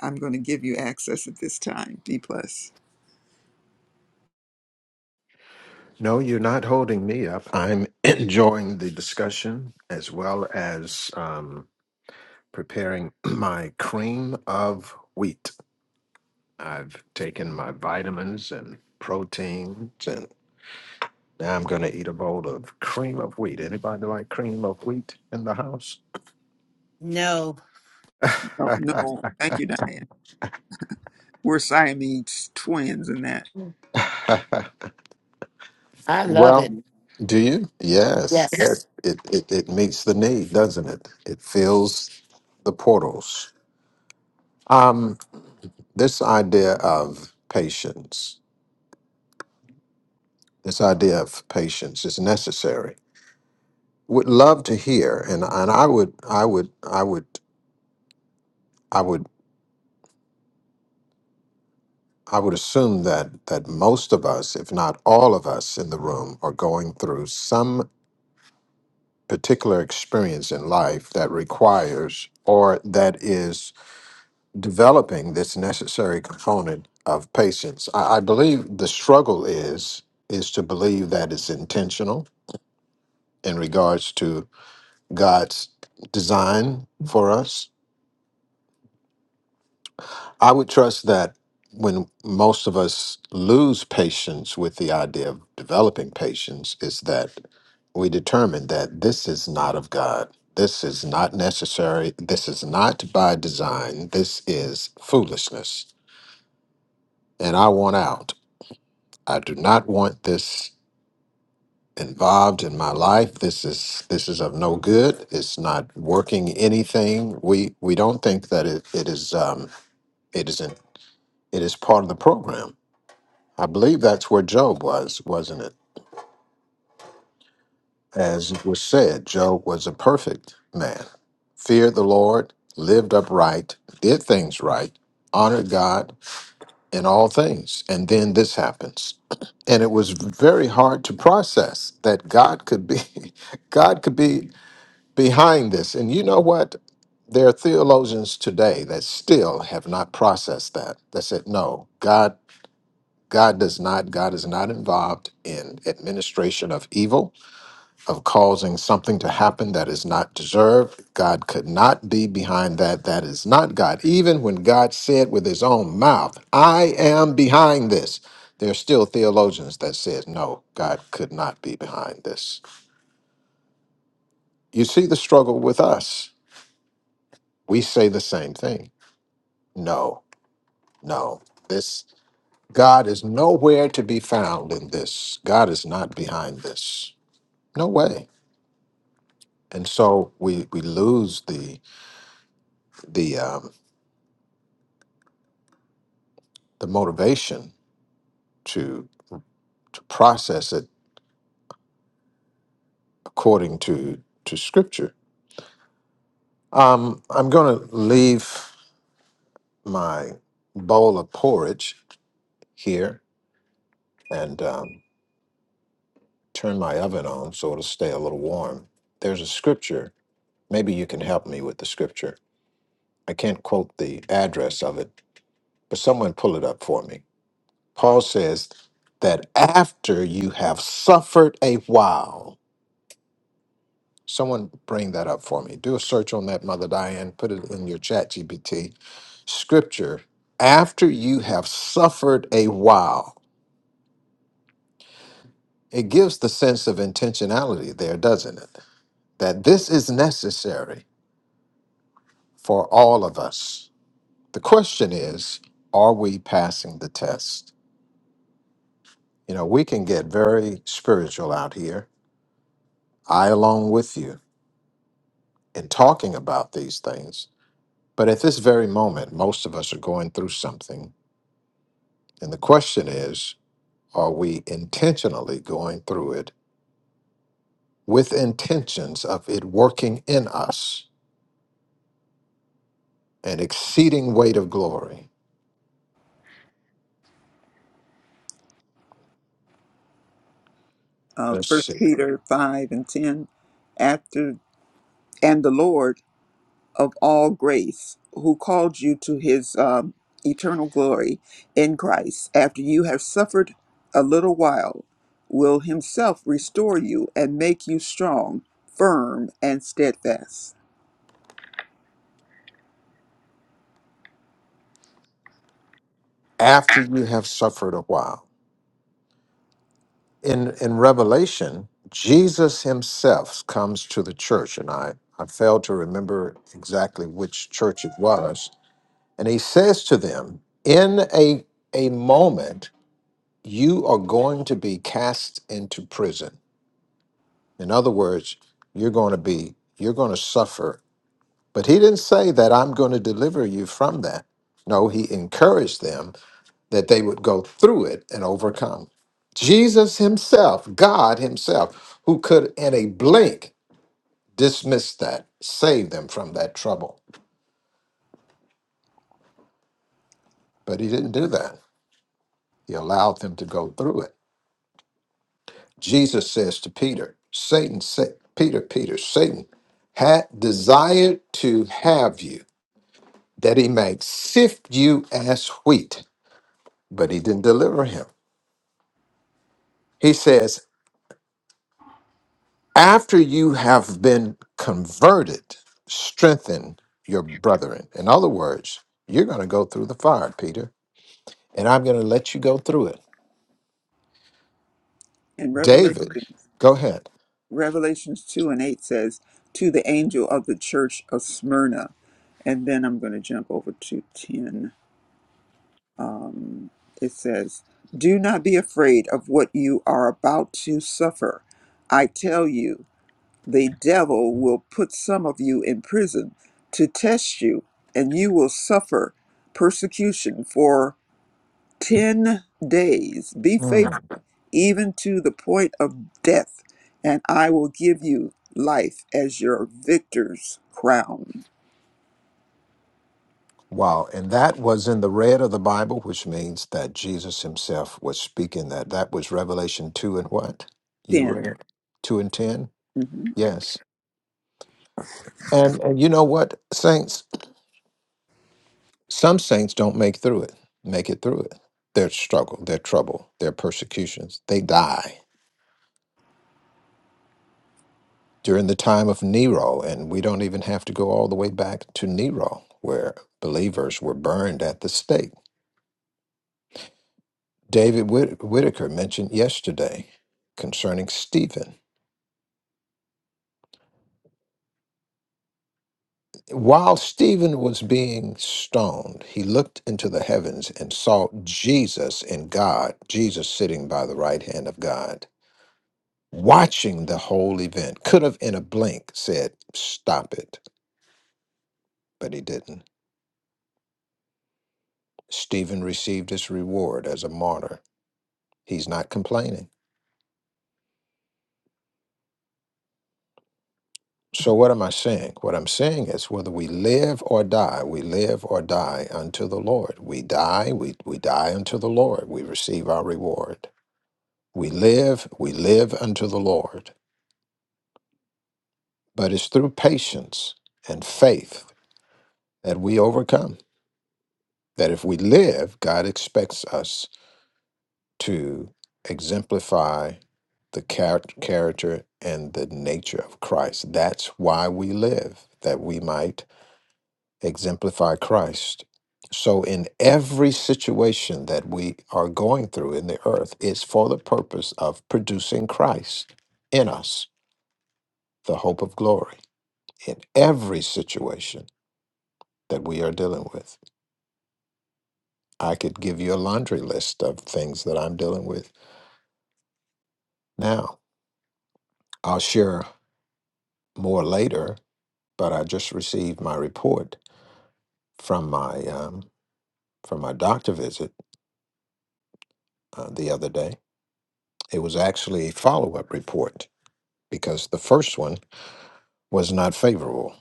[SPEAKER 4] I'm going to give you access at this time, D plus.
[SPEAKER 2] No, you're not holding me up. I'm enjoying the discussion as well as um, preparing my cream of wheat. I've taken my vitamins and proteins, and now I'm going to eat a bowl of cream of wheat. Anybody like cream of wheat in the house?
[SPEAKER 7] No.
[SPEAKER 4] No, no, thank you, Diane. We're Siamese twins in that.
[SPEAKER 5] I love it.
[SPEAKER 2] Well, do you? Yes.
[SPEAKER 5] Yes.
[SPEAKER 2] Yes. It, it it meets the need, doesn't it? It fills the portals. Um, this idea of patience, this idea of patience is necessary. Would love to hear, and and I would, I would, I would, I would, I would assume that that most of us, if not all of us in the room, are going through some particular experience in life that requires or that is developing this necessary component of patience. I, I believe the struggle is is to believe that it's intentional in regards to God's design for us. I would trust that when most of us lose patience with the idea of developing patience is that we determine that this is not of God. This is not necessary. This is not by design. This is foolishness. And I want out. I do not want this involved in my life. This is this is of no good. It's not working anything. We we don't think that it, it is um it isn't it is part of the program. I believe that's where Job was, wasn't it? As it was said, Job was a perfect man, feared the Lord, lived upright, did things right, honored God, in all things. And then this happens. And it was very hard to process that God could be God could be behind this. And you know what? There are theologians today that still have not processed that. That said, no, God God does not, God is not involved in administration of evil of causing something to happen that is not deserved. God could not be behind that. That is not God. Even when God said with his own mouth, I am behind this, there are still theologians that said, no, God could not be behind this. You see the struggle with us. We say the same thing. No, no, this God is nowhere to be found in this. God is not behind this. No way. And so we we lose the the um, the motivation to to process it according to to scripture. Um, I'm going to leave my bowl of porridge here and um, turn my oven on so it'll stay a little warm. There's a scripture. Maybe you can help me with the scripture. I can't quote the address of it, but someone pull it up for me. Paul says that after you have suffered a while. Someone bring that up for me. Do a search on that, Mother Diane. Put it in your chat GPT. Scripture, after you have suffered a while, it gives the sense of intentionality there, doesn't it? That this is necessary for all of us. The question is, are we passing the test? You know, we can get very spiritual out here, I along with you, in talking about these things. But at this very moment, most of us are going through something And the question is are we intentionally going through it with intentions of it working in us an exceeding weight of glory?
[SPEAKER 4] Uh,
[SPEAKER 2] Let's
[SPEAKER 4] First
[SPEAKER 2] see.
[SPEAKER 4] Peter five and ten. After and the Lord of all grace, who called you to His um, eternal glory in Christ, after you have suffered a little while, will Himself restore you and make you strong, firm, and steadfast.
[SPEAKER 2] After you have suffered a while. In, in Revelation, Jesus himself comes to the church, and I, I failed to remember exactly which church it was. And he says to them, In a, a moment, you are going to be cast into prison In other words, you're going to be, you're going to suffer. But he didn't say that I'm going to deliver you from that. No, he encouraged them that they would go through it and overcome. Jesus himself, God himself, who could in a blink dismiss that, save them from that trouble. But he didn't do that. He allowed them to go through it. Jesus says to Peter, Satan, sa- Peter, Peter, Satan had desired to have you that he might sift you as wheat, but he didn't deliver him. He says, After you have been converted, strengthen your brethren. In other words, you're going to go through the fire, Peter, and I'm going to let you go through it.
[SPEAKER 4] And Revelation,
[SPEAKER 2] David, go ahead.
[SPEAKER 4] Revelations 2 and 8 says, To the angel of the church of Smyrna. And then I'm going to jump over to 10. Um, it says, Do not be afraid of what you are about to suffer. I tell you, the devil will put some of you in prison to test you, and you will suffer persecution for 10 days. Be
[SPEAKER 2] Mm.
[SPEAKER 4] faithful even to the point of death, and I will give you life as your victor's crown.
[SPEAKER 2] Wow. And that was in the red of the Bible, which means that Jesus himself was speaking that. That was Revelation 2 and what? You
[SPEAKER 4] 10.
[SPEAKER 2] read? 2 and 10?
[SPEAKER 4] Mhm.
[SPEAKER 2] Yes. And, and you know what, saints? Some saints don't make through it, make it through it. Their struggle, their trouble, their persecutions, they die. During the time of Nero, and we don't even have to go all the way back to Nero, where believers were burned at the stake. David Whit- Whitaker mentioned yesterday concerning Stephen. While Stephen was being stoned, he looked into the heavens and saw Jesus and God, Jesus sitting by the right hand of God watching the whole event, could have in a blink said, Stop it, but he didn't. Stephen received his reward as a martyr. He's not complaining. So, what am I saying? What I'm saying is whether we live or die, we live or die unto the Lord. We die, we, we die unto the Lord. We receive our reward. We live, we live unto the Lord. But it's through patience and faith that we overcome. That if we live, God expects us to exemplify the charac- character and the nature of Christ. That's why we live, that we might exemplify Christ. So, in every situation that we are going through in the earth, it's for the purpose of producing Christ in us, the hope of glory, in every situation that we are dealing with. I could give you a laundry list of things that I'm dealing with now. I'll share more later but I just received my report from my um, from my doctor visit uh, the other day. It was actually a follow up report because the first one was not favorable,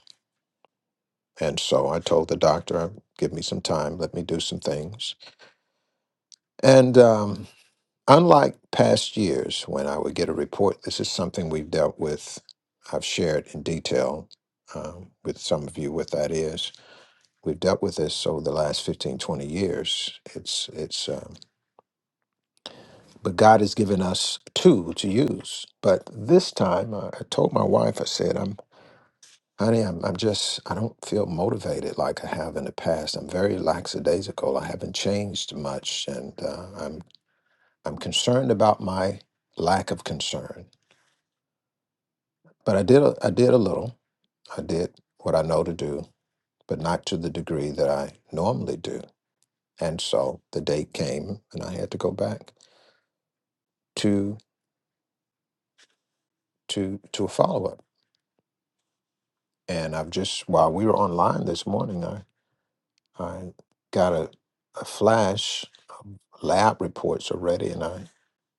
[SPEAKER 2] and so I told the doctor, "Give me some time, let me do some things." And um, unlike past years when I would get a report, this is something we've dealt with. I've shared in detail um, with some of you what that is. We've dealt with this over the last 15 20 years. It's it's um, but God has given us two to use. But this time, I I told my wife, I said, "I'm, honey, I'm, I'm just, I don't feel motivated like I have in the past. I'm very lackadaisical. I haven't changed much, and uh, I'm, I'm concerned about my lack of concern. But I did, a, I did a little. I did what I know to do, but not to the degree that I normally do. And so the date came, and I had to go back to to to a follow up. And I've just while we were online this morning, I I got a, a flash lab reports are ready, and I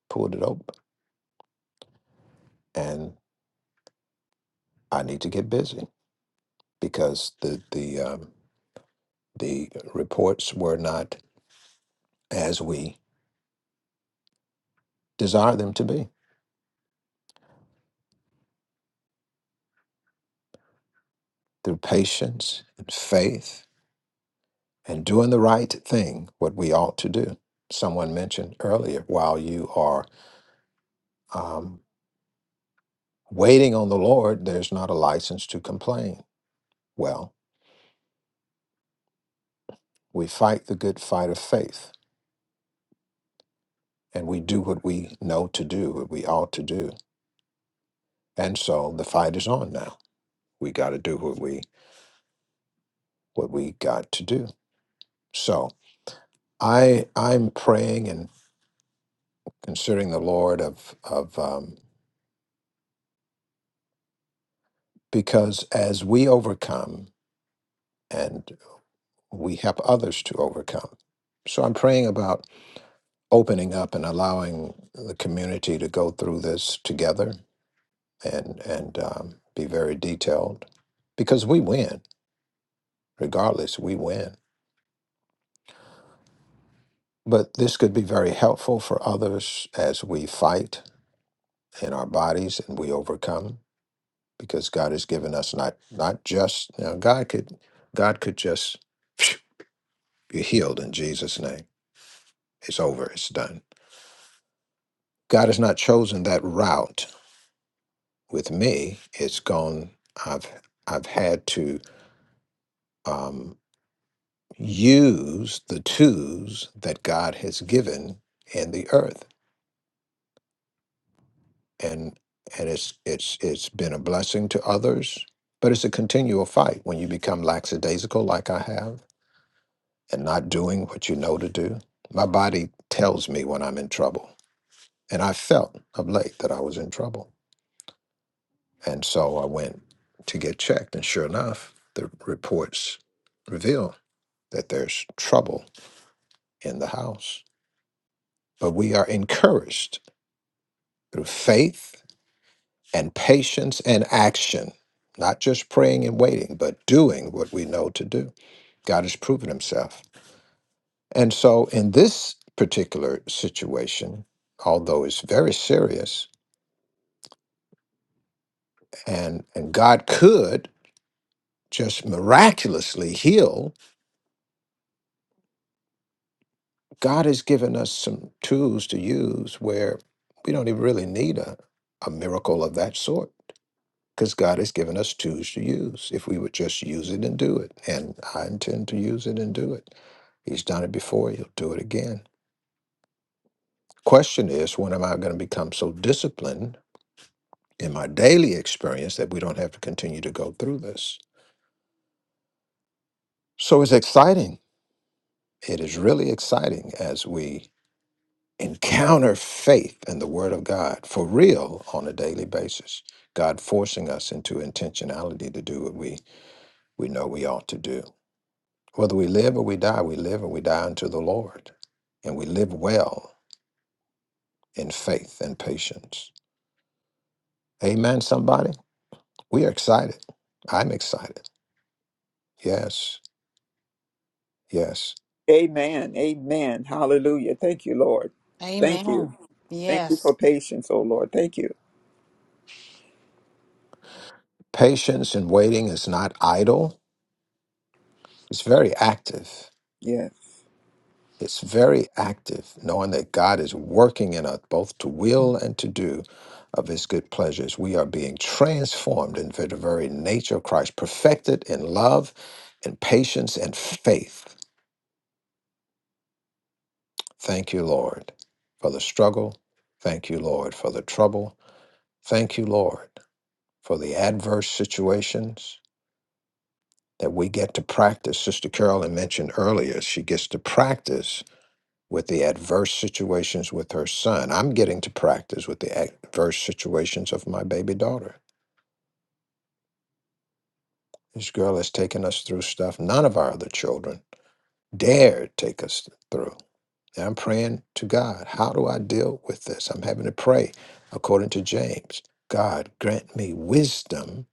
[SPEAKER 2] pulled it open. And I need to get busy because the the um, the reports were not as we desire them to be through patience and faith and doing the right thing, what we ought to do. Someone mentioned earlier, while you are um, waiting on the Lord, there's not a license to complain. Well, We fight the good fight of faith and we do what we know to do, what we ought to do. And so the fight is on now. We got to do what we what we got to do. So I I'm praying and considering the Lord of of um, because as we overcome and we help others to overcome. So I'm praying about opening up and allowing the community to go through this together and and um, be very detailed because we win Regardless, we win. But this could be very helpful for others as we fight in our bodies and we overcome because God has given us not not just now God could God could just phew, you're healed in Jesus name. It's over, it's done. God has not chosen that route with me. It's gone I've I've had to um, use the tools that God has given in the earth and and it's it's it's been a blessing to others but it's a continual fight when you become lackadaisical like i have and not doing what you know to do my body tells me when i'm in trouble and i felt of late that i was in trouble and so i went to get checked and sure enough the reports reveal that there's trouble in the house but we are encouraged through faith and patience and action, not just praying and waiting, but doing what we know to do. God has proven himself. And so in this particular situation, although it's very serious and, and God could just miraculously heal, God has given us some tools to use where we don't even really need a, a miracle of that sort because God has given us tools to use if we would just use it and do it. And I intend to use it and do it. He's done it before, he'll do it again. Question is, when am I going to become so disciplined in my daily experience that we don't have to continue to go through this? So it's exciting. It is really exciting as we encounter faith and the Word of God for real on a daily basis. God forcing us into intentionality to do what we, we know we ought to do. Whether we live or we die, we live and we die unto the Lord. And we live well in faith and patience. Amen, somebody? We are excited. I'm excited. Yes, yes.
[SPEAKER 4] Amen. Amen. Hallelujah. Thank you, Lord. Thank you.
[SPEAKER 7] Amen.
[SPEAKER 4] Thank you
[SPEAKER 7] Yes.
[SPEAKER 4] for patience, oh Lord. Thank you.
[SPEAKER 2] Patience and waiting is not idle, it's very active.
[SPEAKER 4] Yes.
[SPEAKER 2] It's very active, knowing that God is working in us both to will and to do of his good pleasures. We are being transformed into the very nature of Christ, perfected in love and patience and faith Thank you, Lord, for the struggle. Thank you, Lord, for the trouble. Thank you, Lord, for the adverse situations that we get to practice. Sister Carolyn mentioned earlier, she gets to practice with the adverse situations with her son. I'm getting to practice with the adverse situations of my baby daughter. This girl has taken us through stuff none of our other children dare take us through. And I'm praying to God, how do I deal with this? I'm having to pray according to James. God, grant me wisdom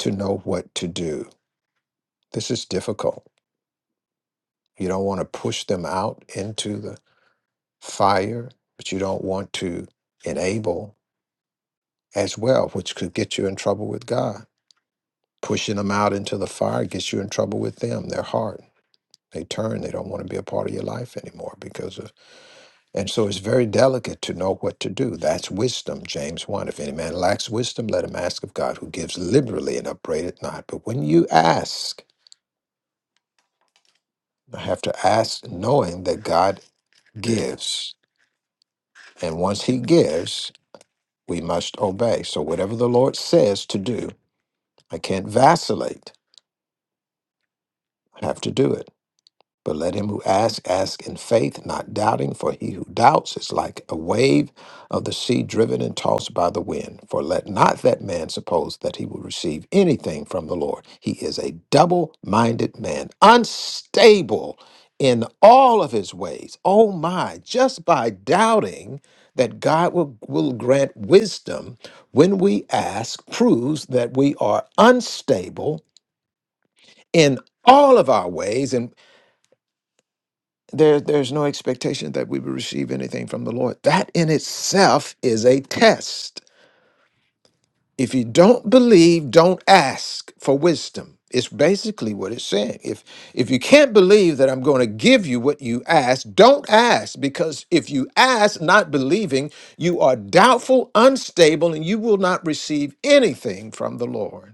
[SPEAKER 2] to know what to do. This is difficult. You don't want to push them out into the fire, but you don't want to enable as well, which could get you in trouble with God. Pushing them out into the fire gets you in trouble with them, their heart. They turn, they don't want to be a part of your life anymore because of And so it's very delicate to know what to do. That's wisdom, James 1. If any man lacks wisdom, let him ask of God, who gives liberally and upbraideth not. But when you ask, I have to ask knowing that God gives. And once he gives, we must obey. So whatever the Lord says to do, I can't vacillate. I have to do it. But let him who asks ask in faith, not doubting, for he who doubts is like a wave of the sea driven and tossed by the wind. For let not that man suppose that he will receive anything from the Lord. He is a double minded man, unstable in all of his ways. Oh my, just by doubting that God will, will grant wisdom when we ask proves that we are unstable in all of our ways there, there's no expectation that we will receive anything from the Lord. That in itself is a test. If you don't believe, don't ask for wisdom. It's basically what it's saying. If if you can't believe that I'm going to give you what you ask, don't ask because if you ask not believing, you are doubtful, unstable, and you will not receive anything from the Lord.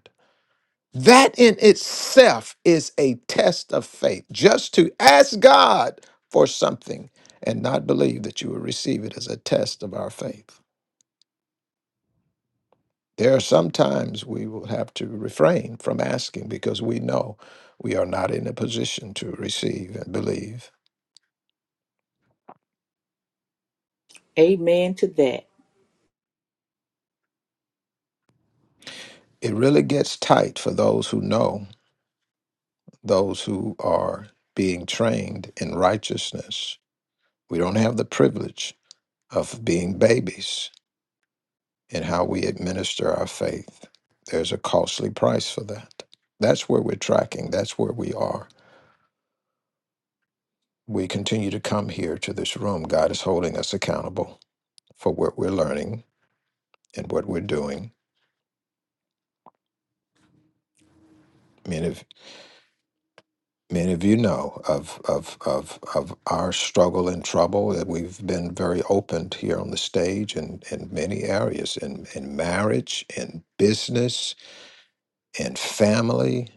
[SPEAKER 2] That in itself is a test of faith. Just to ask God for something and not believe that you will receive it is a test of our faith. There are some times we will have to refrain from asking because we know we are not in a position to receive and believe.
[SPEAKER 6] Amen to that.
[SPEAKER 2] It really gets tight for those who know, those who are being trained in righteousness. We don't have the privilege of being babies in how we administer our faith. There's a costly price for that. That's where we're tracking. That's where we are. We continue to come here to this room. God is holding us accountable for what we're learning and what we're doing. Many of many of you know of of of of our struggle and trouble that we've been very open here on the stage and in many areas in, in marriage, in business, in family,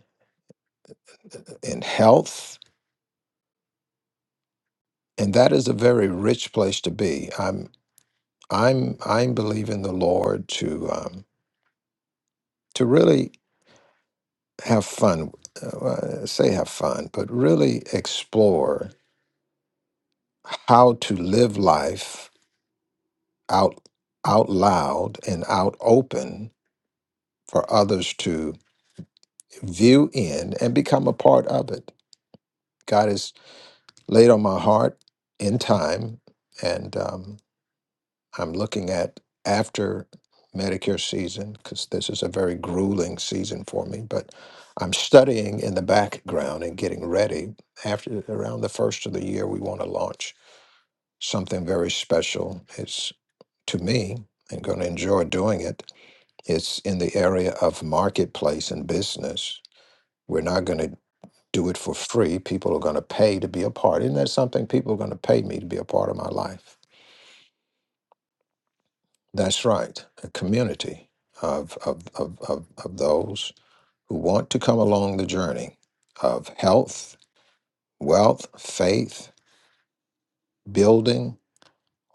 [SPEAKER 2] in health, and that is a very rich place to be. I'm I'm I'm believing the Lord to um, to really have fun. Uh, well, I say have fun, but really explore how to live life out out loud and out open for others to view in and become a part of it. God has laid on my heart in time, and um, I'm looking at after Medicare season because this is a very grueling season for me. But I'm studying in the background and getting ready. After around the first of the year, we want to launch something very special. It's to me and going to enjoy doing it. It's in the area of marketplace and business. We're not going to do it for free. People are going to pay to be a part. Isn't that something? People are going to pay me to be a part of my life. That's right. A community of, of, of, of, of those who want to come along the journey of health, wealth, faith, building,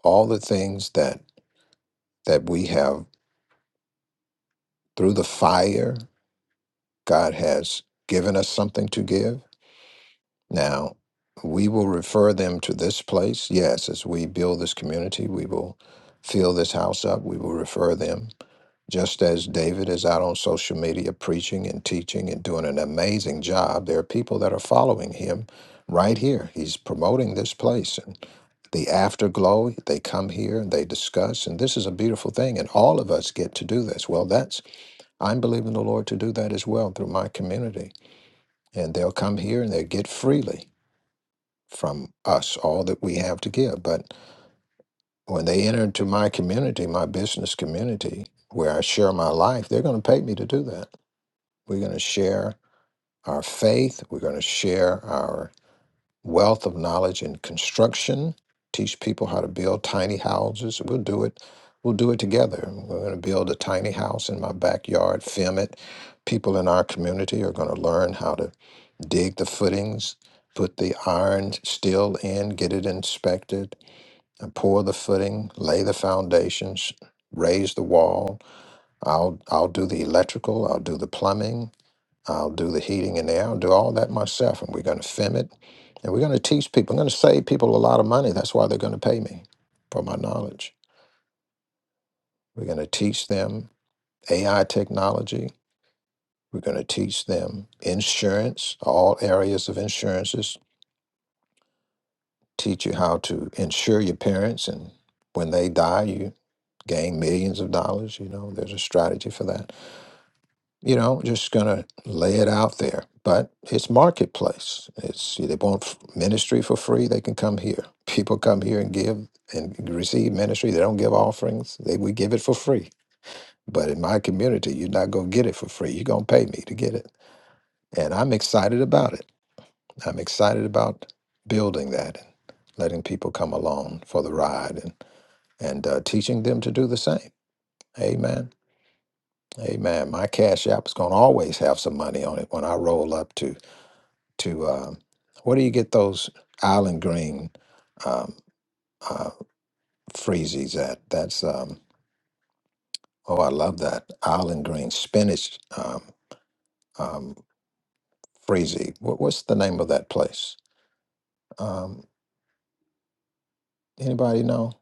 [SPEAKER 2] all the things that, that we have through the fire. God has given us something to give. Now, we will refer them to this place. Yes, as we build this community, we will fill this house up. We will refer them Just as David is out on social media preaching and teaching and doing an amazing job, there are people that are following him right here. He's promoting this place. And the afterglow, they come here and they discuss. And this is a beautiful thing. And all of us get to do this. Well, that's, I'm believing the Lord to do that as well through my community. And they'll come here and they get freely from us all that we have to give. But when they enter into my community, my business community, where I share my life, they're going to pay me to do that. We're going to share our faith. We're going to share our wealth of knowledge in construction, teach people how to build tiny houses. We'll do it. We'll do it together. We're going to build a tiny house in my backyard, film it. People in our community are going to learn how to dig the footings, put the iron steel in, get it inspected, and pour the footing, lay the foundations, raise the wall. I'll I'll do the electrical, I'll do the plumbing, I'll do the heating in there. I'll do all that myself. And we're going to film it. And we're going to teach people. I'm going to save people a lot of money. That's why they're going to pay me for my knowledge. We're going to teach them AI technology. We're going to teach them insurance, all areas of insurances, teach you how to insure your parents. And when they die, you gain millions of dollars. You know, there's a strategy for that you know just gonna lay it out there but it's marketplace it's they want f- ministry for free they can come here people come here and give and receive ministry they don't give offerings they we give it for free but in my community you're not gonna get it for free you're gonna pay me to get it and i'm excited about it i'm excited about building that and letting people come along for the ride and and uh, teaching them to do the same amen amen my cash app is gonna always have some money on it when i roll up to to um, where do you get those island green um, uh, freezies at? That's um, oh, I love that island green spinach um, um, freezy. What, what's the name of that place? Um, anybody know?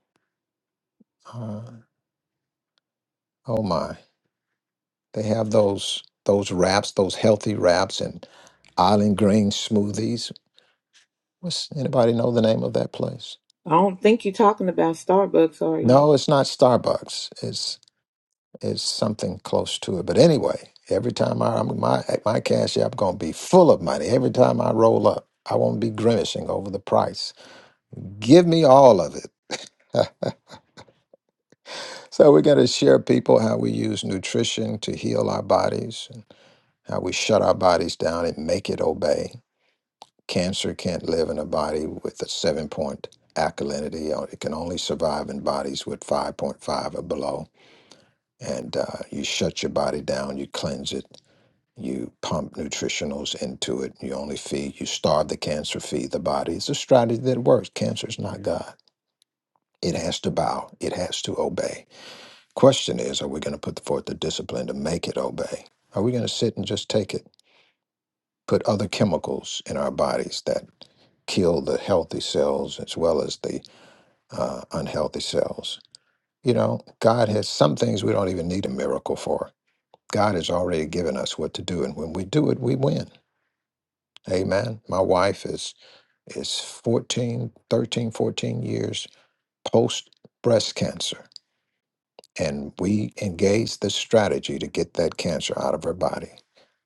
[SPEAKER 2] Uh, oh my, they have those those wraps, those healthy wraps, and island green smoothies. What's anybody know the name of that place?
[SPEAKER 6] I don't think you're talking about Starbucks, are you?
[SPEAKER 2] No, it's not Starbucks. It's It's something close to it. But anyway, every time I, I'm, my my cash app gonna be full of money. Every time I roll up, I won't be grimacing over the price. Give me all of it. so we're gonna share people how we use nutrition to heal our bodies, and how we shut our bodies down and make it obey. Cancer can't live in a body with a seven point alkalinity. Uh, It can only survive in bodies with 5.5 or below. And uh, you shut your body down, you cleanse it You pump nutritionals into it. You only feed, you starve the cancer, feed the body. It's a strategy that works. Cancer is not God. It has to bow, it has to obey. Question is are we going to put forth the discipline to make it obey? Are we going to sit and just take it? Put other chemicals in our bodies that kill the healthy cells as well as the uh, unhealthy cells. You know, God has some things we don't even need a miracle for. God has already given us what to do, and when we do it, we win. Amen. My wife is is 14, 13, 14 years post breast cancer. And we engaged the strategy to get that cancer out of her body.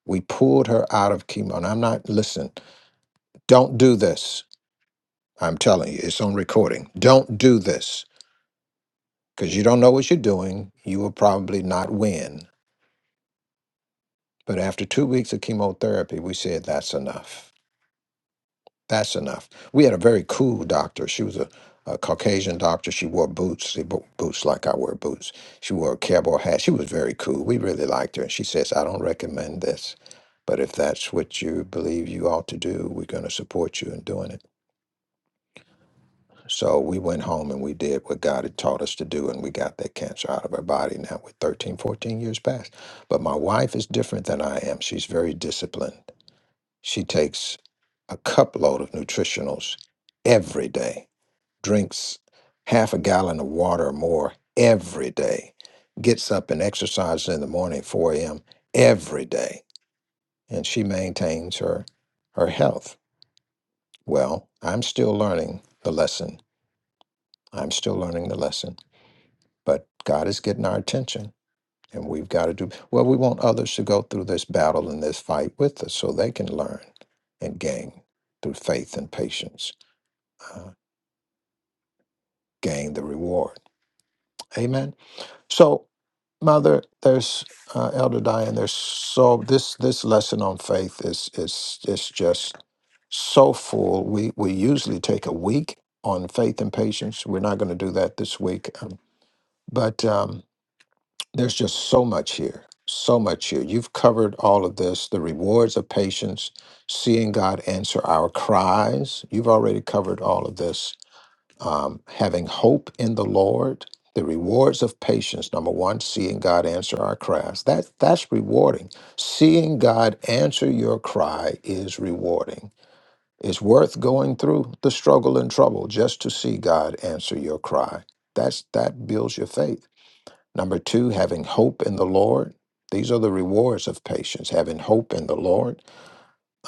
[SPEAKER 2] We pulled her out of chemo. And I'm not, listen, don't do this. I'm telling you, it's on recording. Don't do this because you don't know what you're doing. You will probably not win. But after two weeks of chemotherapy, we said that's enough. That's enough. We had a very cool doctor. She was a, a Caucasian doctor. She wore boots, she bo- boots like I wear boots. She wore a cowboy hat. She was very cool. We really liked her. And she says, I don't recommend this, but if that's what you believe you ought to do, we're going to support you in doing it. So we went home and we did what God had taught us to do, and we got that cancer out of our body. Now we're 13, fourteen years past. But my wife is different than I am. She's very disciplined. She takes a cup load of nutritionals every day, drinks half a gallon of water or more every day, gets up and exercises in the morning, 4 a.m., every day, and she maintains her, her health. Well, I'm still learning the lesson. I'm still learning the lesson, but God is getting our attention. And we've got to do well. We want others to go through this battle and this fight with us so they can learn and gain through faith and patience. uh, gain the reward. Amen. So, Mother, there's uh, Elder Diane. There's so this this lesson on faith is is is just so full. We we usually take a week on faith and patience. We're not going to do that this week, um, but um, there's just so much here. So much here. You've covered all of this the rewards of patience, seeing God answer our cries. You've already covered all of this um, having hope in the Lord, the rewards of patience. Number one, seeing God answer our cries. That that's rewarding. Seeing God answer your cry is rewarding. It's worth going through the struggle and trouble just to see God answer your cry. That's that builds your faith. Number two, having hope in the Lord. These are the rewards of patience. Having hope in the Lord.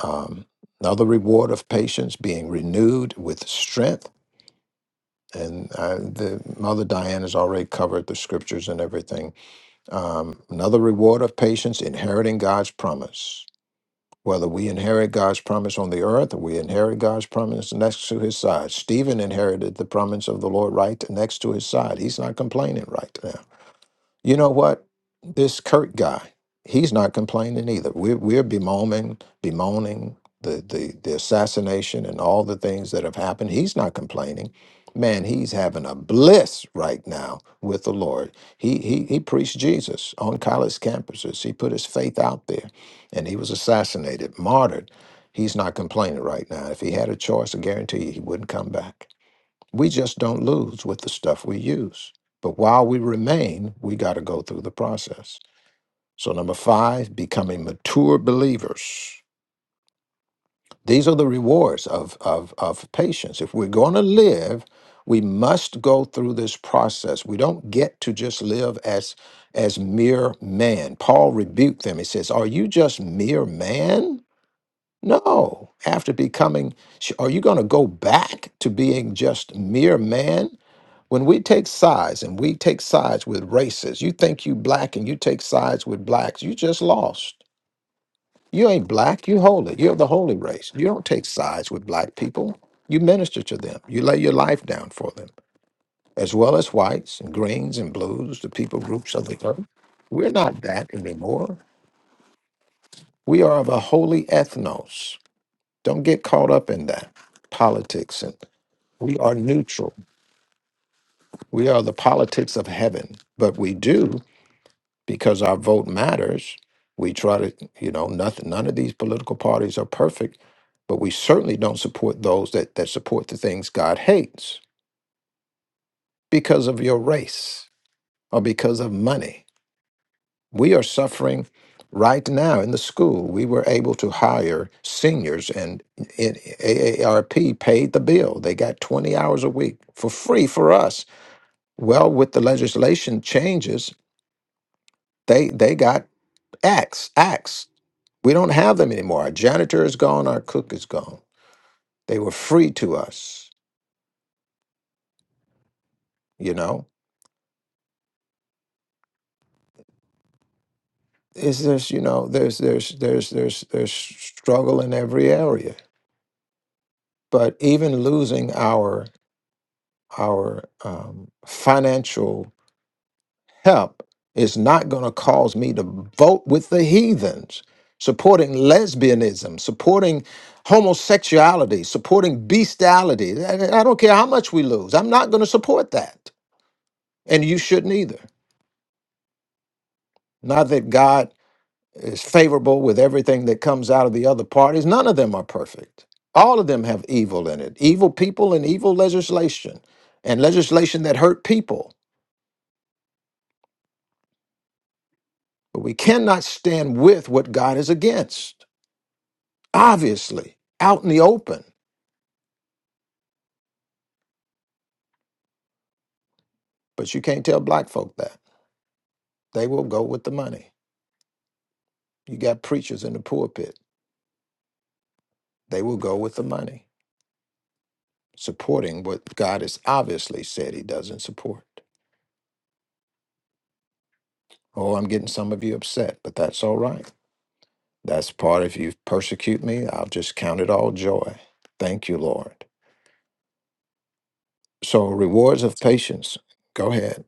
[SPEAKER 2] Um, another reward of patience, being renewed with strength and uh, the mother diane has already covered the scriptures and everything um, another reward of patience inheriting god's promise whether we inherit god's promise on the earth or we inherit god's promise next to his side stephen inherited the promise of the lord right next to his side he's not complaining right now. You know what? This Kurt guy, he's not complaining either. We're we're bemoaning, bemoaning the, the the assassination and all the things that have happened. He's not complaining. Man, he's having a bliss right now with the Lord. He he he preached Jesus on college campuses. He put his faith out there and he was assassinated, martyred. He's not complaining right now. If he had a choice, I guarantee you he wouldn't come back. We just don't lose with the stuff we use. But while we remain, we got to go through the process. So, number five, becoming mature believers. These are the rewards of, of, of patience. If we're going to live, we must go through this process. We don't get to just live as, as mere man. Paul rebuked them. He says, Are you just mere man? No. After becoming, sh- are you going to go back to being just mere man? when we take sides and we take sides with races, you think you black and you take sides with blacks, you just lost. You ain't black, you holy. You're the holy race. You don't take sides with black people. You minister to them. You lay your life down for them, as well as whites and greens and blues, the people groups of the earth. We're not that anymore. We are of a holy ethnos. Don't get caught up in that politics. And we are neutral. We are the politics of heaven, but we do because our vote matters. We try to, you know, nothing, none of these political parties are perfect, but we certainly don't support those that, that support the things God hates because of your race or because of money. We are suffering right now in the school. We were able to hire seniors, and in AARP paid the bill. They got 20 hours a week for free for us. Well, with the legislation changes, they, they got axed, axed We don't have them anymore. Our janitor is gone, our cook is gone. They were free to us, you know. Is there's you know, there's there's there's there's there's struggle in every area. But even losing our our um, financial help is not going to cause me to vote with the heathens, supporting lesbianism, supporting homosexuality, supporting bestiality. I I don't care how much we lose. I'm not going to support that, and you shouldn't either. Not that God is favorable with everything that comes out of the other parties. None of them are perfect. All of them have evil in it evil people and evil legislation, and legislation that hurt people. But we cannot stand with what God is against, obviously, out in the open. But you can't tell black folk that. They will go with the money. You got preachers in the pulpit, they will go with the money, supporting what God has obviously said he doesn't support. Oh, I'm getting some of you upset, but that's all right. That's part if you persecute me, I'll just count it all joy. Thank you, Lord. So rewards of patience. Go ahead.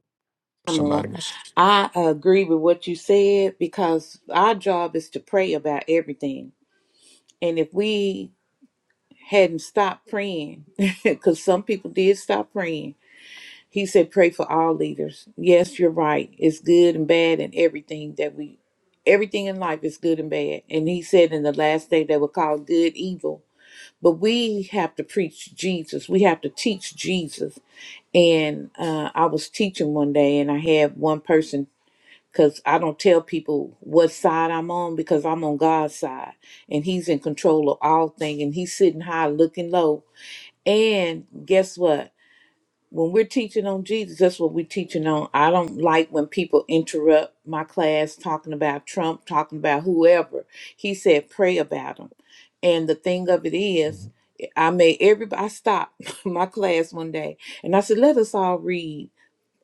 [SPEAKER 6] Pamela,
[SPEAKER 2] Somebody was
[SPEAKER 6] I agree with what you said because our job is to pray about everything. And if we hadn't stopped praying, because some people did stop praying, he said, pray for all leaders. Yes, you're right. It's good and bad and everything that we, everything in life is good and bad. And he said in the last day they will call good evil. But we have to preach Jesus. We have to teach Jesus. And uh, I was teaching one day, and I had one person because I don't tell people what side I'm on because I'm on God's side and He's in control of all things and He's sitting high looking low. And guess what? When we're teaching on Jesus, that's what we're teaching on. I don't like when people interrupt my class talking about Trump, talking about whoever. He said, pray about him. And the thing of it is, I made everybody I stopped my class one day and I said, let us all read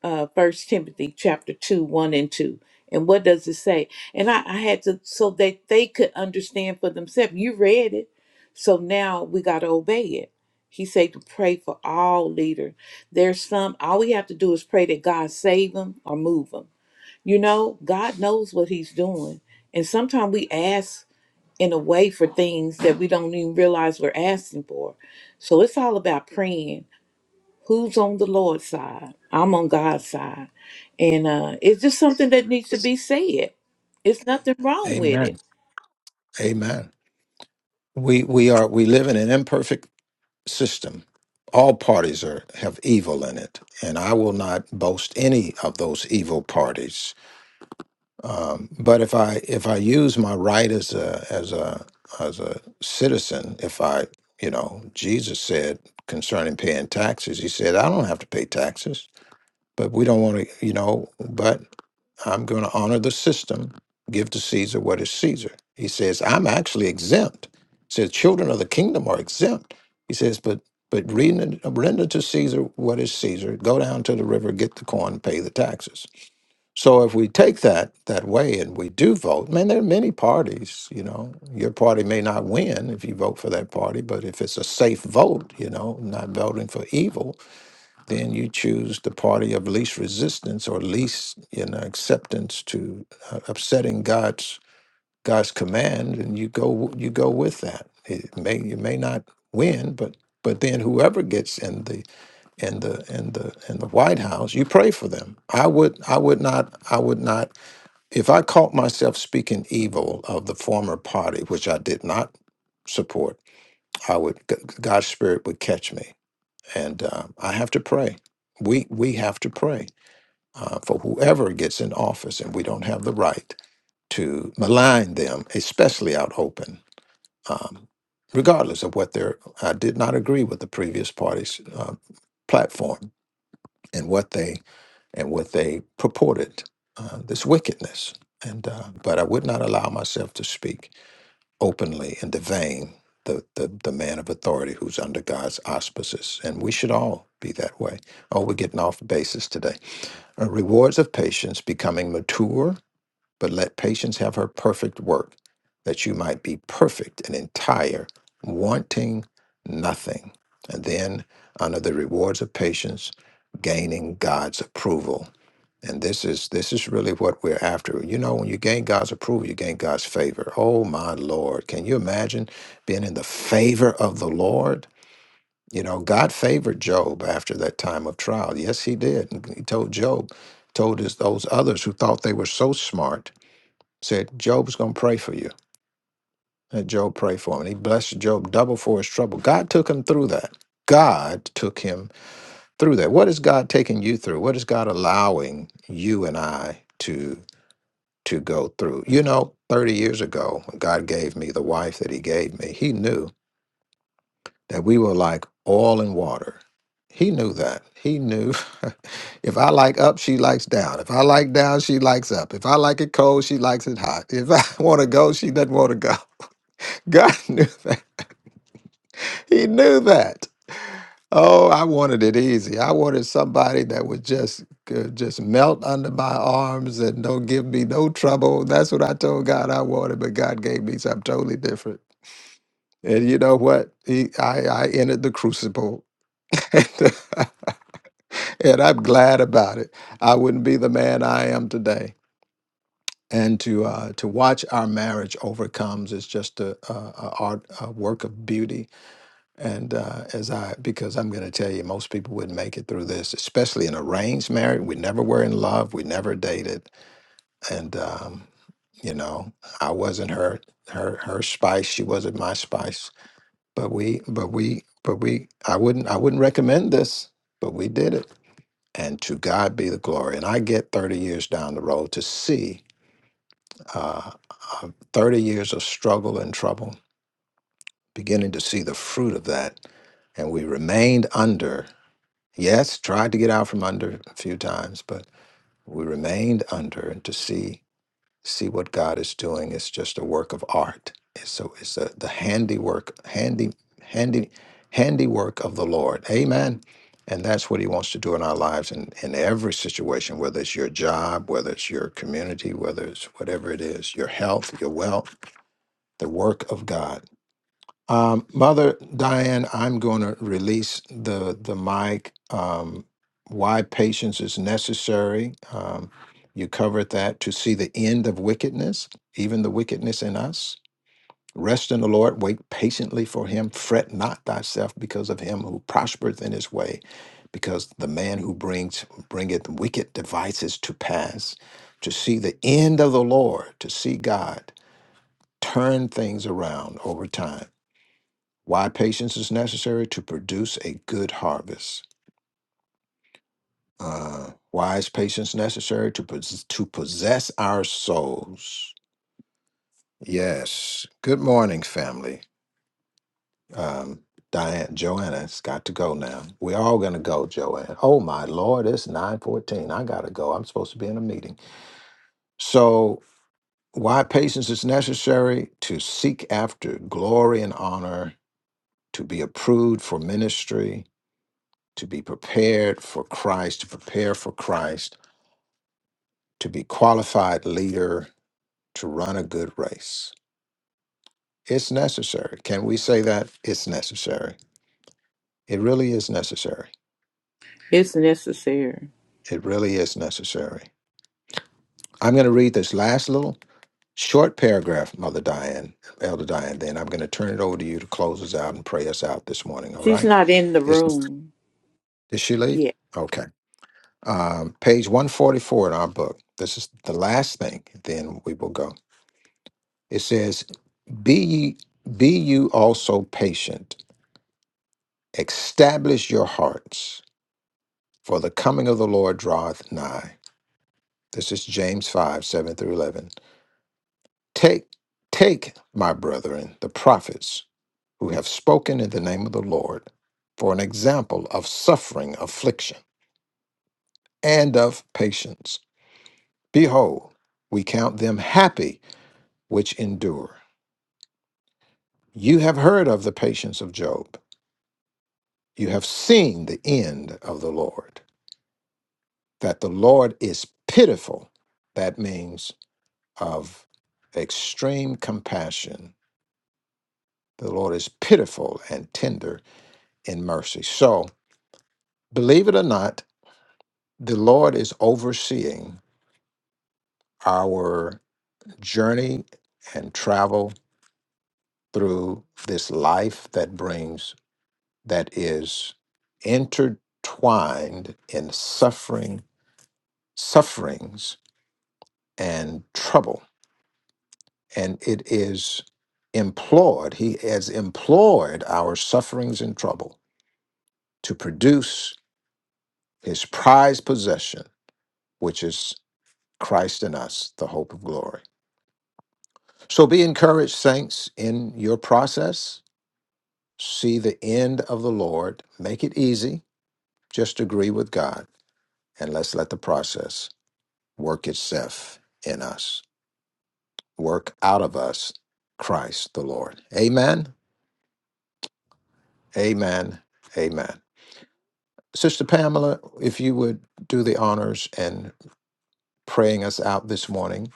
[SPEAKER 6] uh first timothy chapter 2 1 and 2 and what does it say and I, I had to so that they could understand for themselves you read it so now we got to obey it he said to pray for all leaders there's some all we have to do is pray that god save them or move them you know god knows what he's doing and sometimes we ask in a way for things that we don't even realize we're asking for so it's all about praying who's on the Lord's side. I'm on God's side. And uh, it's just something that needs to be said. It's nothing wrong with
[SPEAKER 2] Amen.
[SPEAKER 6] it.
[SPEAKER 2] Amen. We we are we live in an imperfect system. All parties are have evil in it. And I will not boast any of those evil parties. Um, but if I if I use my right as a as a as a citizen, if I you know Jesus said concerning paying taxes, he said I don't have to pay taxes, but we don't want to you know. But I'm going to honor the system, give to Caesar what is Caesar. He says I'm actually exempt. He says children of the kingdom are exempt. He says, but but render, render to Caesar what is Caesar. Go down to the river, get the corn, pay the taxes so if we take that that way and we do vote, man, there are many parties. You know, your party may not win if you vote for that party, but if it's a safe vote, you know, not voting for evil, then you choose the party of least resistance or least you know acceptance to uh, upsetting God's God's command, and you go you go with that. It may you may not win, but but then whoever gets in the in the in the in the White House, you pray for them. I would I would not I would not if I caught myself speaking evil of the former party, which I did not support, I would G- God's spirit would catch me, and uh, I have to pray. We we have to pray uh, for whoever gets in office, and we don't have the right to malign them, especially out open. Um, regardless of what their, I did not agree with the previous party's uh, platform and what they and what they purported uh, this wickedness. And uh, but I would not allow myself to speak openly and devain the, the the man of authority who's under God's auspices, and we should all be that way. Oh, we're getting off basis today. Uh, rewards of patience, becoming mature, but let patience have her perfect work, that you might be perfect and entire, wanting nothing. And then under the rewards of patience, gaining God's approval and this is this is really what we're after. You know, when you gain God's approval, you gain God's favor. Oh my Lord. Can you imagine being in the favor of the Lord? You know, God favored Job after that time of trial. Yes, he did. And He told Job, told his, those others who thought they were so smart, said, Job's gonna pray for you. And Job prayed for him. And he blessed Job double for his trouble. God took him through that. God took him through that. What is God taking you through? What is God allowing you and I to? to go through. You know, 30 years ago, when God gave me the wife that He gave me, He knew that we were like oil and water. He knew that. He knew if I like up, she likes down. If I like down, she likes up. If I like it cold, she likes it hot. If I want to go, she doesn't want to go. God knew that. He knew that. Oh, I wanted it easy. I wanted somebody that would just could just melt under my arms and don't give me no trouble. That's what I told God I wanted, but God gave me something totally different. And you know what? He, I, I entered the crucible, and I'm glad about it. I wouldn't be the man I am today. And to uh, to watch our marriage overcomes is just a, a, a art, a work of beauty And uh, as I, because I'm going to tell you, most people wouldn't make it through this, especially in arranged marriage. We never were in love. We never dated. And um, you know, I wasn't her her her spice. She wasn't my spice. But we, but we, but we. I wouldn't I wouldn't recommend this. But we did it. And to God be the glory. And I get 30 years down the road to see uh, uh, 30 years of struggle and trouble, beginning to see the fruit of that. And we remained under Yes, tried to get out from under a few times, but we remained under and to see see what God is doing is just a work of art. It's so it's a, the handiwork, handy, handy, handiwork of the Lord. Amen. And that's what He wants to do in our lives in, in every situation, whether it's your job, whether it's your community, whether it's whatever it is, your health, your wealth, the work of God. Um, Mother Diane, I'm going to release the the mic. Um, why patience is necessary. Um, you covered that to see the end of wickedness, even the wickedness in us. Rest in the Lord, wait patiently for him, fret not thyself because of him who prospereth in his way, because the man who brings bringeth wicked devices to pass. To see the end of the Lord, to see God turn things around over time why patience is necessary to produce a good harvest. Uh, why is patience necessary to pos- to possess our souls? Yes. Good morning, family. Um, Diane, Joanna's got to go now. We're all gonna go, Joanne. Oh my Lord, it's nine fourteen. I gotta go. I'm supposed to be in a meeting. So, why patience is necessary to seek after glory and honor, to be approved for ministry, to be prepared for Christ, to prepare for Christ, to be qualified leader, to run a good race. It's necessary. Can we say that? It's necessary. It really is necessary.
[SPEAKER 6] It's necessary.
[SPEAKER 2] It really is necessary. I'm going to read this last little short paragraph, Mother Diane, Elder Diane, then I'm going to turn it over to you to close us out and pray us out this morning, all
[SPEAKER 6] She's
[SPEAKER 2] right?
[SPEAKER 6] not in the
[SPEAKER 2] It's, the,
[SPEAKER 6] room
[SPEAKER 2] did she leave?
[SPEAKER 6] yet.
[SPEAKER 2] Okay. Um, page 144 in our book. This is the last thing, then we will go. It says, Be ye, be you also patient. Establish your hearts, for the coming of the Lord draweth nigh. This is James 5, 7 through 11. Take, take, my brethren, the prophets who have spoken in the name of the Lord, for an example of suffering, affliction, and of patience. Behold, we count them happy which endure. You have heard of the patience of Job. You have seen the end of the Lord that the Lord is pitiful. That means of extreme compassion. The Lord is pitiful and tender in mercy. So, believe it or not, the Lord is overseeing our journey and travel through this life that brings, that is intertwined in suffering, sufferings, and trouble and it is implored, he has implored our sufferings and trouble to produce his prized possession, which is Christ in us, the hope of glory. So be encouraged, saints, in your process. See the end of the Lord. Make it easy. Just agree with God, and let's let the process work itself in us, work out of us Christ the Lord. Amen. Amen. Amen. Sister Pamela, if you would do the honors and praying us out this morning,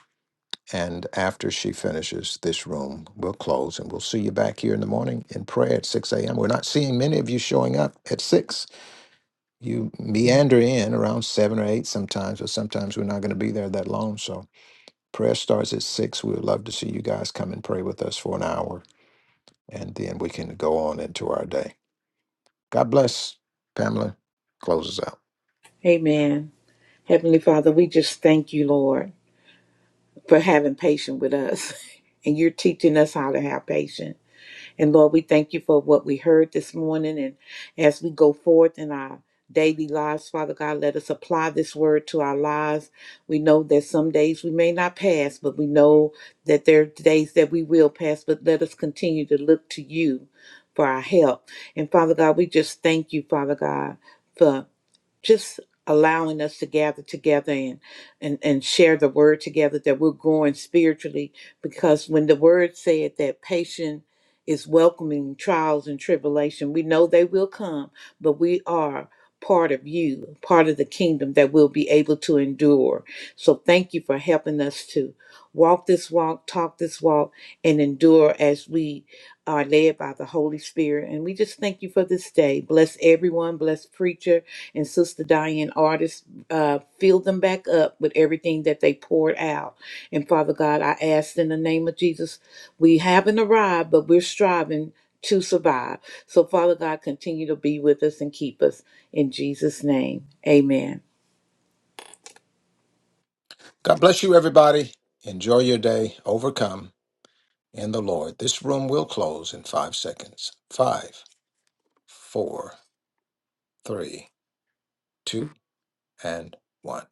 [SPEAKER 2] and after she finishes this room, we'll close and we'll see you back here in the morning in prayer at 6 a.m. We're not seeing many of you showing up at 6. You meander in around 7 or 8 sometimes, but sometimes we're not going to be there that long. So prayer starts at 6. We would love to see you guys come and pray with us for an hour, and then we can go on into our day. God bless. Pamela closes out.
[SPEAKER 6] Amen. Heavenly Father, we just thank you, Lord, for having patience with us. And you're teaching us how to have patience. And Lord, we thank you for what we heard this morning. And as we go forth in our daily lives, Father God, let us apply this word to our lives. We know that some days we may not pass, but we know that there are days that we will pass. But let us continue to look to you for our help. And Father God, we just thank you, Father God. for just allowing us to gather together and, and and share the word together that we're growing spiritually because when the word said that patience is welcoming trials and tribulation we know they will come but we are part of you part of the kingdom that we'll be able to endure so thank you for helping us to walk this walk talk this walk and endure as we are led by the Holy Spirit. And we just thank you for this day. Bless everyone. Bless Preacher and Sister Diane Artist. Uh, fill them back up with everything that they poured out. And Father God, I ask in the name of Jesus, we haven't arrived, but we're striving to survive. So, Father God, continue to be with us and keep us. In Jesus' name, amen.
[SPEAKER 2] God bless you, everybody. Enjoy your day. Overcome in the Lord. This room will close in five seconds. Five, four, three, two, and one.